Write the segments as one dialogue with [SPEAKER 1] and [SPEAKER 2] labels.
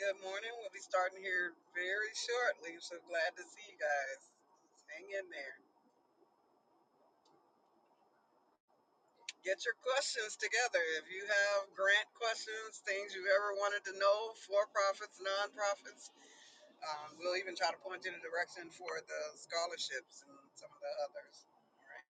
[SPEAKER 1] Good morning. We'll be starting here very shortly. So glad to see you guys. Hang in there. Get your questions together. If you have grant questions, things you've ever wanted to know, for profits, nonprofits, um, we'll even try to point you in a direction for the scholarships and some of the others. All right.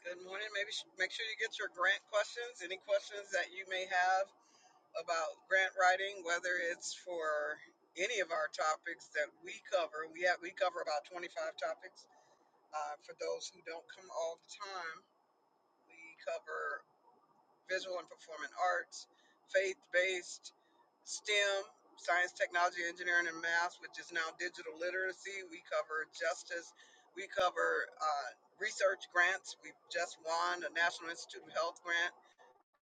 [SPEAKER 1] Good morning. Maybe sh- make sure you get your grant questions. Any questions that you may have about grant writing, whether it's for any of our topics that we cover. We have we cover about 25 topics. Uh, for those who don't come all the time, we cover visual and performing arts, faith-based, STEM, science, technology, engineering, and math, which is now digital literacy. We cover justice. We cover uh, research grants. We've just won a National Institute of Health grant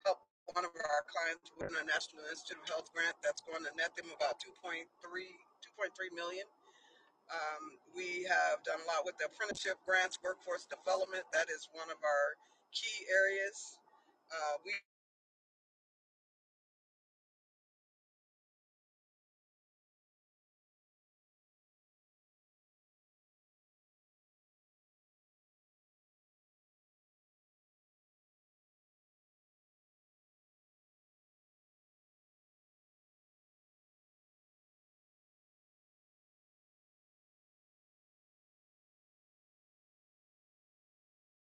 [SPEAKER 1] help one of our clients win a National Institute of Health grant that's going to net them about 2.3, 2.3 million. dollars. Um, we have done a lot with the apprenticeship grants, workforce development. That is one of our key areas. Uh, we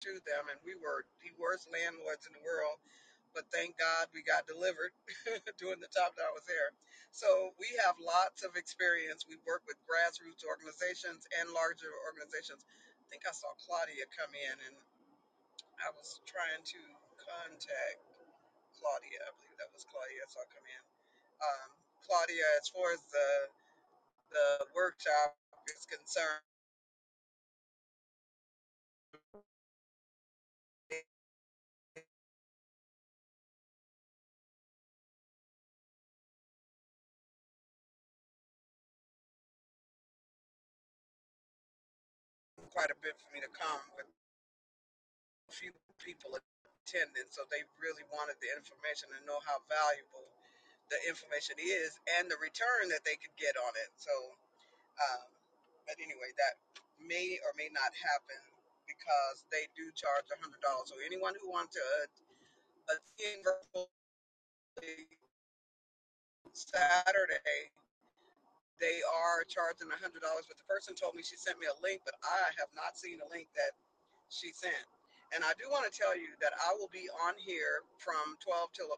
[SPEAKER 1] through them, and we were the worst landlords in the world, but thank God we got delivered during the time that I was there. So we have lots of experience. We work with grassroots organizations and larger organizations. I think I saw Claudia come in, and. I was trying to contact Claudia. I believe that was Claudia. So I'll come in. Um, Claudia, as far as the the workshop is concerned, quite a bit for me to come but few people attending. So they really wanted the information and know how valuable the information is and the return that they could get on it. So, um, but anyway, that may or may not happen because they do charge $100. So anyone who wants to uh, in Virtual Saturday. They are charging one hundred dollars, but the person told me she sent me a link, but I have not seen the link that she sent. And I do want to tell you that I will be on here from twelve till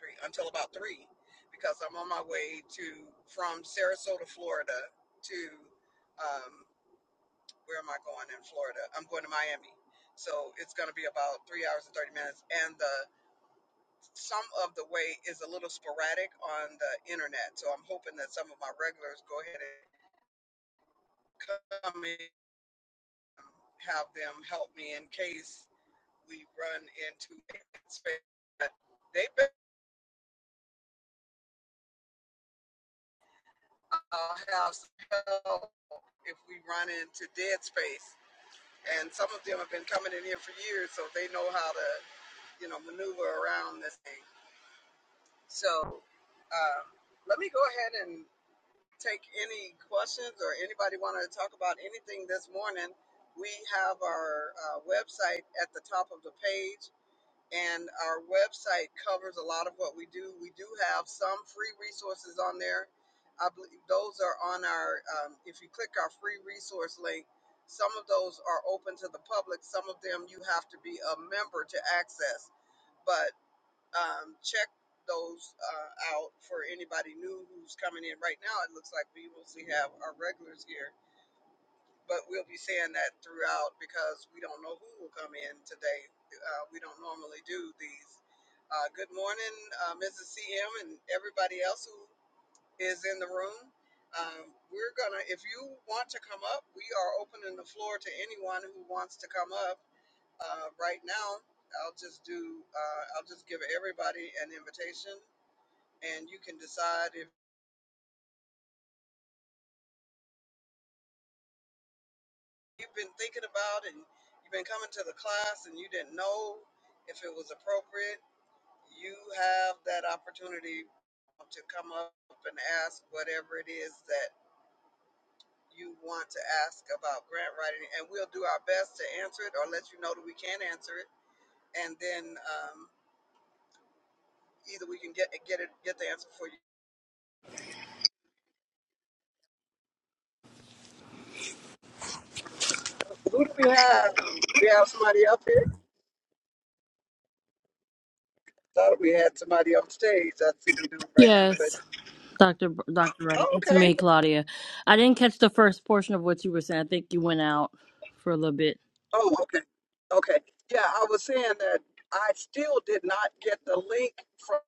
[SPEAKER 1] three until about three, because I'm on my way to from Sarasota, Florida, to um, where am I going in Florida? I'm going to Miami, so it's going to be about three hours and thirty minutes, and the some of the way is a little sporadic on the internet. So I'm hoping that some of my regulars go ahead and come in, have them help me in case we run into that space. But They better uh, have some help if we run into dead space. And some of them have been coming in here for years, so they know how to, you know, maneuver around this thing. So um, let me go ahead and take any questions or anybody want to talk about anything this morning, we have our uh, website at the top of the page, and our website covers a lot of what we do. We do have some free resources on there. I believe those are on our, um, if you click our free resource link, some of those are open to the public, some of them you have to be a member to access. but um, check those uh, out for anybody new who's coming in. Right now, it looks like we mostly have our regulars here, but we'll be saying that throughout because we don't know who will come in today. Uh, we don't normally do these. Uh, good morning, uh, Mrs. CM, and everybody else who is in the room. Um, we're gonna, if you want to come up, we are opening the floor to anyone who wants to come up uh, right now. I'll just do, uh, I'll just give everybody an invitation and you can decide if you've been thinking about it and you've been coming to the class and you didn't know if it was appropriate, you have that opportunity to come up and ask whatever it is that you want to ask about grant writing, and we'll do our best to answer it or let you know that we can answer it, and then um, either we can get get it get the answer for you. Who do we have? Do we have somebody up here? Thought we had somebody on stage. I see we don't right now, but
[SPEAKER 2] Yes, Dr. B- Dr. Wright.
[SPEAKER 1] oh,
[SPEAKER 2] It's
[SPEAKER 1] okay.
[SPEAKER 2] me, Claudia. I didn't catch the first portion of what you were saying. I think you went out for a little bit.
[SPEAKER 1] Oh, okay. Okay. Yeah, I was saying that I still did not get the link from,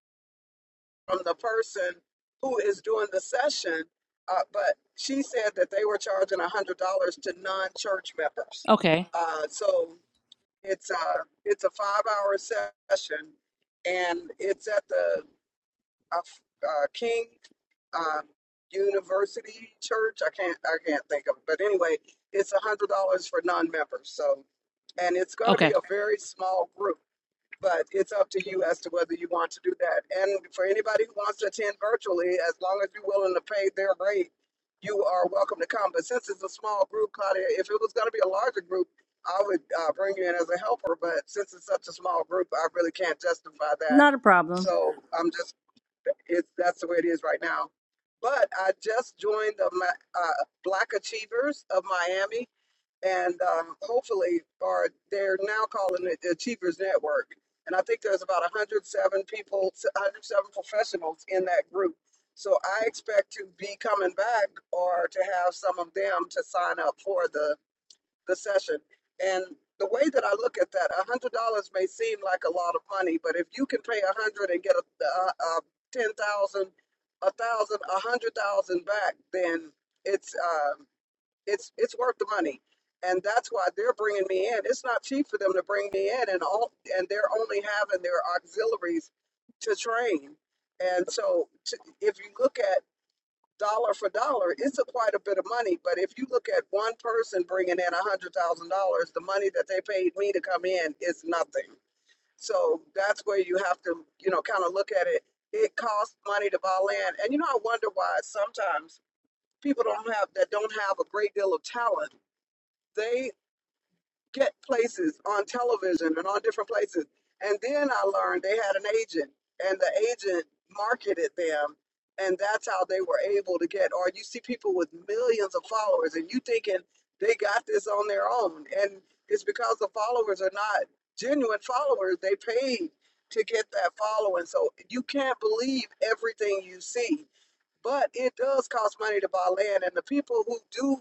[SPEAKER 1] from the person who is doing the session, uh, but she said that they were charging $100 to non-church members.
[SPEAKER 2] Okay.
[SPEAKER 1] Uh, so it's a, it's a five-hour session, and it's at the uh, uh, King um, University Church. I can't I can't think of it, but anyway, it's a hundred dollars for non-members. So, and it's going to
[SPEAKER 2] Okay.
[SPEAKER 1] be a very small group, but it's up to you as to whether you want to do that. And for anybody who wants to attend virtually, as long as you're willing to pay their rate, you are welcome to come. But since it's a small group, Claudia, if it was going to be a larger group. I would uh, bring you in as a helper, but since it's such a small group, I really can't justify that.
[SPEAKER 2] Not a problem.
[SPEAKER 1] So I'm just it's that's the way it is right now. But I just joined the uh, Black Achievers of Miami, and um, hopefully, or they're now calling it the Achievers Network. And I think there's about 107 people, 107 professionals in that group. So I expect to be coming back or to have some of them to sign up for the the session. And the way that I look at that, a hundred dollars may seem like a lot of money, but if you can pay a hundred dollars and get a, a, a ten thousand, dollars, a thousand, a hundred thousand back, then it's um, it's it's worth the money. And that's why they're bringing me in. It's not cheap for them to bring me in, and all and they're only having their auxiliaries to train. And so, to, if you look at dollar for dollar, it's a quite a bit of money. But if you look at one person bringing in a hundred thousand dollars, the money that they paid me to come in is nothing. So that's where you have to, you know, kind of look at it. It costs money to buy land, and you know, I wonder why sometimes people don't have that don't have a great deal of talent. They get places on television and on different places. And then I learned they had an agent, and the agent marketed them, and that's how they were able to get. Or you see people with millions of followers, and you thinking they got this on their own, and it's because the followers are not genuine followers. They paid to get that following, so you can't believe everything you see but it does cost money to buy land and the people who do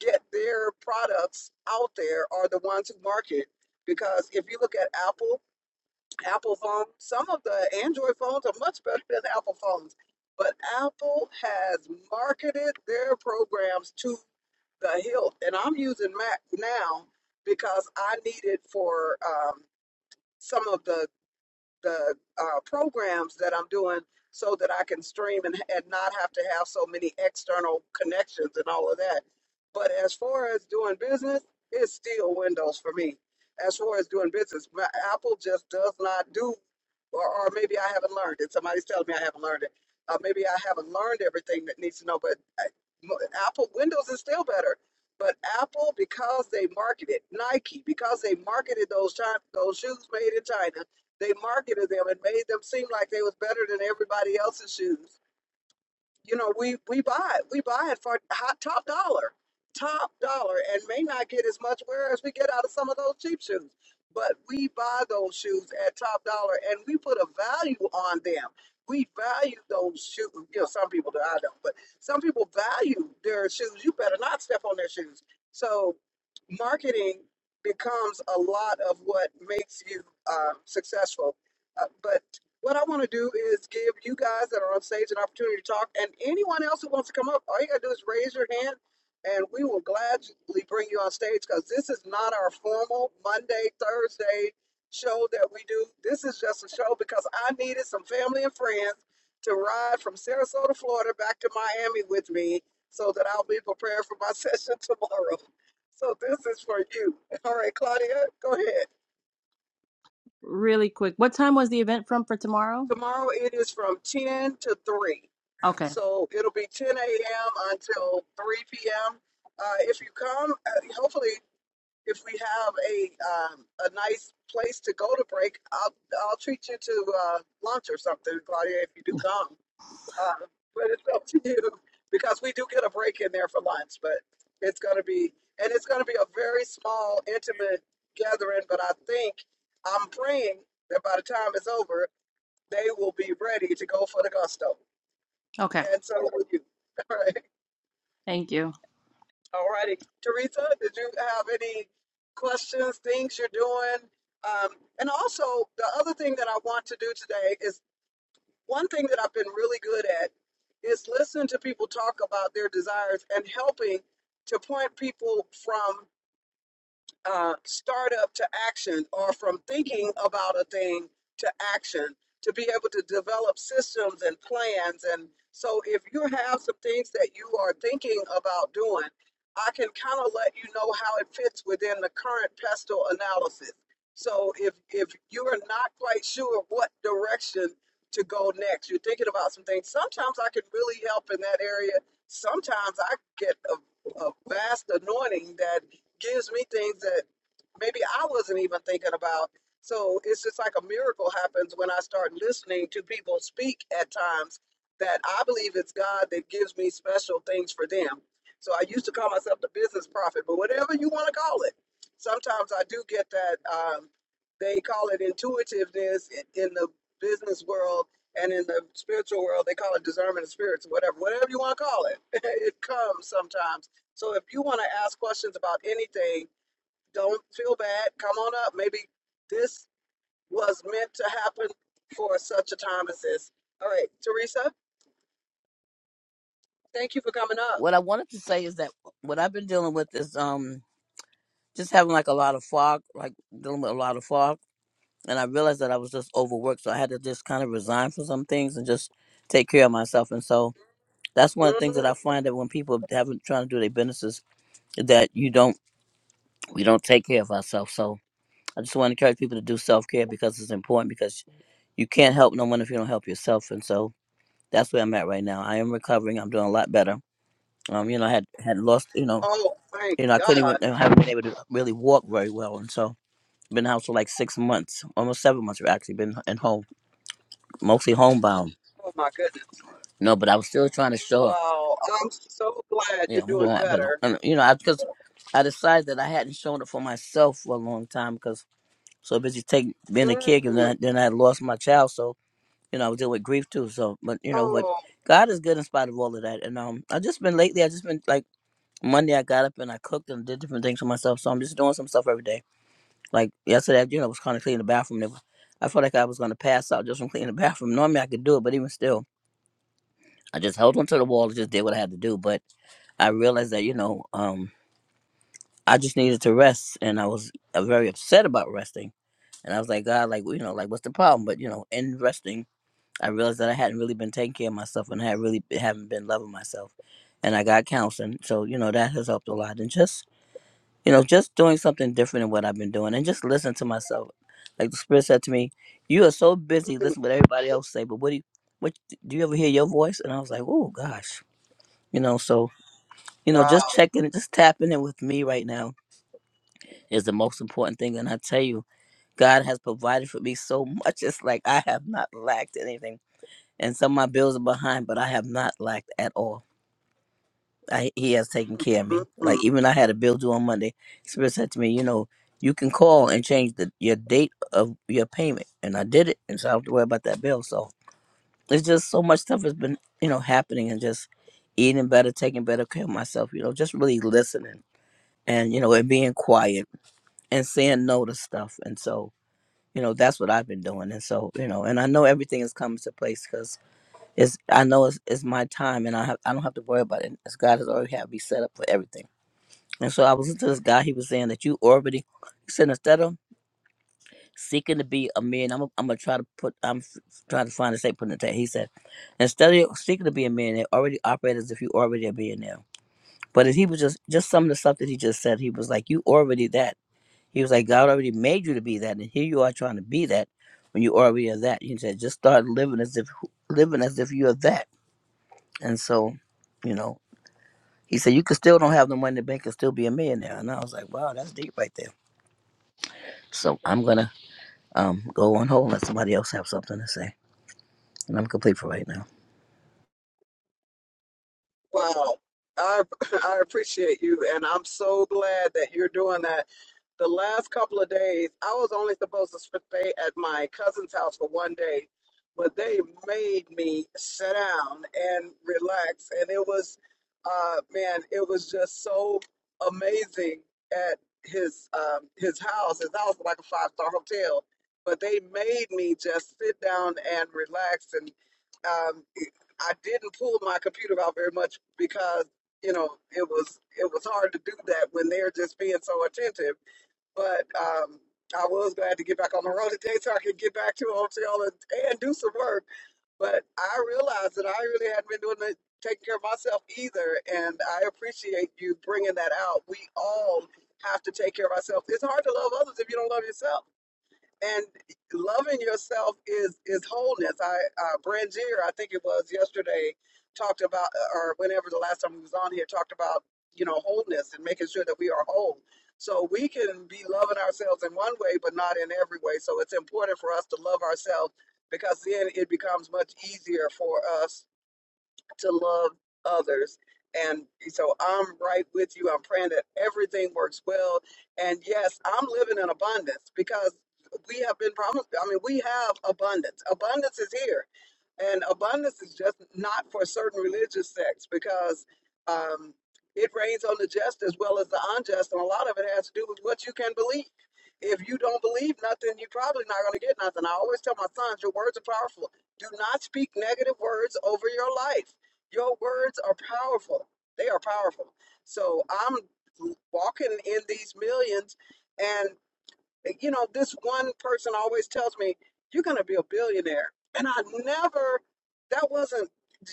[SPEAKER 1] get their products out there are the ones who market because if you look at apple apple phones, some of the android phones are much better than apple phones but apple has marketed their programs to the hilt and i'm using mac now because i need it for um, some of the the uh, programs that I'm doing so that I can stream and, and not have to have so many external connections and all of that. But as far as doing business, it's still Windows for me. As far as doing business, my, Apple just does not do, or, or maybe I haven't learned it. Somebody's telling me I haven't learned it. Uh, maybe I haven't learned everything that needs to know, but I, mo- Apple Windows is still better. But Apple, because they marketed Nike, because they marketed those time, those shoes made in China, they marketed them and made them seem like they was better than everybody else's shoes you know, we we buy it. We buy it for hot, top dollar, top dollar, and may not get as much wear as we get out of some of those cheap shoes. But we buy those shoes at top dollar, and we put a value on them. We value those shoes. You know, some people do. I don't, but some people value their shoes. You better not step on their shoes. So, marketing becomes a lot of what makes you uh, successful. Uh, but what I want to do is give you guys that are on stage an opportunity to talk, and anyone else who wants to come up, all you gotta do is raise your hand, and we will gladly bring you on stage because this is not our formal Monday Thursday show that we do. This is just a show because I needed some family and friends to ride from Sarasota, Florida, back to Miami with me, so that I'll be prepared for my session tomorrow. So this is for you. All right, Claudia, go ahead.
[SPEAKER 2] Really quick. What time was the event from for tomorrow?
[SPEAKER 1] Tomorrow it is from ten to three.
[SPEAKER 2] Okay.
[SPEAKER 1] So it'll be 10 a.m. until 3 p.m. Uh, if you come, uh, hopefully, if we have a um, a nice place to go to break, I'll I'll treat you to uh, lunch or something, Claudia. If you do come, uh, but it's up to you because we do get a break in there for lunch. But it's going to be and it's going to be a very small, intimate gathering. But I think I'm praying that by the time it's over, they will be ready to go for the gusto
[SPEAKER 2] Okay.
[SPEAKER 1] and so will you. All right.
[SPEAKER 2] Thank you.
[SPEAKER 1] All righty. Teresa, did you have any questions, things you're doing? Um, and also, the other thing that I want to do today is one thing that I've been really good at is listening to people talk about their desires and helping to point people from uh, startup to action or from thinking about a thing to action to be able to develop systems and plans and so if you have some things that you are thinking about doing i can kind of let you know how it fits within the current pestle analysis so if if you are not quite sure what direction to go next you're thinking about some things sometimes i can really help in that area sometimes i get a, a vast anointing that gives me things that maybe I wasn't even thinking about. So it's just like a miracle happens when I start listening to people speak at times that I believe it's God that gives me special things for them. So I used to call myself the business prophet, but whatever you want to call it. Sometimes I do get that um, they call it intuitiveness i- in the business world and in the spiritual world. They call it discernment of spirits, whatever, whatever you want to call it. it comes sometimes so if you want to ask questions about anything, don't feel bad. Come on up. Maybe this was meant to happen for such a time as this. All right, Teresa, thank you for coming up.
[SPEAKER 3] what I wanted to say is that what I've been dealing with is um just having like a lot of fog, like dealing with a lot of fog. And I realized that I was just overworked, so I had to just kind of resign from some things and just take care of myself. And so that's one of the things that I
[SPEAKER 1] Mhm.
[SPEAKER 3] find that when people haven't trying to do their businesses, that you don't we don't take care of ourselves. So I just want to encourage people to do self care because it's important because you can't help no one if you don't help yourself. And so that's where I'm at right now. I am recovering. I'm doing a lot better. Um, you know, I had had lost, you know,
[SPEAKER 1] Oh, thank
[SPEAKER 3] You know, I couldn't even
[SPEAKER 1] God.
[SPEAKER 3] I haven't been able to really walk very well, and so been in the house for like six months, almost seven months. i actually been in home, mostly homebound.
[SPEAKER 1] Oh, my goodness.
[SPEAKER 3] No, but I was still trying to show up.
[SPEAKER 1] Wow. I'm so glad
[SPEAKER 3] Yeah,
[SPEAKER 1] you're
[SPEAKER 3] I'm
[SPEAKER 1] doing
[SPEAKER 3] going out better.
[SPEAKER 1] better.
[SPEAKER 3] And, you know, because I because I decided that I hadn't shown up for myself for a long time because so busy taking being a kid, and
[SPEAKER 1] Mm.
[SPEAKER 3] then, then I had lost my child, so you know I was dealing with grief too. So, but you know, but
[SPEAKER 1] Oh,
[SPEAKER 3] God is good in spite of all of that. And um, I just been lately, I just been like Monday, I got up and I cooked and did different things for myself. So I'm just doing some stuff every day Like yesterday, you know, I was kind of cleaning the bathroom. And I felt like I was going to pass out just from cleaning the bathroom. Normally, I could do it, but even still, I just held onto the wall and just did what I had to do. But I realized that you know, um, I just needed to rest, and I was uh, very upset about resting. And I was like, God, like you know, like what's the problem? But you know, in resting, I realized that I hadn't really been taking care of myself, and I had really b- haven't been loving myself. And I got counseling, so you know that has helped a lot. And just you know, just doing something different than what I've been doing and just listen to myself. Like the spirit said to me, You are so busy
[SPEAKER 1] mm.
[SPEAKER 3] listening to what everybody else say, but what do you what do you ever hear your voice? And I was like, Oh gosh. You know, so you know, just
[SPEAKER 1] wow.
[SPEAKER 3] checking it, just tapping in with me right now is the most important thing. And I tell you, God has provided for me so much. It's like I have not lacked anything. And some of my bills are behind, but I have not lacked at all. I, he has taken care of me.
[SPEAKER 1] Mm-mm.
[SPEAKER 3] Like even I had a bill due on Monday. Spirit said to me, you know, you can call and change the your date of your payment, and I did it, and so I don't have to worry about that bill. So it's just so much stuff has been you know happening, and just eating better, taking better care of myself. You know, just really listening, and you know, and being quiet and saying no to stuff, and so. You know that's what I've been doing, and so you know, and I know everything is coming to place because it's I know it's, it's my time, and I have I don't have to worry about it. As God has already had me set up for everything. And so I was listening to this guy. He was saying that you already he said instead of seeking to be a man, I'm I'm gonna try to put I'm f- trying to find a say put in the text. He said instead of seeking to be a millionaire, already operate as if you already a millionaire. But if he was just just some of the stuff that he just said, he was like you already that. He was like God already made you to be that, and here you are trying to be that when you already are that. He said just start living as if living as if you are that. And so, you know, he said you could still don't have the money in the bank and still be a millionaire. And I was like, wow, that's deep right there. So I'm gonna um go on hold let somebody else have something to say. And I'm complete for right now.
[SPEAKER 1] Wow. I I appreciate you and I'm so glad that you're doing that. The last couple of days, I was only supposed to stay at my cousin's house for one day, but they made me sit down and relax and it was uh man, it was just so amazing at his um his house. His house was like a five-star hotel, but they made me just sit down and relax and um, I didn't pull my computer out very much because you know it was it was hard to do that when they're just being so attentive. But um, I was glad to get back on the road today so I could get back to a hotel and, and do some work. But I realized that I really hadn't been doing the, taking care of myself either, and I appreciate you bringing that out. We all have to take care of ourselves. It's hard to love others if you don't love yourself and loving yourself is is wholeness. I uh, Brangier, I think it was yesterday, talked about uh, or whenever the last time he was on here talked about you know wholeness and making sure that we are whole. So we can be loving ourselves in one way, but not in every way. So it's important for us to love ourselves because then it becomes much easier for us to love others. And so I'm right with you. I'm praying that everything works well. And yes, I'm living in abundance because we have been promised. I mean, we have abundance. Abundance is here. And abundance is just not for certain religious sects because um, it rains on the just as well as the unjust. And a lot of it has to do with what you can believe. If you don't believe nothing, you're probably not going to get nothing. I always tell my sons, your words are powerful. Do not speak negative words over your life your words are powerful. They are powerful. So I'm walking in these millions, and you know, this one person always tells me, you're going to be a billionaire. And I never, that wasn't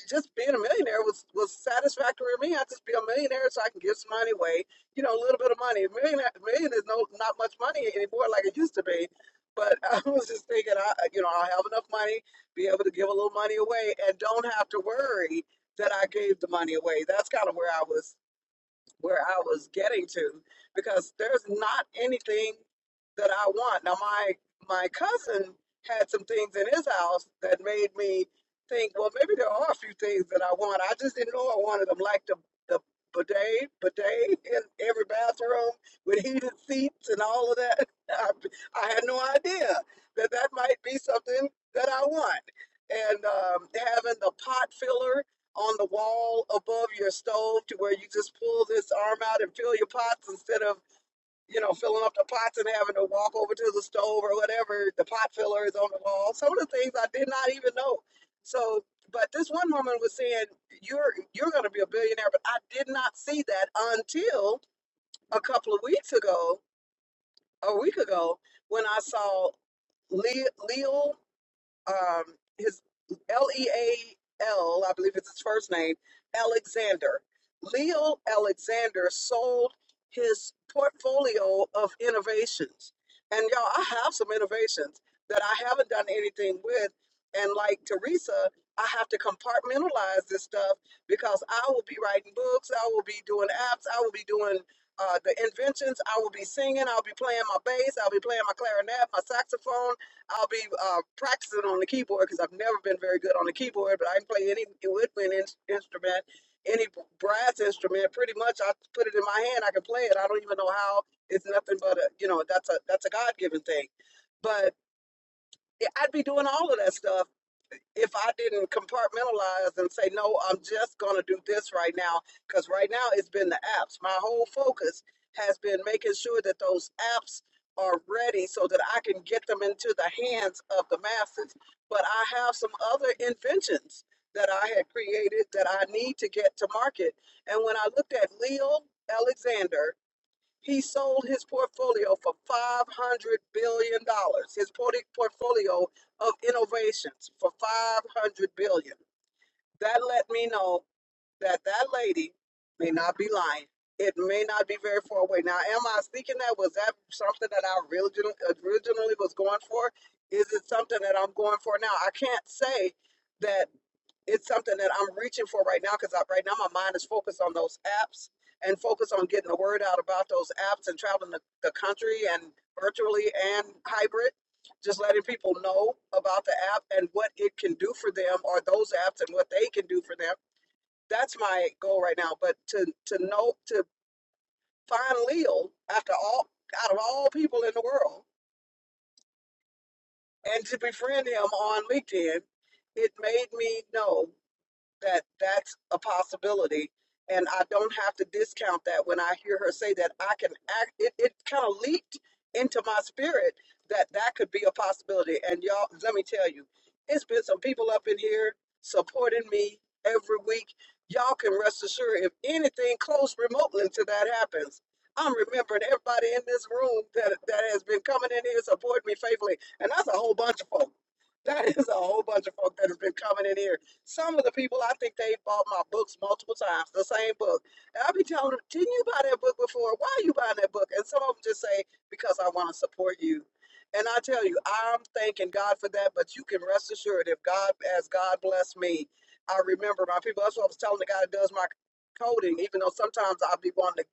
[SPEAKER 1] just being a millionaire was, was satisfactory to me. I just be a millionaire so I can give some money away, you know, a little bit of money. A million, a million is no, not much money anymore like it used to be. But I was just thinking, I, you know, I'll have enough money, be able to give a little money away and don't have to worry that I gave the money away. That's kind of where I was where I was getting to because there's not anything that I want. Now my my cousin had some things in his house that made me think, well, maybe there are a few things that I want. I just didn't know I wanted them, like the the bidet, bidet in every bathroom with heated seats and all of that. I, I had no idea that that might be something that I want. And um, having the pot filler on the wall above your stove to where you just pull this arm out and fill your pots instead of you know filling up the pots and having to walk over to the stove or whatever the pot filler is on the wall some of the things i did not even know so but this one woman was saying you're you're going to be a billionaire but i did not see that until a couple of weeks ago a week ago when i saw leo um, his L E A L, I believe it's his first name, Alexander. Leo Alexander sold his portfolio of innovations. And y'all, I have some innovations that I haven't done anything with. And like Teresa, I have to compartmentalize this stuff because I will be writing books, I will be doing apps, I will be doing uh, the inventions, I will be singing, I'll be playing my bass, I'll be playing my clarinet, my saxophone, I'll be uh, practicing on the keyboard because I've never been very good on the keyboard, but I can play any woodwind ins- instrument, any brass instrument. Pretty much, I put it in my hand, I can play it. I don't even know how. It's nothing but a you know that's a that's a God given thing. But yeah, I'd be doing all of that stuff if I didn't compartmentalize and say, no, I'm just going to do this right now, because right now it's been the apps. My whole focus has been making sure that those apps are ready so that I can get them into the hands of the masses. But I have some other inventions that I had created that I need to get to market. And when I looked at Leo Alexander, he sold his portfolio for $500 billion, dollars, his port- portfolio of innovations for $500 billion. dollars. That let me know that that lady may not be lying. It may not be very far away. Now, am I thinking that? Was that something that I originally, originally was going for? Is it something that I'm going for now? I can't say that it's something that I'm reaching for right now because right now my mind is focused on those apps and focused on getting the word out about those apps and traveling the, the country and virtually and hybrid, just letting people know about the app and what it can do for them or those apps and what they can do for them. That's my goal right now. But to to know to find Leo after all out of all people in the world and to befriend him on LinkedIn, it made me know. that that's a possibility. And I don't have to discount that when I hear her say that I can act. It, it kind of leaped into my spirit that that could be a possibility. And y'all, let me tell you, it's been some people up in here supporting me every week. Y'all can rest assured if anything close remotely to that happens, I'm remembering everybody in this room that, that has been coming in here supporting me faithfully. And that's a whole bunch of folks. That is a whole bunch of folk that has been coming in here some of the people I think they bought my books multiple times, the same book. And I'll be telling them, didn't you buy that book before? Why are you buying that book? And some of them just say, because I want to support you. And I tell you, I'm thanking God for that, but you can rest assured if God, as God bless me, I remember my people. That's what I was telling the guy that does my coding, even though sometimes I'll be wanting to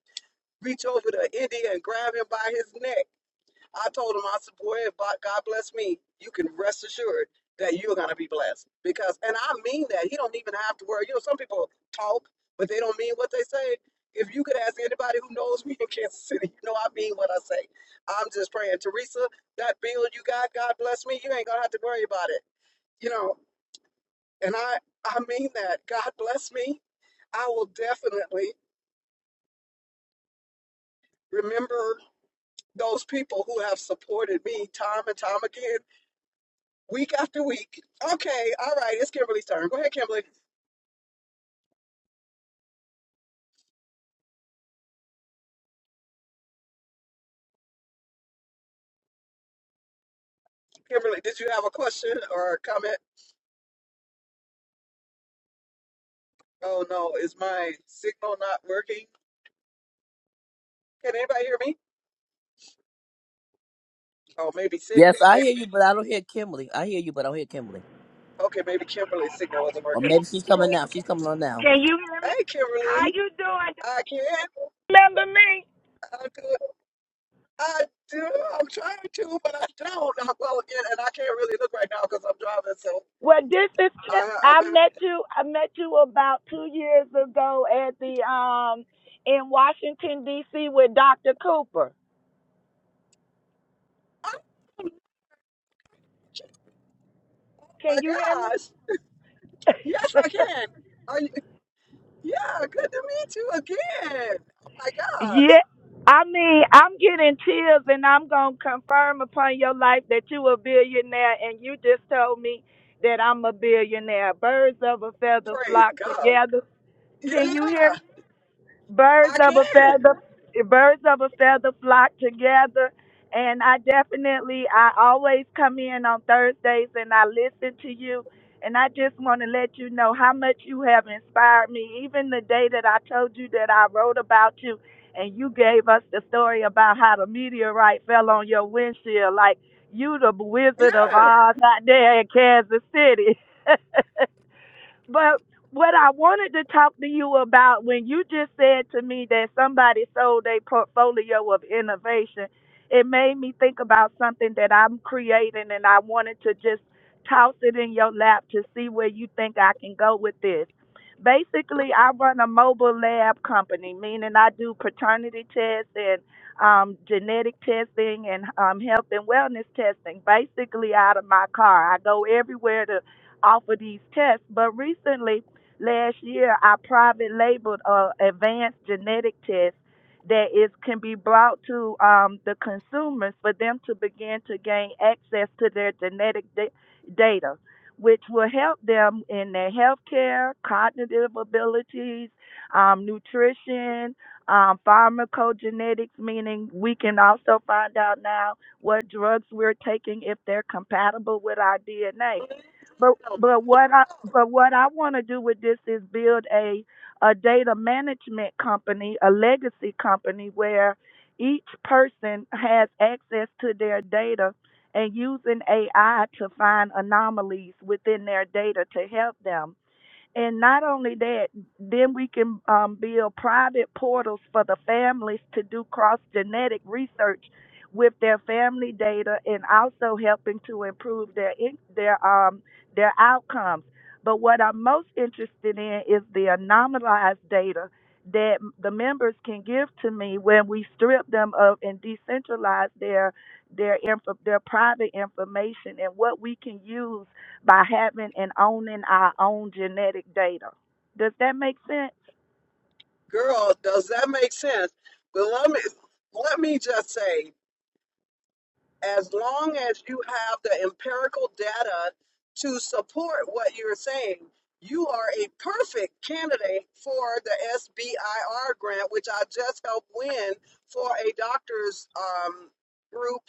[SPEAKER 1] reach over to India and grab him by his neck I told him I support if but God bless me, you can rest assured that you're gonna be blessed. Because and I mean that. He don't even have to worry. You know, some people talk, but they don't mean what they say. If you could ask anybody who knows me in Kansas City, you know I mean what I say. I'm just praying, Teresa, that bill you got, God bless me, you ain't gonna have to worry about it. You know, and I I mean that. God bless me. I will definitely remember those people who have supported me time and time again Week after week. Okay, all right, it's Kimberly's turn. Go ahead, Kimberly. Kimberly, did you have a question or a comment? Oh no, is my signal not working? Can anybody hear me? Oh, maybe sick.
[SPEAKER 3] Yes, I hear
[SPEAKER 1] Maybe
[SPEAKER 3] you, but I don't hear Kimberly. I hear you, but I don't hear Kimberly.
[SPEAKER 1] okay. Maybe Kimberly's signal wasn't
[SPEAKER 3] Or
[SPEAKER 1] working.
[SPEAKER 3] maybe she's coming now. She's coming on now.
[SPEAKER 4] Can you hear me?
[SPEAKER 1] Hey,
[SPEAKER 4] How
[SPEAKER 1] Kimberly,
[SPEAKER 4] you doing?
[SPEAKER 1] I can.
[SPEAKER 4] Remember me?
[SPEAKER 1] I do. I do. I'm trying to, but I don't. I'm well again, and I can't really look right now because I'm driving. So
[SPEAKER 4] Well, this is Kim.
[SPEAKER 1] I, I'm.
[SPEAKER 4] I
[SPEAKER 1] In,
[SPEAKER 4] met you. I met you about two years ago at the um in Washington D.C. with Dr. Cooper.
[SPEAKER 1] oh my
[SPEAKER 4] Can you hear me?
[SPEAKER 1] gosh! Yes, I can. Are you, yeah, good to meet you again. Oh my gosh.
[SPEAKER 4] yeah. I mean, I'm getting chills, and I'm gonna confirm upon your life that you a billionaire, and you just told me that I'm a billionaire. Birds of a feather
[SPEAKER 1] Praise
[SPEAKER 4] flock
[SPEAKER 1] God.
[SPEAKER 4] together. Can you hear me?
[SPEAKER 1] Yeah,
[SPEAKER 4] birds
[SPEAKER 1] I
[SPEAKER 4] of
[SPEAKER 1] can.
[SPEAKER 4] a feather birds of a feather flock together and i definitely i always come in on thursdays and i listen to you and i just want to let you know how much you have inspired me even the day that i told you that i wrote about you and you gave us the story about how the meteorite fell on your windshield like you the wizard of
[SPEAKER 1] Yeah.
[SPEAKER 4] oz out there in kansas city But what I wanted to talk to you about when you just said to me that somebody sold a portfolio of innovation, it made me think about something that I'm creating and I wanted to just toss it in your lap to see where you think I can go with this. Basically, I run a mobile lab company, meaning I do paternity tests and um, genetic testing and um, health and wellness testing, basically out of my car. I go everywhere to off of these tests. But recently, last year, I private labeled a advanced genetic test that is can be brought to um, the consumers for them to begin to gain access to their genetic da- data, which will help them in their healthcare, cognitive abilities, um, nutrition, um, pharmacogenetics, meaning we can also find out now what drugs we're taking if they're compatible with our DNA. But but what I but what I want to do with this is build a a data management company, a legacy company where each person has access to their data and using AI to find anomalies within their data to help them and not only that, then we can um, build private portals for the families to do cross genetic research with their family data and also helping to improve their in- their um their outcomes. But what I'm most interested in is the anonymized data that the members can give to me when we strip them of and decentralize their their info, their private information and what we can use by having and owning our own genetic data. Does that make sense?
[SPEAKER 1] Girl, does that make sense? But let me let me just say, as long as you have the empirical data to support what you're saying, you are a perfect candidate for the SBIR grant, which I just helped win for a doctor's um, group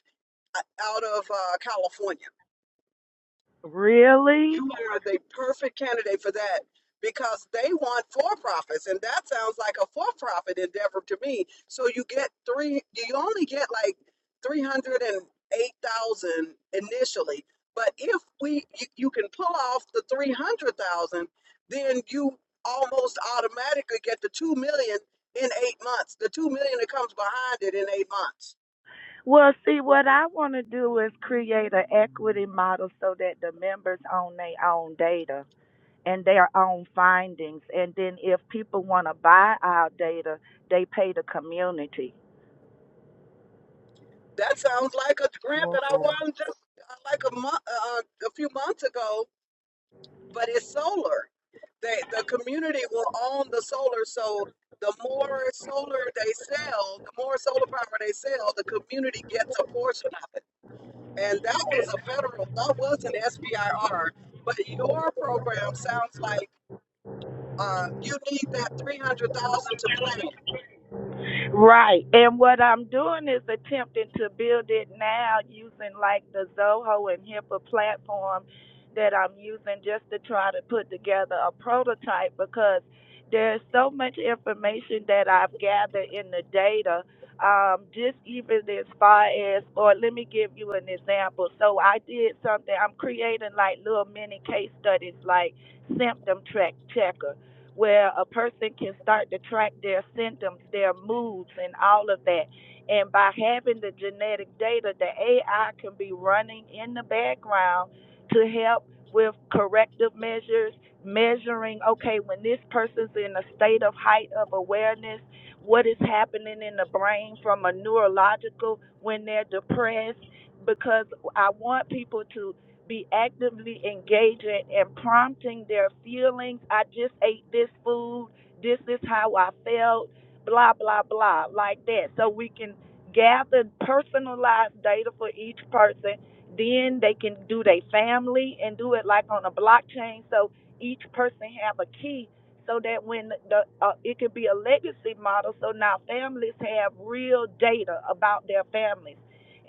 [SPEAKER 1] uh, out of uh, California.
[SPEAKER 4] Really?
[SPEAKER 1] You are the perfect candidate for that because they want for profits, and that sounds like a for profit endeavor to me. So you get three, you only get like 308,000 initially. But if we you, you can pull off the 300,000, then you almost automatically get the 2 million in 8 months. The 2 million that comes behind it in 8 months.
[SPEAKER 4] Well, see, what I want to do is create an equity model so that the members own their own data and their own findings. And then if people want to buy our data, they pay the community.
[SPEAKER 1] That sounds like a grant
[SPEAKER 2] Whoa.
[SPEAKER 1] that I won just uh, like a month, uh, uh, a few months ago, but it's solar. They, the community will own the solar, so the more solar they sell, the more solar power they sell, the community gets a portion of it. And that was a federal, that was an SBIR, but your program sounds like uh, you need that 300,000 to plan.
[SPEAKER 4] Right. And what I'm doing is attempting to build it now using like the Zoho and HIPAA platform that I'm using just to try to put together a prototype because there's so much information that I've gathered in the data. Um, just even as far as, or let me give you an example. So I did something, I'm creating like little mini case studies like symptom track checkers where a person can start to track their symptoms, their moods, and all of that. And by having the genetic data, the AI can be running in the background to help with corrective measures, measuring, okay, when this person's in a state of height of awareness, what is happening in the brain from a neurological when they're depressed. Because I want people to be actively engaging and prompting their feelings. I just ate this food. This is how I felt. Blah, blah, blah, like that. So we can gather personalized data for each person. Then they can do their family and do it like on a blockchain. So each person have a key so that when the uh, it could be a legacy model so now families have real data about their families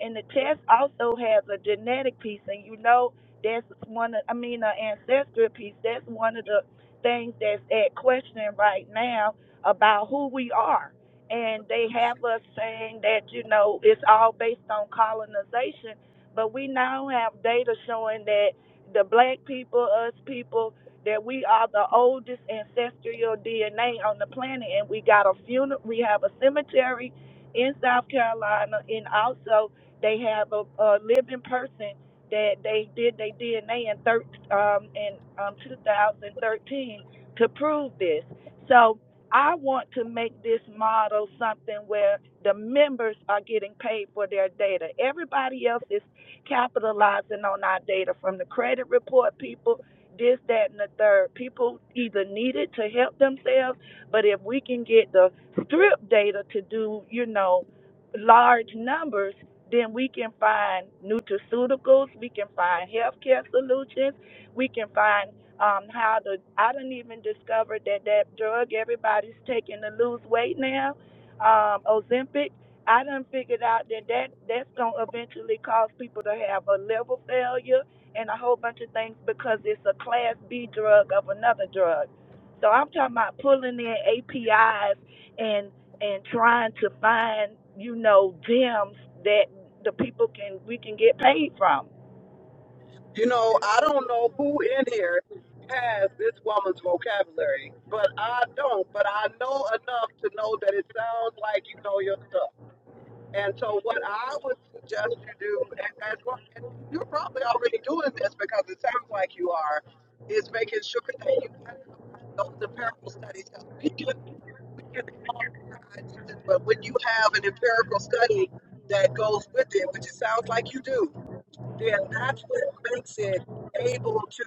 [SPEAKER 4] and the test also has a genetic piece, and you know that's one of, I mean, an ancestral piece. That's one of the things that's at question right now about who we are. And they have us saying that, you know, it's all based on colonization, but we now have data showing that the black people, us people, that we are the oldest ancestral DNA on the planet, and we got a funeral. We have a cemetery in South Carolina, and also they have a, a living person that they did they DNA in thir- um, in um, 2013 to prove this. So I want to make this model something where the members are getting paid for their data. Everybody else is capitalizing on our data from the credit report people, this, that, and the third. People either need it to help themselves, but if we can get the strip data to do, you know, large numbers, then we can find nutraceuticals, we can find healthcare solutions, we can find um, how to. I didn't even discover that that drug everybody's taking to lose weight now, um, Ozempic. I done figured out that, that that's gonna eventually cause people to have a liver failure and a whole bunch of things because it's a class B drug of another drug. So I'm talking about pulling in APIs and trying to find, you know, gems that the people can we can get paid from.
[SPEAKER 1] You know, I don't know who in here has this woman's vocabulary, but I don't. But I know enough to know that it sounds like you know your stuff. And so, what I would suggest you do, and as long, and you're probably already doing this because it sounds like you are, is making sure that you have those empirical studies. 'Cause We can we can have our ideas, but when you have an empirical study that goes with it, which it sounds like you do, yeah, that's what makes it able to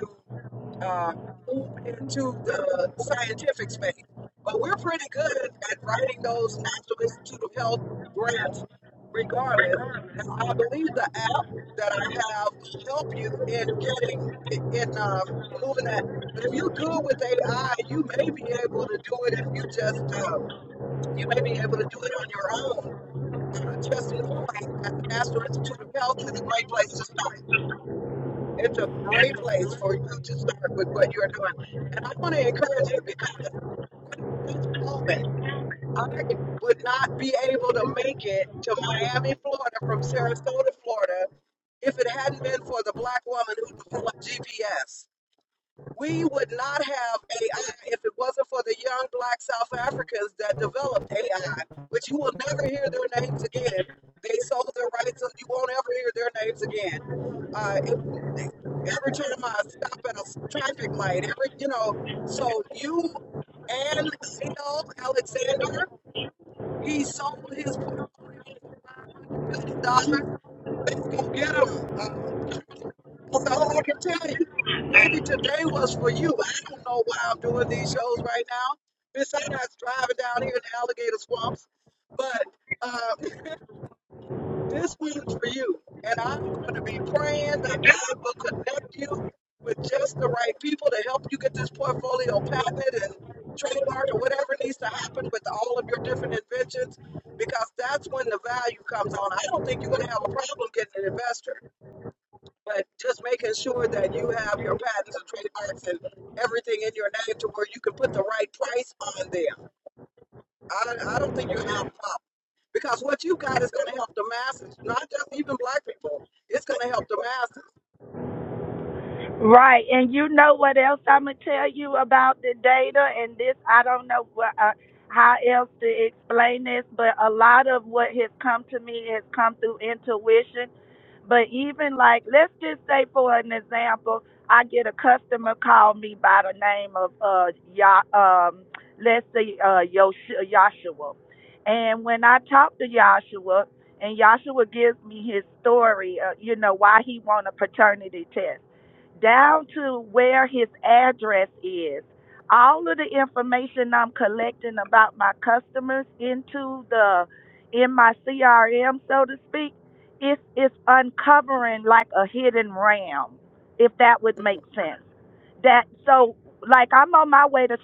[SPEAKER 1] uh, move into the scientific space. But we're pretty good at writing those National Institute of Health grants, regardless. And I believe the app that I have will help you in getting in um, moving that. But if you're good with AI, you may be able to do it if you just uh, you may be able to do it on your own. Uh, just knowing that the National Institute of Health is a great place to start. It's a great place for you to start with what you're doing. And I want to encourage you because right in this moment, I would not be able to make it to Miami, Florida from Sarasota, Florida, if it hadn't been for the black woman who developed GPS. We would not have AI if it wasn't for the young black South Africans that developed AI, which you will never hear their names again. They sold their rights, and you won't ever hear their names again. Uh, it, every time I stop at a traffic light, every you know, so you and Neil Alexander, he sold his portfolio for five hundred million dollars. Go get him. uh, that's all I can tell you. Maybe today was for you. I don't know why I'm doing these shows right now. Besides driving down here in the alligator swamps. But um, this one's for you. And I'm going to be praying that God will connect you with just the right people to help you get this portfolio patented and trademarked or whatever needs to happen with all of your different inventions because that's when the value comes on. I don't think you're going to have a problem getting an investor but just making sure that you have your patents and trademarks and everything in your name to where you can put the right price on them. I, I don't think you're going to have a problem because what you got is going to help the masses, not just even black people. It's going to help the masses.
[SPEAKER 4] Right, and you know what else I'm gonna tell you about the data and this. I don't know what, uh, how else to explain this, but a lot of what has come to me has come through intuition. But even like, let's just say for an example, I get a customer call me by the name of uh, ya, um, let's say uh, Yosh- Yashua, and when I talk to Yashua, and Yashua gives me his story, uh, you know, why he want a paternity test down to where his address is. All of the information I'm collecting about my customers into the in my CRM, so to speak, it's it's uncovering like a hidden ram, if that would make sense. That so like I'm on my way to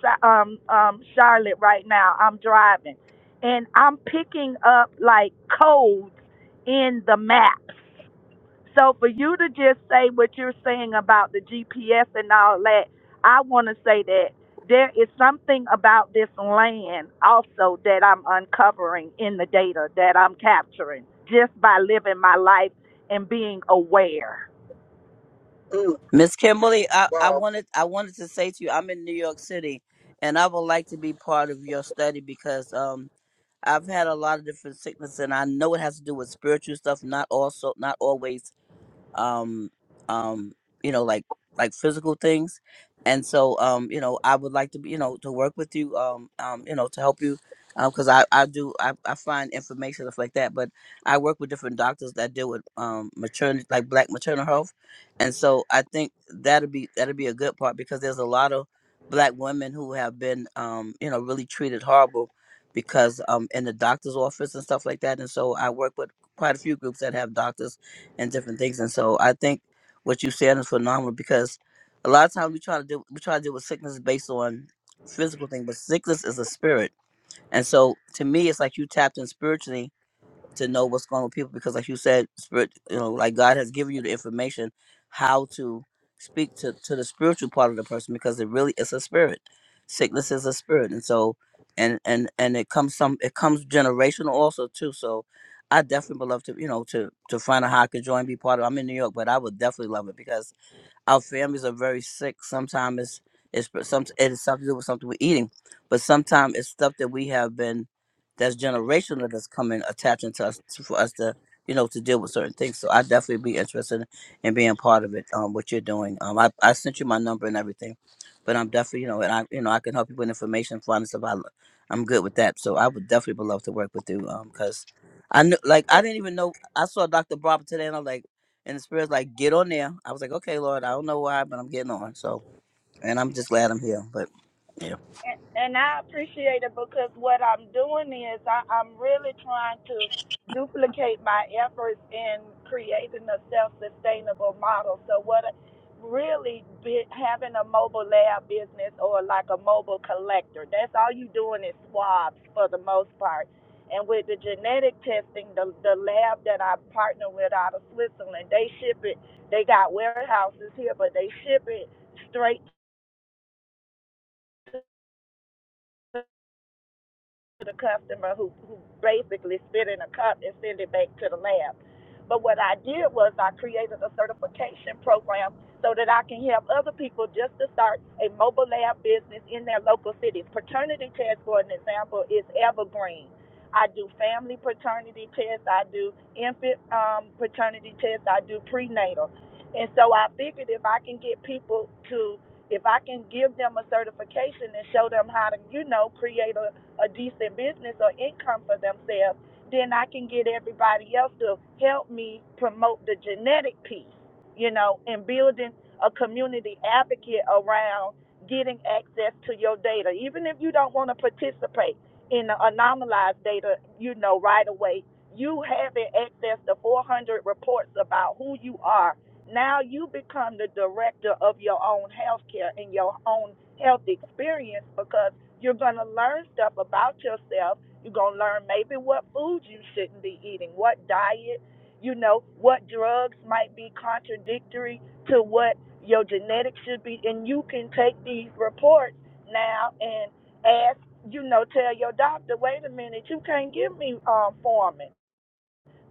[SPEAKER 4] um um Charlotte right now. I'm driving, and I'm picking up like codes in the maps so for you to just say what you're saying about the GPS and all that, I want to say that there is something about this land also that I'm uncovering in the data that I'm capturing just by living my life and being aware.
[SPEAKER 1] Mm,
[SPEAKER 3] Miss Kimberly, I, I
[SPEAKER 1] wow,
[SPEAKER 3] wanted I wanted to say to you, I'm in New York City and I would like to be part of your study because um I've had a lot of different sickness and I know it has to do with spiritual stuff, not also not always um um you know like like physical things and so um you know i would like to be you know to work with you um um you know to help you because i i do I, I find information stuff like that but i work with different doctors that deal with um maternity like black maternal health and so i think that'd be that'd be a good part because there's a lot of black women who have been um you know really treated horrible because um in the doctor's office and stuff like that and so i work with quite a few groups that have doctors and different things. And so I think what you said is phenomenal because a lot of times we try to do we try to deal with sickness based on physical thing, but sickness is a spirit. And so to me, it's like you tapped in spiritually to know what's going on with people because like you said spirit you know like god has given you the information how to speak to to the spiritual part of the person because it really is a spirit sickness is a spirit and so and and and it comes some it comes generational also too so i definitely would love to you know to to find out how i could join be part of i'm in new york but i would definitely love it because our families are very sick. Sometimes it's it's but some it is something to do with something we're eating, but sometimes it's stuff that we have been that's generational that's coming attaching to us to, for us to you know to deal with certain things. So I definitely be interested in being part of it. Um, what you're doing. Um, I, I sent you my number and everything, but I'm definitely you know and I you know I can help you with information, find stuff. I, I'm good with that. So I would definitely would love to work with you. Um, because I knew like I didn't even know I saw Dr. Barber today and I'm like. And the spirit's like, get on there. I was like, okay, Lord, I don't know why, but I'm getting on. So, and I'm just glad I'm here. But yeah.
[SPEAKER 4] and, and I appreciate it because what I'm doing is I, I'm really trying to duplicate my efforts in creating a self-sustainable model. So what really be, having a mobile lab business or like a mobile collector, that's all you doing is swabs for the most part. And with the genetic testing, the, the lab that I partner with out of Switzerland, they ship it. They got warehouses here, but they ship it straight to. to the customer who, who basically spit in a cup and send it back to the lab. But what I did was I created a certification program so that I can help other people just to start a mobile lab business in their local cities. Paternity test, for an example, is evergreen. I do family paternity tests, I do infant um, paternity tests, I do prenatal. And so I figured if I can get people to, if I can give them a certification and show them how to, you know, create a a decent business or income for themselves, then I can get everybody else to help me promote the genetic piece, you know, and building a community advocate around getting access to your data. Even if you don't want to participate in the anonymized data, you know, right away, you having access to 400 reports about who you are. Now you become the director of your own health care and your own health experience because you're going to learn stuff about yourself. You're going to learn maybe what food you shouldn't be eating, what diet, you know, what drugs might be contradictory to what your genetics should be. And you can take these reports now and ask, you know, tell your doctor, wait a minute, you can't give me um, formin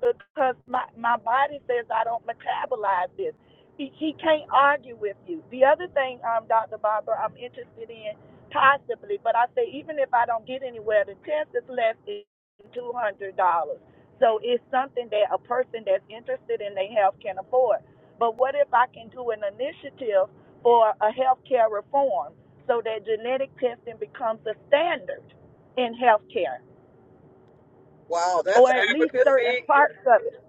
[SPEAKER 4] because my, my body says I don't metabolize this. He, he can't argue with you. The other thing, um, Dr. Barber, I'm interested in possibly, but I say even if I don't get anywhere, the test is less than $200. So it's something that a person that's interested in their health can afford. But what if I can do an initiative for a healthcare reform so that genetic testing becomes a standard in healthcare
[SPEAKER 1] wow, that's
[SPEAKER 4] or at least certain
[SPEAKER 1] advocacy.
[SPEAKER 4] parts of it?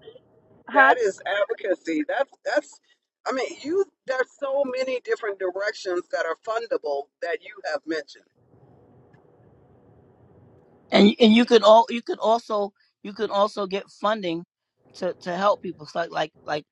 [SPEAKER 4] Huh?
[SPEAKER 1] That is advocacy. That's that's. I mean, you. There's so many different directions that are fundable that you have mentioned.
[SPEAKER 3] and and you could all you could also you could also get funding to to help people It's like like like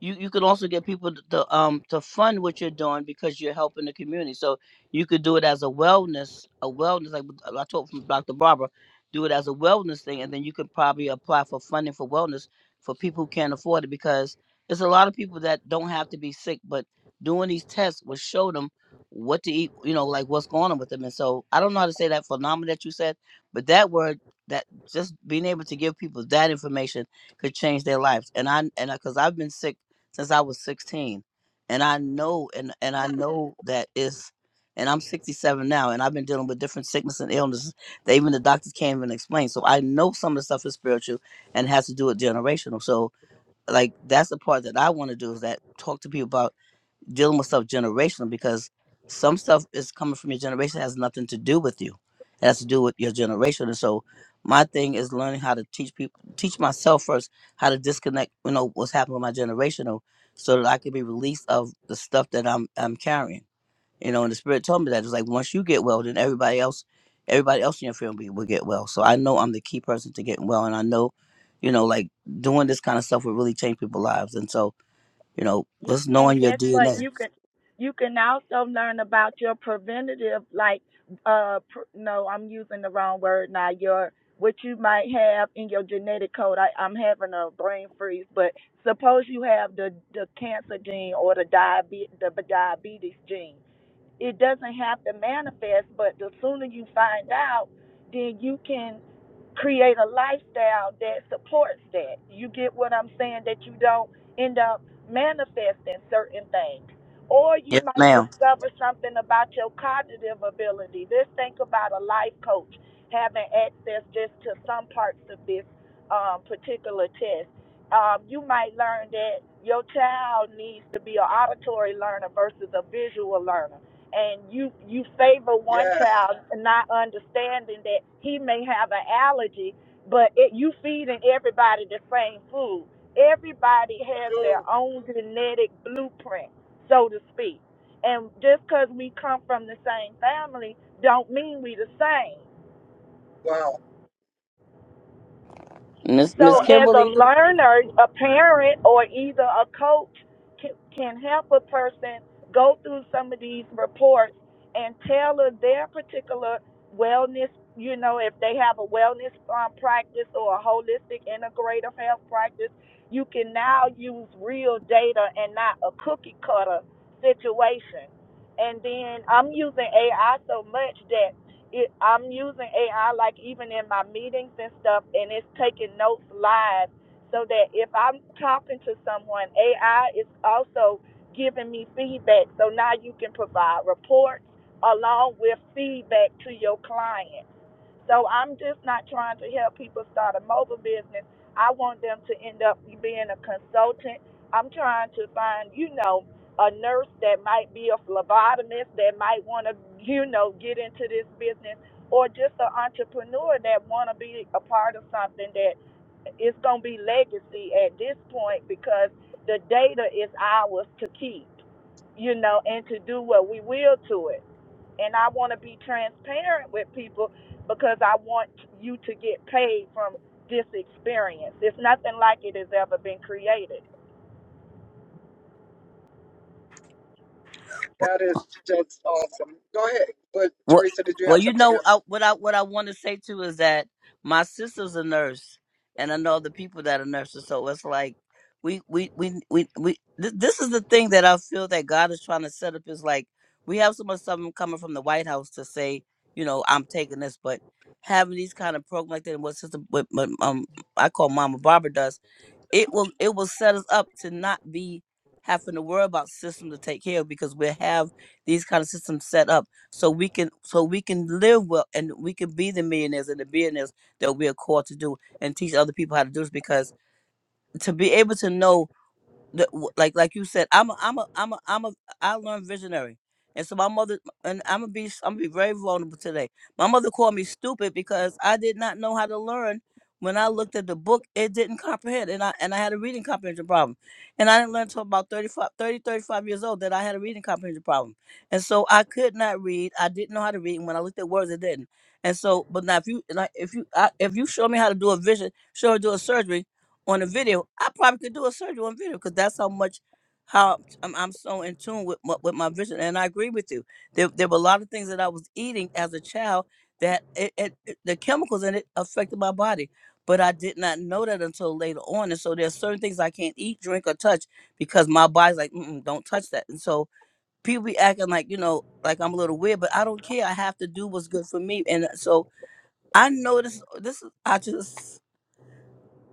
[SPEAKER 3] you you could also get people to, to um to fund what you're doing because you're helping the community so you could do it as a wellness a wellness like what i told from dr barbara do it as a wellness thing and then you could probably apply for funding for wellness for people who can't afford it because there's a lot of people that don't have to be sick but doing these tests will show them what to eat you know like what's going on with them and so i don't know how to say that phenomenon that you said but that word, that just being able to give people that information could change their lives. And I and because I've been sick since I was 16, and I know and and I
[SPEAKER 1] Mm,
[SPEAKER 3] know that it's and I'm 67 now, and I've been dealing with different sickness and illnesses that even the doctors can't even explain. So I know some of the stuff is spiritual and has to do with generational. So like that's the part that I want to do is that talk to people about dealing with stuff generational because some stuff is coming from your generation that has nothing to do with you. It has to do with your generation. And so my thing is learning how to teach people teach myself first how to disconnect, you know, what's happening with my generational so that I can be released of the stuff that I'm I'm carrying. You know, and the spirit told me that it's like once you get well, then everybody else everybody else in your family will get well. So I know I'm the key person to getting well and I know, you know, like doing this kind of stuff will really change people's lives. And so, you know,
[SPEAKER 4] Yeah,
[SPEAKER 3] just
[SPEAKER 4] and
[SPEAKER 3] knowing your
[SPEAKER 4] guess what?
[SPEAKER 3] DNA.
[SPEAKER 4] You can you can also learn about your preventative, like uh, pr- no, I'm using the wrong word now. Your what you might have in your genetic code. I, I'm having a brain freeze, but suppose you have the the cancer gene or the diabetes the b- diabetes gene it doesn't have to manifest, but the sooner you find out, then you can create a lifestyle that supports that. You get what I'm saying? That you don't end up manifesting certain things. Or you
[SPEAKER 3] Yes,
[SPEAKER 4] might
[SPEAKER 3] ma'am.
[SPEAKER 4] discover something about your cognitive ability. Let's think about a life coach having access just to some parts of this um, particular test. Um, you might learn that your child needs to be an auditory learner versus a visual learner and you you favor one
[SPEAKER 1] Yes.
[SPEAKER 4] child not understanding that he may have an allergy but it, you feeding everybody the same food everybody has their
[SPEAKER 1] Mm,
[SPEAKER 4] own genetic blueprint so to speak and just because we come from the same family don't mean we the same
[SPEAKER 1] wow.
[SPEAKER 3] Miss Miss
[SPEAKER 4] So,
[SPEAKER 1] Wow.
[SPEAKER 4] as a
[SPEAKER 3] Kimberly,
[SPEAKER 4] learner, a parent, or either a coach can, can help a person go through some of these reports and tailor their particular wellness. You know, if they have a wellness um, practice or a holistic integrative health practice, you can now use real data and not a cookie cutter situation. And then I'm using AI so much that it, I'm using AI like even in my meetings and stuff, and it's taking notes live so that if I'm talking to someone, AI is also giving me feedback. So now you can provide reports along with feedback to your client. So I'm just not trying to help people start a mobile business. I want them to end up being a consultant. I'm trying to find, you know, a nurse that might be a phlebotomist that might want to, you know, get into this business or just an entrepreneur that want to be a part of something that it's going to be legacy at this point because the data is ours to keep, you know, and to do what we will to it and I want to be transparent with people because I want you to get paid from this experience. It's nothing like it has ever been created.
[SPEAKER 1] That is just awesome. Go ahead. But
[SPEAKER 3] What?
[SPEAKER 1] Teresa, did you
[SPEAKER 3] Well,
[SPEAKER 1] have
[SPEAKER 3] you
[SPEAKER 1] something
[SPEAKER 3] know
[SPEAKER 1] else?
[SPEAKER 3] I, what I what I want to say too is that my sister's a nurse, and I know the people that are nurses. So it's like we we we we we. Th- this is the thing that I feel that God is trying to set up is like we have so much stuff coming from the White House to say, you know, I'm taking this, but having these kind of programs like that, and what sister, what, what um I call Mama Barbara does it will it will set us up to not be having to worry about systems to take care of because we have these kind of systems set up so we can so we can live well and we can be the millionaires and the billionaires that we are called to do and teach other people how to do this because to be able to know the, w- like like you said, I'm a I'm a I'm a I'm a I learned visionary, and so my mother and I'm gonna be s- I'm gonna be very vulnerable today. My mother called me stupid because I did not know how to learn. When I looked at the book, it didn't comprehend, and I and I had a reading comprehension problem, and I didn't learn until about 35 30 35 years old that I had a reading comprehension problem, and so I could not read. I didn't know how to read, and when I looked at words, it didn't. And so, but now if you like, if you I, if you show me how to do a vision, show how to do a surgery, on a video. I probably could do a surgery on video because that's how much how I'm, I'm so in tune with my, with my vision. And I agree with you. There, there were a lot of things that I was eating as a child that it, it, it- the chemicals in it affected my body. But I did not know that until later on. And so there's certain things I can't eat, drink, or touch because my body's like, Mm-mm, don't touch that. And so people be acting like, you know, like I'm a little weird, but I don't care. I have to do what's good for me. And so I know this, this is, I just,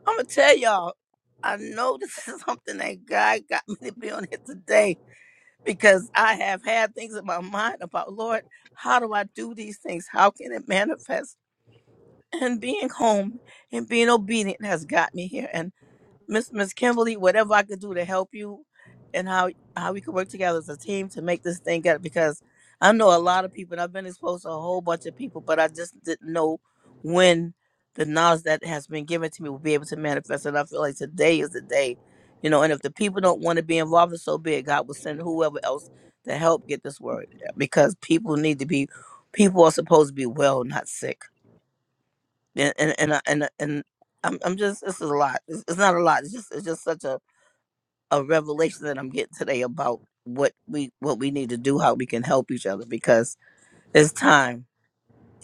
[SPEAKER 3] I'm gonna tell y'all, I know this is something that God got me to be on it today because I have had things in my mind about Lord, how do I do these things? How can it manifest? And being home and being obedient has got me here. And. Miss Miss Kimberly, whatever I could do to help you and how how we could work together as a team to make this thing get because I know a lot of people and I've been exposed to a whole bunch of people, but I just didn't know when the knowledge that has been given to me will be able to manifest. And I feel like today is the day, you know, and if the people don't want to be involved in so big, God will send whoever else to help get this word because people need to be people are supposed to be well, not sick. And and and and, and I'm, I'm just this is a lot. It's, it's not a lot. It's just it's just such a a revelation that I'm getting today about what we what we need to do, how we can help each other, because it's time.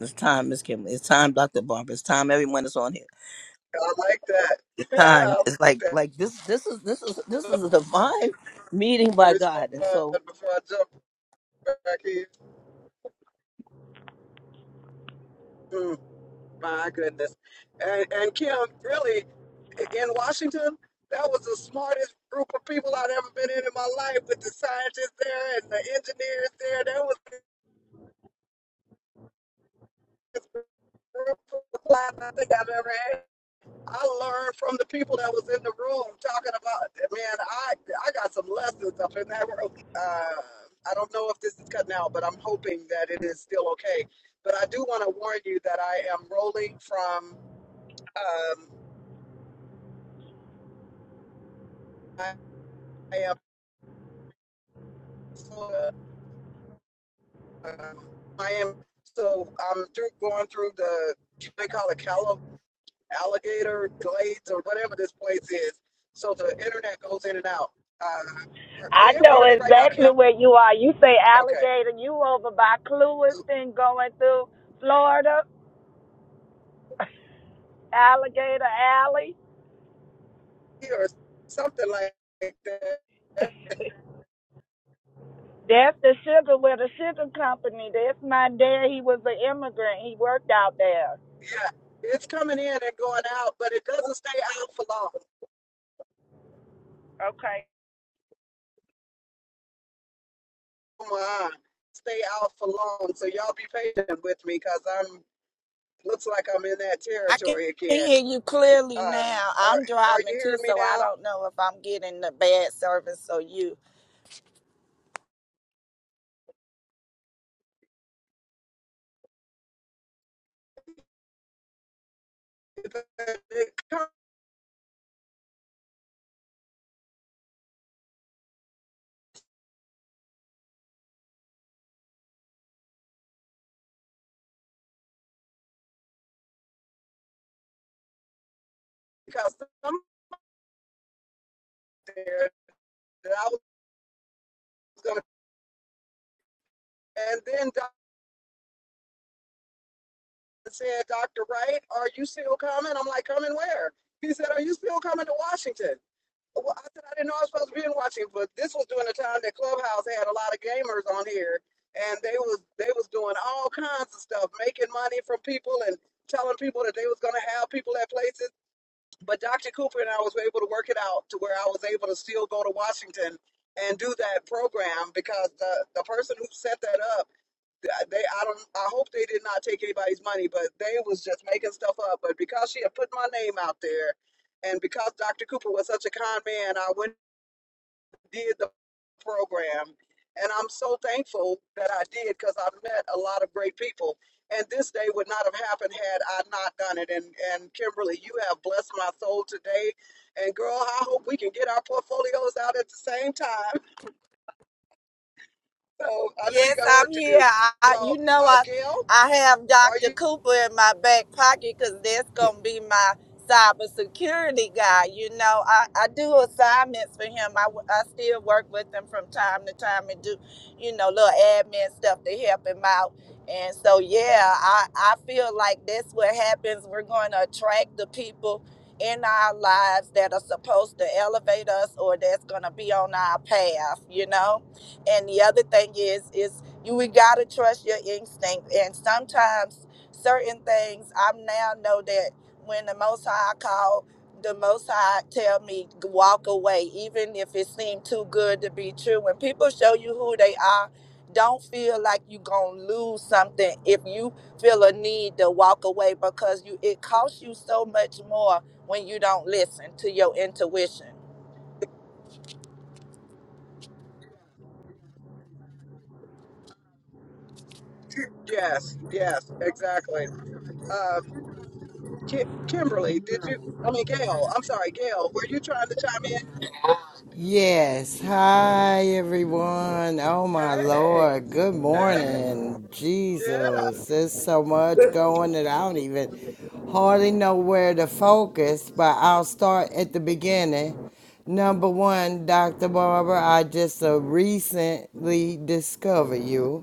[SPEAKER 3] It's time, Miss Kimberly. It's time, Dr. Barbara. It's time everyone that's on here.
[SPEAKER 1] I like that.
[SPEAKER 3] It's time.
[SPEAKER 1] I
[SPEAKER 3] It's
[SPEAKER 1] like
[SPEAKER 3] like
[SPEAKER 1] that.
[SPEAKER 3] like this this is this is this is a divine meeting
[SPEAKER 1] The
[SPEAKER 3] by
[SPEAKER 1] response
[SPEAKER 3] God. And so
[SPEAKER 1] before I jump back in. Mm, my goodness. And and Kim, really, in Washington, that was the smartest group of people I'd ever been in in my life with the scientists there and the engineers there. That was the best group of class I think I've ever had. I learned from the people that was in the room talking about man, I I got some lessons up in that room. Uh, I don't know if this is cutting out, but I'm hoping that it is still okay. But I do want to warn you that I am rolling from um, I, I am uh, um, I am so I'm through going through the they call it Cali- alligator glades or whatever this place is. So the internet goes in and out. Uh, are are
[SPEAKER 4] I
[SPEAKER 1] you able to
[SPEAKER 4] know
[SPEAKER 1] hear me right now,
[SPEAKER 4] exactly
[SPEAKER 1] Kim?
[SPEAKER 4] where you are. You say
[SPEAKER 1] Okay.
[SPEAKER 4] alligator, you over by Clewiston going through Florida, Alligator Alley.
[SPEAKER 1] or something like that.
[SPEAKER 4] That's the sugar where the sugar company. That's my dad. He was an immigrant. He worked out there.
[SPEAKER 1] Yeah, it's coming in and going out, but it doesn't stay out for long.
[SPEAKER 4] Okay.
[SPEAKER 1] Come on, stay out for long. So y'all be patient with me, cause I'm looks like I'm in that
[SPEAKER 4] I can
[SPEAKER 1] territory again.
[SPEAKER 4] hear you clearly
[SPEAKER 1] Um,
[SPEAKER 4] now.
[SPEAKER 1] are
[SPEAKER 4] I'm
[SPEAKER 1] are you
[SPEAKER 4] driving too,
[SPEAKER 1] hearing me
[SPEAKER 4] so I
[SPEAKER 1] now?
[SPEAKER 4] don't know if I'm getting the bad service or you.
[SPEAKER 1] Because I'm there that I was gonna, and then Doctor said, Doctor Wright, are you still coming? I'm like, coming where? He said, Are you still coming to Washington? Well, I said I didn't know I was supposed to be in Washington, but this was during the time that Clubhouse had a lot of gamers on here, and they was they was doing all kinds of stuff, making money from people and telling people that they was going to have people at places. But Dr. Cooper and I was able to work it out to where I was able to still go to Washington and do that program because the the person who set that up, they I don't I hope they did not take anybody's money, but they was just making stuff up. But because she had put my name out there. And because Dr. Cooper was such a con man, I went did the program. And I'm so thankful that I did because I met a lot of great people. And this day would not have happened had I not done it. And and Kimberly, you have blessed my soul today. And girl, I hope we can get our portfolios out at the same time. So I know you
[SPEAKER 4] Yes,
[SPEAKER 1] got
[SPEAKER 4] I'm
[SPEAKER 1] work to
[SPEAKER 4] here.
[SPEAKER 1] do.
[SPEAKER 4] I, I, you
[SPEAKER 1] Well,
[SPEAKER 4] know,
[SPEAKER 1] uh,
[SPEAKER 4] I
[SPEAKER 1] Gail,
[SPEAKER 4] I have
[SPEAKER 1] are
[SPEAKER 4] Dr.
[SPEAKER 1] you?
[SPEAKER 4] Cooper in my back pocket because that's gonna be my cybersecurity guy. You know, I, I do assignments for him. I, w- I still work with him from time to time and do, you know, little admin stuff to help him out. And so, yeah, I I feel like that's what happens. We're going to attract the people in our lives that are supposed to elevate us or that's going to be on our path. You know and the other thing is is you we gotta trust your instinct and sometimes certain things i now know that when the most high call the most high tell me walk away even if it seemed too good to be true when people show you who they are don't feel like you gonna lose something if you feel a need to walk away because you it costs you so much more when you don't listen to your intuition
[SPEAKER 1] Yes, yes, exactly. Um, Ki- Kimberly, did you? I mean, Gail, I'm sorry, Gail, were you trying to chime in?
[SPEAKER 5] Yes. Hi, everyone. Oh, my
[SPEAKER 1] Hey,
[SPEAKER 5] Lord. Good
[SPEAKER 1] hey,
[SPEAKER 5] morning.
[SPEAKER 1] yeah,
[SPEAKER 5] Jesus. There's so much going that I don't even hardly know where to focus, but I'll start at the beginning. Number one, Dr. Barber, I just uh, recently discovered you.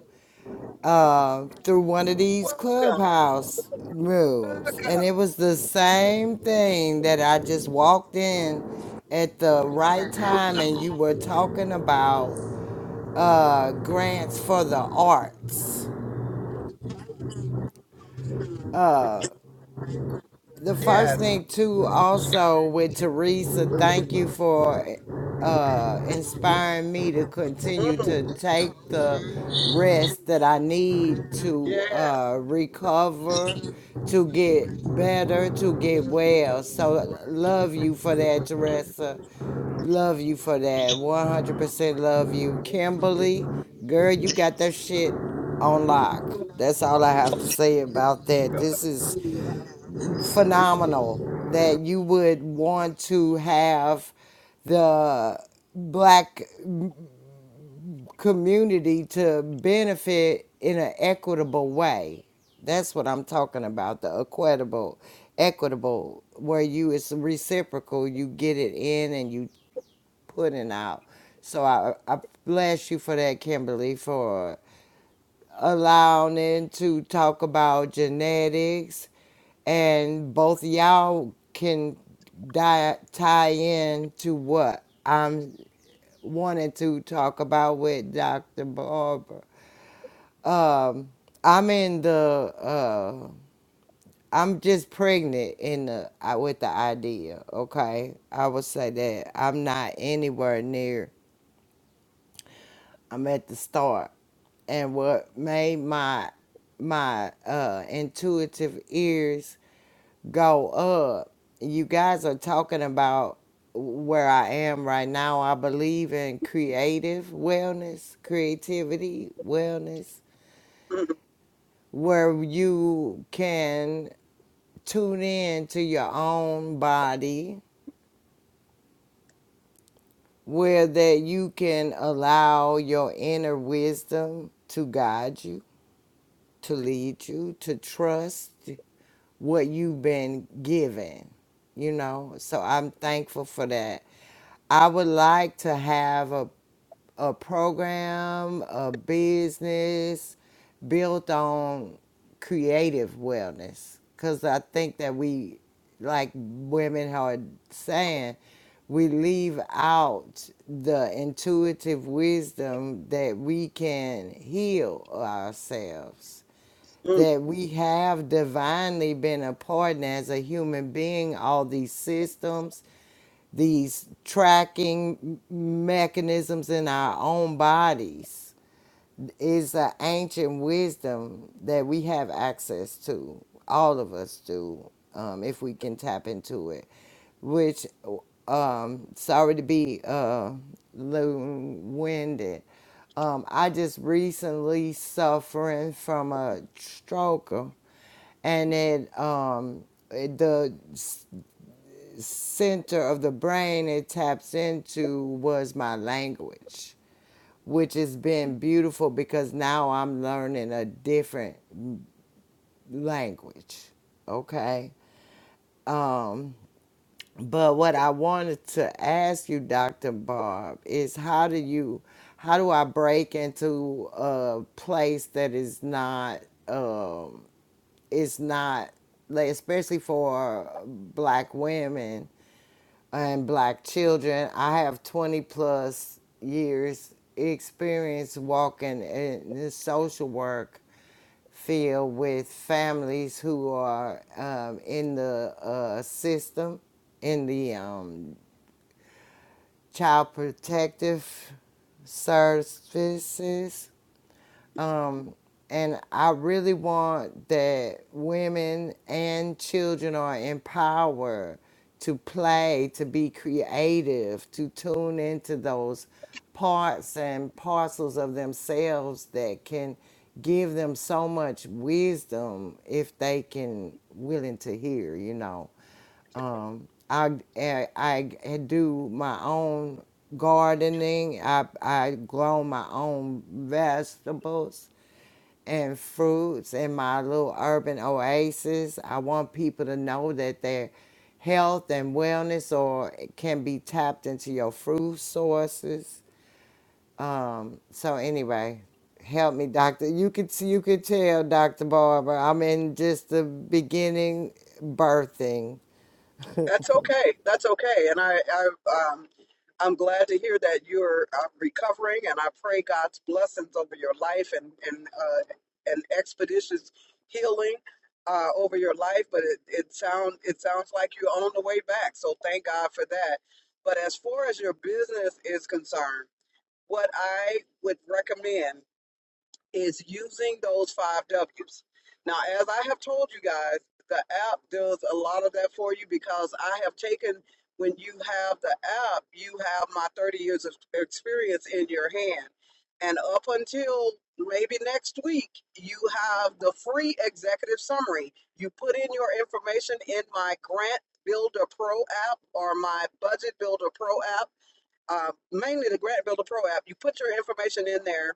[SPEAKER 5] uh, through one of these
[SPEAKER 1] welcome.
[SPEAKER 5] clubhouse rooms, and
[SPEAKER 1] Welcome.
[SPEAKER 5] it was the same thing that I just walked in at the right time, and you were talking about uh, grants for the arts. Uh, the first
[SPEAKER 1] Yes.
[SPEAKER 5] thing too also with teresa thank you for uh inspiring me to continue
[SPEAKER 1] Mm,
[SPEAKER 5] to take the rest that i need to
[SPEAKER 1] yes.
[SPEAKER 5] uh recover to get better to get well so love you for that teresa love you for that 100% love you kimberly girl you got that shit on lock that's all i have to say about that this is phenomenal that you would want to have the black community to benefit in an equitable way. That's what I'm talking about, the equitable, equitable, where you it's reciprocal, you get it in and you put it out. So I, I bless you for that, Kimberly, for allowing to talk about genetics, and both of y'all can di- tie in to what I'm wanting to talk about with Dr. Barber. Um, I'm in the. Uh, I'm just pregnant in the I- with the idea. Okay, I would say that I'm not anywhere near I'm at the start. And what made my my uh, intuitive ears go up, you guys are talking about where I am right now. I believe in creative wellness, creativity, wellness,
[SPEAKER 1] Mm,
[SPEAKER 5] where you can tune in to your own body, where that you can allow your inner wisdom to guide you to lead you to trust what you've been given, you know. So I'm thankful for that. I would like to have a a program, a business built on creative wellness cuz I think that we like women are saying we leave out the intuitive wisdom that we can heal ourselves
[SPEAKER 1] mm.
[SPEAKER 5] that we have divinely been a part in as a human being, all these systems, these tracking mechanisms in our own bodies is an ancient wisdom that we have access to. All of us do, um, if we can tap into it. Which, um, sorry to be uh, low-winded. Um, I just recently suffering from a stroke, and it um, it- the center of the brain it taps into was my language, which has been beautiful because now I'm learning a different language. Okay. Um, but what I wanted to ask you, Dr. Barb, is how do you, how do I break into a place that is not, um, is not, like, especially for black women? and black children. I have 20 plus years experience walking in the social work field with families who are um, in the uh, system, in the um, child protective services um, and I really want that women and children are empowered to play, to be creative, to tune into those parts and parcels of themselves that can give them so much wisdom if they can willing to hear, you know um, I, I I do my own gardening. I I grow my own vegetables and fruits in my little urban oasis. I want people to know that their health and wellness or can be tapped into your food sources. Um, so anyway, help me, doctor. You could see, you could tell, Doctor Barbara, I'm in just the beginning birthing
[SPEAKER 1] That's okay. That's okay. And I, I, um, I'm glad to hear that you're uh, recovering, and I pray God's blessings over your life and and uh, and expeditious healing uh, over your life. But it it sound it sounds like you're on the way back. So thank God for that. But as far as your business is concerned, what I would recommend. is using those five W's. Now, as I have told you guys, the app does a lot of that for you because I have taken, when you have the app, you have my 30 years of experience in your hand. And up until maybe next week, you have the free executive summary. You put in your information in my Grant Builder Pro app or my Budget Builder Pro app, uh, mainly the Grant Builder Pro app. You put your information in there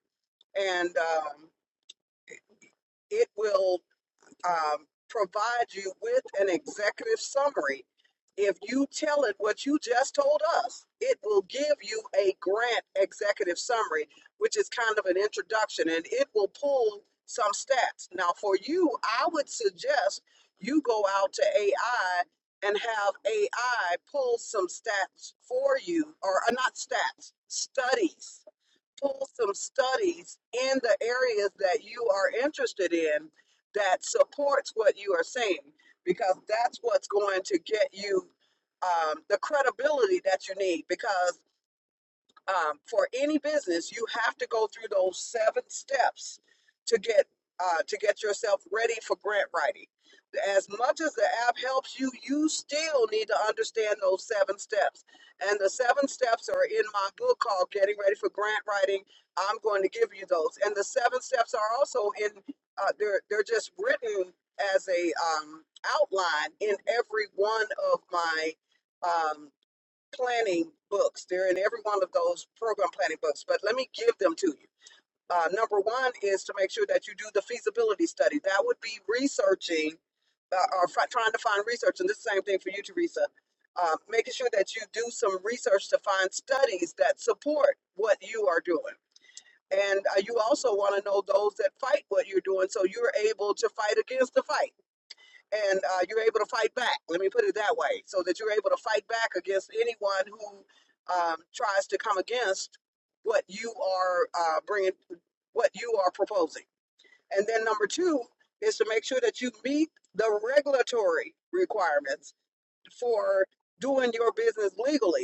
[SPEAKER 1] and um, it will um, provide you with an executive summary. If you tell it what you just told us, it will give you a grant executive summary, which is kind of an introduction, and it will pull some stats. Now, for you, I would suggest you go out to AI and have AI pull some stats for you, or uh, not stats, studies pull some studies in the areas that you are interested in that supports what you are saying because that's what's going to get you um, the credibility that you need because um, for any business, you have to go through those seven steps to get uh, to get yourself ready for grant writing. As much as the app helps you, you still need to understand those seven steps. And the seven steps are in my book called Getting Ready for Grant Writing. I'm going to give you those. And the seven steps are also in uh, they're they're just written as a um, outline in every one of my um, planning books. They're in every one of those program planning books, but let me give them to you. Uh, number one is to make sure that you do the feasibility study. That would be researching uh, or fi- trying to find research, and this is the same thing for you, Teresa. Uh, making sure that you do some research to find studies that support what you are doing. And uh, you also want to know those that fight what you're doing so you're able to fight against the fight and uh, you're able to fight back. Let me put it that way, so that you're able to fight back against anyone who um, tries to come against what you are uh, bringing, what you are proposing. And then number two is to make sure that you meet the regulatory requirements for doing your business legally.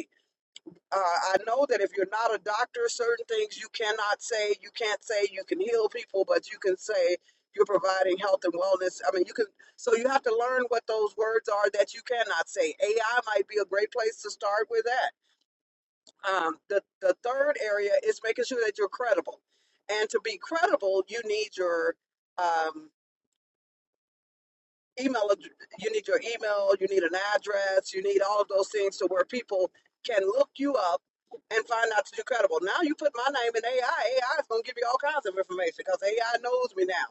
[SPEAKER 1] Uh, I know that if you're not a doctor, certain things you cannot say. You can't say you can heal people, but you can say you're providing health and wellness. I mean, you can. So you have to learn what those words are that you cannot say. AI might be a great place to start with that. Um, the the third area is making sure that you're credible, and to be credible, you need your um, email ad- you need your email you need an address you need all of those things to where people can look you up and find out that you're credible now you put my name in ai ai is going to give you all kinds of information because ai knows me now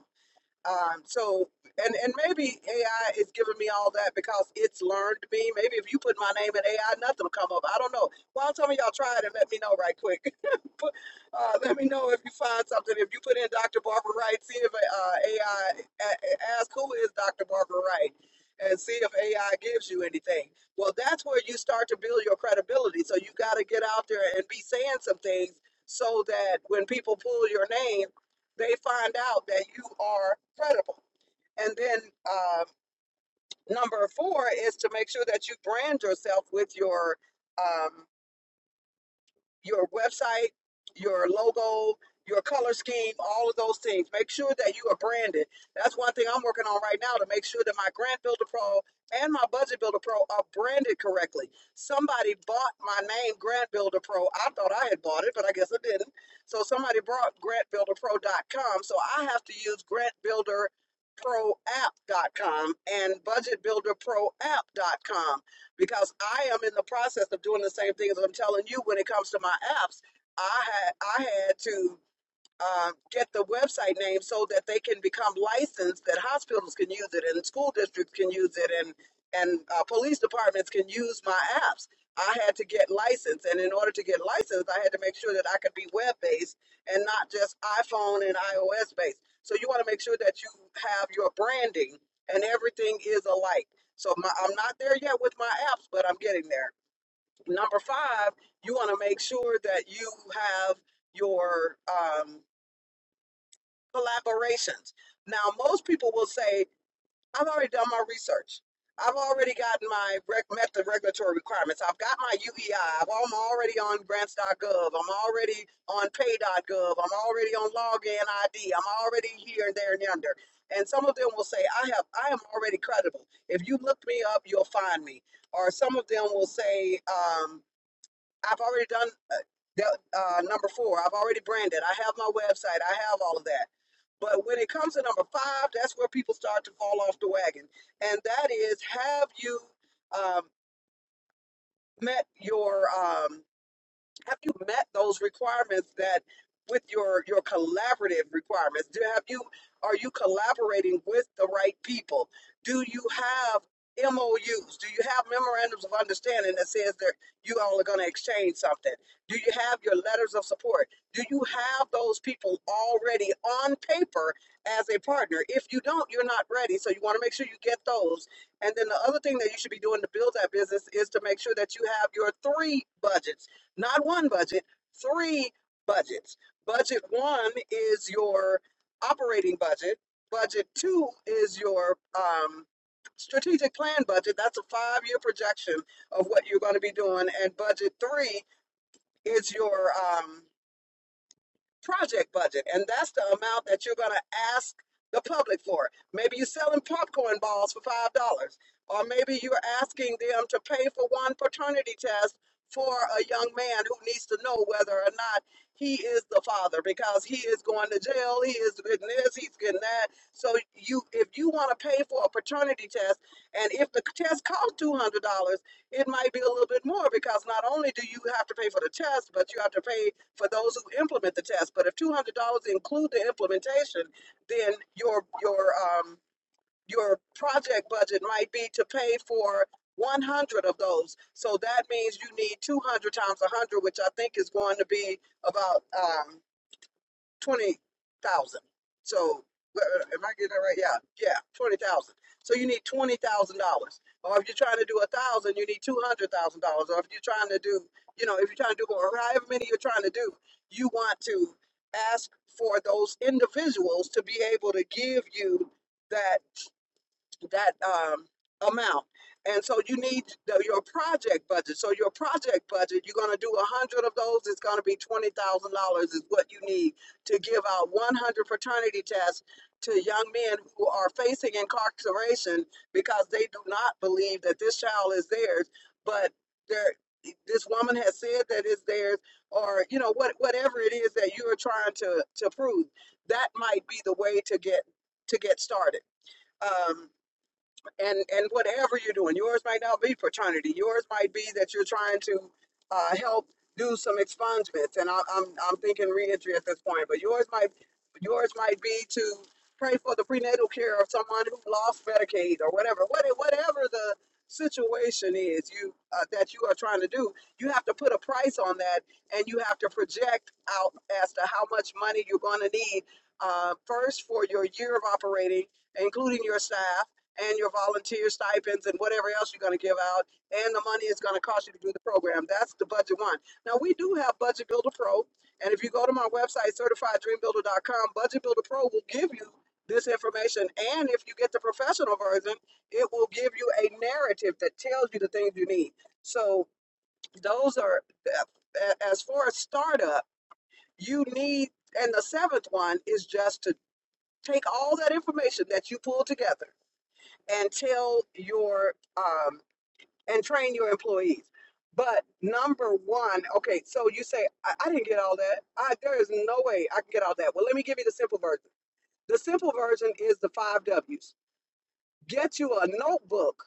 [SPEAKER 1] um, so, and and maybe AI is giving me all that because it's learned me. Maybe if you put my name in AI, nothing will come up. I don't know. Well, tell me y'all try it and let me know right quick. uh, let me know if you find something. If you put in Dr. Barbara Wright, see if uh, AI a- I, ask who is Dr. Barbara Wright. And see if AI gives you anything. Well, that's where you start to build your credibility. So you got to get out there and be saying some things so that when people pull your name they find out that you are credible. And then uh, number four is to make sure that you brand yourself with your um, your website, your logo, your color scheme, all of those things. Make sure that you are branded. That's one thing I'm working on right now to make sure that my Grant Builder Pro and my Budget Builder Pro are branded correctly. Somebody bought my name, Grant Builder Pro. I thought I had bought it, but I guess I didn't. So somebody bought grantbuilderpro.com. So I have to use grantbuilderproapp.com and budgetbuilderproapp.com because I am in the process of doing the same thing as I'm telling you when it comes to my apps. I had I had to um, get the website name so that they can become licensed, that hospitals can use it, and school districts can use it, and and uh, police departments can use my apps. I had to get licensed, and in order to get licensed, I had to make sure that I could be web based and not just iPhone and iOS based. So you want to make sure that you have your branding and everything is alike. So my, I'm not there yet with my apps, but I'm getting there. Number five, you want to make sure that you have your um, collaborations. Now, most people will say, I've already done my research. I've already gotten my rec- met the regulatory requirements. I've got my U E am already on grants.gov. I'm already on pay.gov. I'm already on login ID. I'm already here and there and yonder. And some of them will say, I have, I am already credible. If you look me up, you'll find me. Or some of them will say, um, I've already done uh, the- uh, number four. I've already branded. I have my website. I have all of that. But when it comes to number five, that's where people start to fall off the wagon, and that is have you um, met your um, have you met those requirements that with your your collaborative requirements do have you are you collaborating with the right people do you have MOUs do you have memorandums of understanding that says that you all are going to exchange something do you have your letters of support do you have those people already on paper as a partner if you don't you're not ready so you want to make sure you get those and then the other thing that you should be doing to build that business is to make sure that you have your three budgets not one budget, three budgets. Budget one is your operating budget. Budget two is your um, strategic plan budget. That's a five year projection of what you're going to be doing. And budget three is your um, project budget, and that's the amount that you're going to ask the public for. Maybe you're selling popcorn balls for five dollars, or maybe you're asking them to pay for one paternity test for a young man who needs to know whether or not he is the father because he is going to jail, he is getting this, he's getting that. So you, if you want to pay for a paternity test, and if the test costs two hundred dollars it might be a little bit more because not only do you have to pay for the test, but you have to pay for those who implement the test. But if two hundred dollars include the implementation, then your your um your project budget might be to pay for one hundred of those. So that means you need two hundred times a hundred, which I think is going to be about um twenty thousand. So uh, uh, am I getting that right? Yeah, yeah, twenty thousand. So you need twenty thousand dollars. Or if you're trying to do a thousand, you need two hundred thousand dollars. Or if you're trying to do, you know, if you're trying to do or however many you're trying to do, you want to ask for those individuals to be able to give you that that um, amount. And so you need the, your project budget. So your project budget, you're going to do 100 of those. It's going to be $20,000 is what you need to give out 100 fraternity tests to young men who are facing incarceration because they do not believe that this child is theirs, but they're this woman has said that it's theirs or you know what whatever it is that you're trying to to prove that might be the way to get to get started Um, and and whatever you're doing yours might not be fraternity yours might be that you're trying to uh, help do some expungements and I, i'm i'm thinking reentry at this point but yours might yours might be to pray for the prenatal care of someone who lost medicaid or whatever what, whatever the situation is you uh, that you are trying to do you have to put a price on that and you have to project out as to how much money you're going to need uh, first for your year of operating including your staff and your volunteer stipends and whatever else you're going to give out and the money it's going to cost you to do the program. That's the budget one. Now, we do have Budget Builder Pro. And if you go to my website, certifieddreambuilder.com, Budget Builder Pro will give you this information. And if you get the professional version, it will give you a narrative that tells you the things you need. So, those are, as far as startup, you need, and the seventh one is just to take all that information that you pull together and tell your um, and train your employees. But number one, okay, so you say I, I didn't get all that. I, there is no way I can get all that. Well, let me give you the simple version. The simple version is the five W's. Get you a notebook,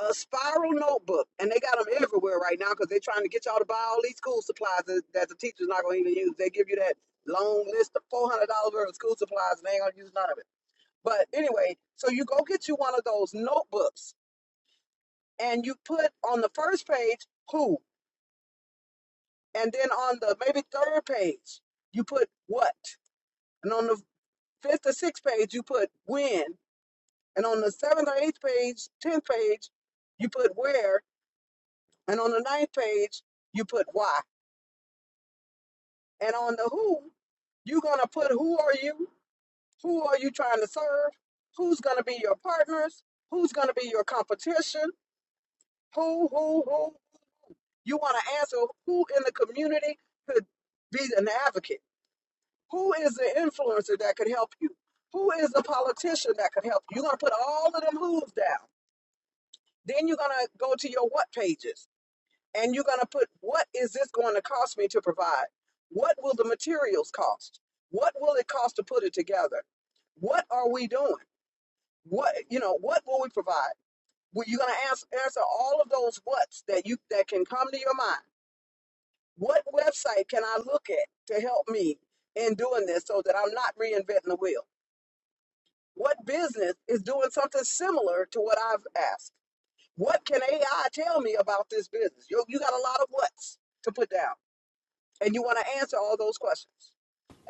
[SPEAKER 1] a spiral notebook, and they got them everywhere right now because they're trying to get y'all to buy all these school supplies that, that the teacher's not going to even use. They give you that long list of four hundred dollars worth of school supplies, and they ain't gonna use none of it. But anyway, so you go get you one of those notebooks and you put on the first page who, and then on the maybe third page you put what, and on the fifth or sixth page you put when, and on the seventh or eighth page, tenth page, you put where, and on the ninth page you put why, and on the who you're gonna put who are you, who are you trying to serve, who's gonna be your partners, who's gonna be your competition, who who who. You want to answer who in the community could be an advocate Who is the influencer that could help you? Who is the politician that could help you? You're going to put all of them who's down. Then you're going to go to your what pages and you're going to put what is this going to cost me to provide? What will the materials cost? What will it cost to put it together? What are we doing? What you know, what will we provide? Well, you're going to ask, answer all of those whats that you that can come to your mind. What website can I look at to help me in doing this so that I'm not reinventing the wheel? What business is doing something similar to what I've asked? What can AI tell me about this business? You, you got a lot of what's to put down and you want to answer all those questions.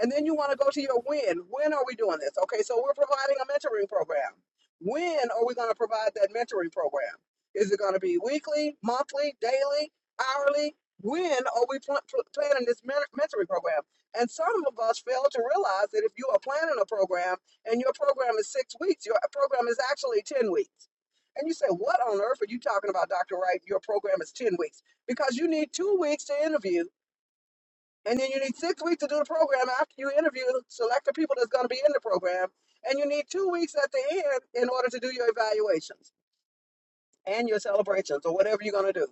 [SPEAKER 1] And then you want to go to your when. When are we doing this? Okay, so we're providing a mentoring program. When are we going to provide that mentoring program? Is it going to be weekly, monthly, daily, hourly? When are we pl- pl- planning this mentoring program? And some of us fail to realize that if you are planning a program and your program is six weeks, your program is actually 10 weeks. And you say, What on earth are you talking about, Dr. Wright? Your program is 10 weeks because you need two weeks to interview and then you need six weeks to do the program after you interview, select the people that's going to be in the program. And you need two weeks at the end in order to do your evaluations and your celebrations or whatever you're going to do.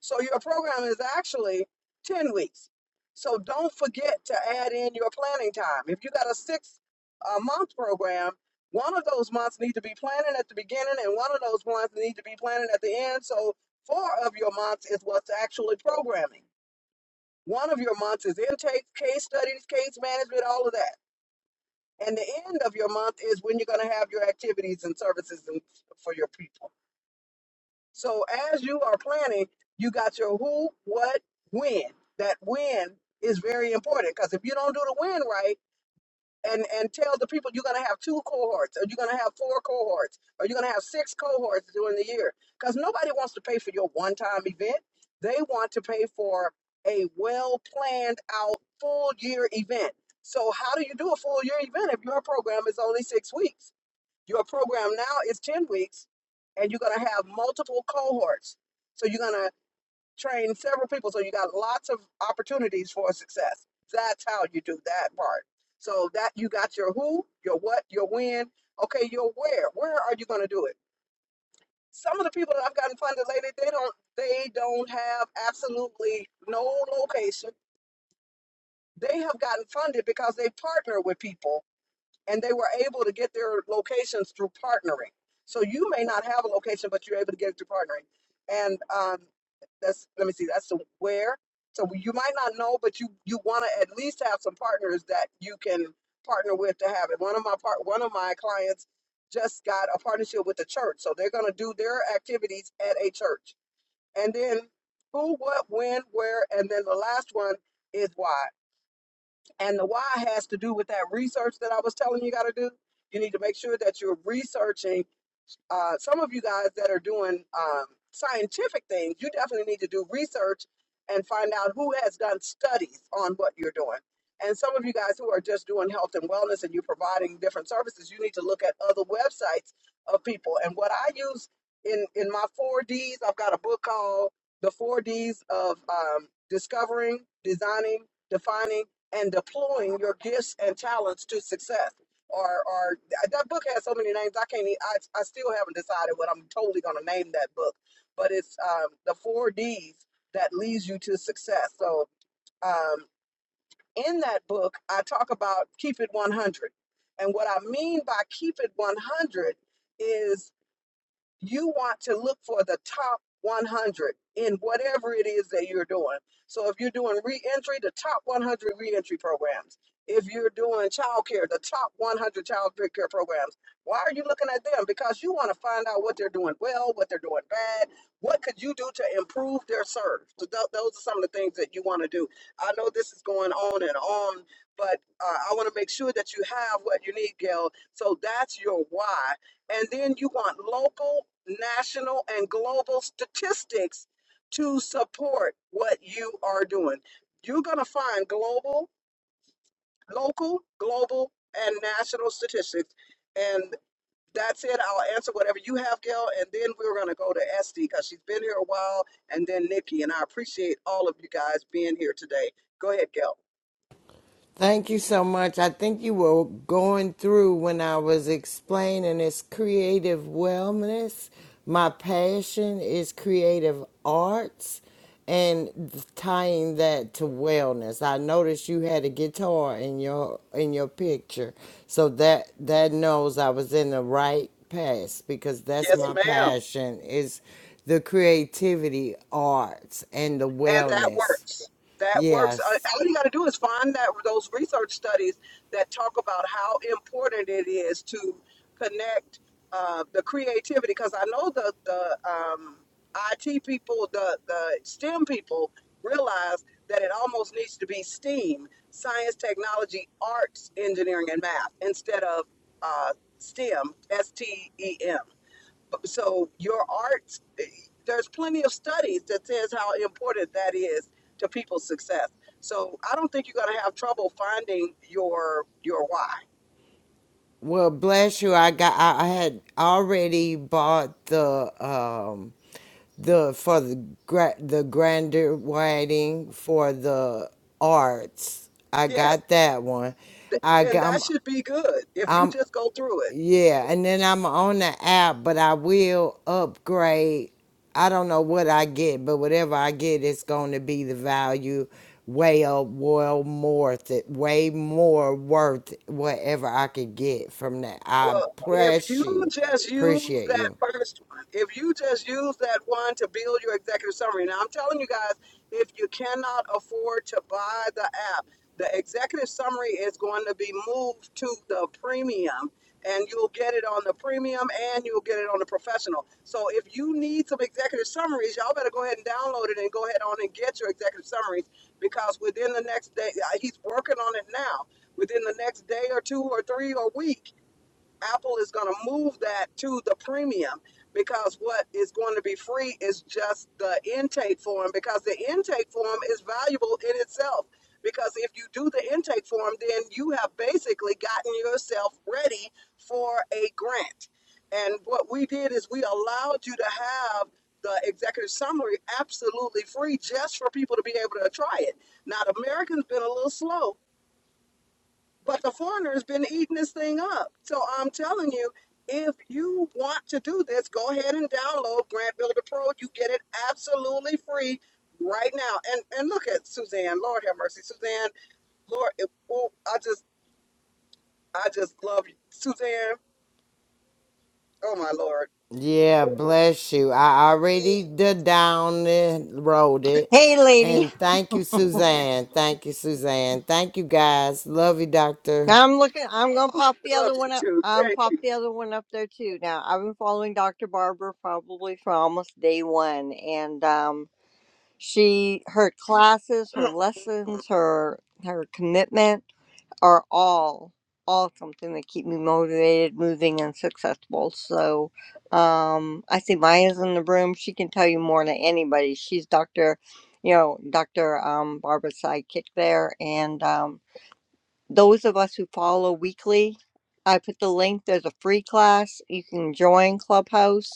[SPEAKER 1] So your program is actually 10 weeks. So don't forget to add in your planning time. If you got a six uh, month program, one of those months need to be planning at the beginning and one of those months need to be planning at the end. So four of your months is what's actually programming. One of your months is intake, case studies, case management, all of that. And the end of your month is when you're going to have your activities and services and for your people. So as you are planning, you got your who, what, when. That when is very important because if you don't do the when right, and and tell the people you're going to have two cohorts or you're going to have four cohorts or you're going to have six cohorts during the year because nobody wants to pay for your one-time event they want to pay for a well planned out full year event so how do you do a full year event if your program is only six weeks your program now is 10 weeks and you're going to have multiple cohorts so you're going to train several people so you got lots of opportunities for success that's how you do that part so that you got your who your what your when okay your where where are you going to do it some of the people that i've gotten funded lately they don't they don't have absolutely no location they have gotten funded because they partner with people and they were able to get their locations through partnering. So you may not have a location, but you're able to get it through partnering. And um, that's let me see, that's the where. So you might not know, but you you want to at least have some partners that you can partner with to have it. One of my part one of my clients just got a partnership with the church, so they're going to do their activities at a church. And then who, what, when, where, and then the last one is why. And the why has to do with that research that I was telling you got to do. You need to make sure that you're researching uh, some of you guys that are doing um, scientific things, you definitely need to do research and find out who has done studies on what you're doing. And some of you guys who are just doing health and wellness and you're providing different services, you need to look at other websites of people. And what I use in in my four Ds, I've got a book called The Four Ds of um, Discovering, Designing, Defining, and Deploying Your Gifts and Talents to Success or, or that book has so many names. I can't. e- I I still haven't decided what I'm totally gonna name that book. But it's um, the four D's that leads you to success. So um, in that book, I talk about keep it 100, and what I mean by keep it 100 is you want to look for the top 100 in whatever it is that you're doing. So if you're doing reentry, the top 100 reentry programs. If you're doing childcare, the top 100 childcare programs. Why are you looking at them? Because you want to find out what they're doing well, what they're doing bad. What could you do to improve their serve? So tho- those are some of the things that you want to do. I know this is going on and on, but uh, I want to make sure that you have what you need, Gail. So that's your why and then you want local, national, and global statistics to support what you are doing. You're going to find global, local, global, and national statistics. And that's it. I'll answer whatever you have, Gail. And then we're going to go to Esty because she's been here a while. And then Nikki. And I appreciate all of you guys being here today. Go ahead, Gail.
[SPEAKER 5] Thank you so much. I think you were going through when I was explaining it's creative wellness. My passion is creative arts and tying that to wellness. I noticed you had a guitar in your in your picture. So that that knows I was in the right path because that's
[SPEAKER 1] Yes,
[SPEAKER 5] my
[SPEAKER 1] ma'am.
[SPEAKER 5] passion is the creativity arts and the
[SPEAKER 1] and that
[SPEAKER 5] wellness.
[SPEAKER 1] works. That works. Uh,
[SPEAKER 5] Yes.
[SPEAKER 1] All you got to do is find that those research studies that talk about how important it is to connect uh, the creativity. Because I know the the um, IT people, the the STEM people realize that it almost needs to be STEAM: science, technology, arts, engineering, and math instead of uh, STEM, S T E M so your art, there's plenty of studies that says how important that is to people's success so i don't think you're going to have trouble finding your your why
[SPEAKER 5] Well, bless you. I got. I I had already bought the um, the for the gra- the grander writing for the arts. I
[SPEAKER 1] yes
[SPEAKER 5] got that one.
[SPEAKER 1] th-
[SPEAKER 5] I
[SPEAKER 1] then
[SPEAKER 5] got.
[SPEAKER 1] that should be good if you
[SPEAKER 5] I'm,
[SPEAKER 1] just go through it
[SPEAKER 5] yeah, and then I'm on the app, but I will upgrade. I don't know what I get, but whatever I get, it's going to be the value way up, well more it, way more worth whatever I could get from that. I
[SPEAKER 1] Well, if
[SPEAKER 5] bless
[SPEAKER 1] you
[SPEAKER 5] you,
[SPEAKER 1] just use
[SPEAKER 5] appreciate
[SPEAKER 1] that
[SPEAKER 5] you.
[SPEAKER 1] first one, if you just use that one to build your executive summary, now I'm telling you guys, if you cannot afford to buy the app, the executive summary is going to be moved to the premium, and you'll get it on the premium and you'll get it on the professional. So if you need some executive summaries, y'all better go ahead and download it and go ahead on and get your executive summaries because within the next day, uh, he's working on it now. Within the next day or two or three or week Apple is going to move that to the premium because what is going to be free is just the intake form because the intake form is valuable in itself. Because if you do the intake form, then you have basically gotten yourself ready for a grant. And what we did is we allowed you to have the executive summary absolutely free just for people to be able to try it. Now, Americans been a little slow but the foreigner's been eating this thing up. So I'm telling you, if you want to do this, go ahead and download Grant Builder Pro. You get it absolutely free right now. And and look at Suzanne. Lord have mercy, Suzanne. Lord, it, oh, I just I just love you, Suzanne. Oh my Lord.
[SPEAKER 5] Yeah, bless you. I
[SPEAKER 1] Eh,
[SPEAKER 5] already the down and rolled it.
[SPEAKER 6] Hey, lady.
[SPEAKER 5] And thank you, Suzanne. Thank you, Suzanne. Thank you, guys. Love you, Doctor.
[SPEAKER 6] Now I'm looking. I'm gonna
[SPEAKER 1] Oh,
[SPEAKER 6] pop the
[SPEAKER 1] I
[SPEAKER 6] other
[SPEAKER 1] love
[SPEAKER 6] one
[SPEAKER 1] you
[SPEAKER 6] up.
[SPEAKER 1] too.
[SPEAKER 6] I'm
[SPEAKER 1] Thank
[SPEAKER 6] pop
[SPEAKER 1] you.
[SPEAKER 6] the other one up there too. Now I've been following Dr. Barber probably for almost day one, and um, she, her classes, her lessons, her her commitment are all all something that keep me motivated, moving, and successful. So, um, I see Maya's in the room. She can tell you more than anybody. She's Dr. You know, Dr. Um, Barbara's sidekick there, and um, those of us who follow weekly, I put the link. There's a free class. You can join Clubhouse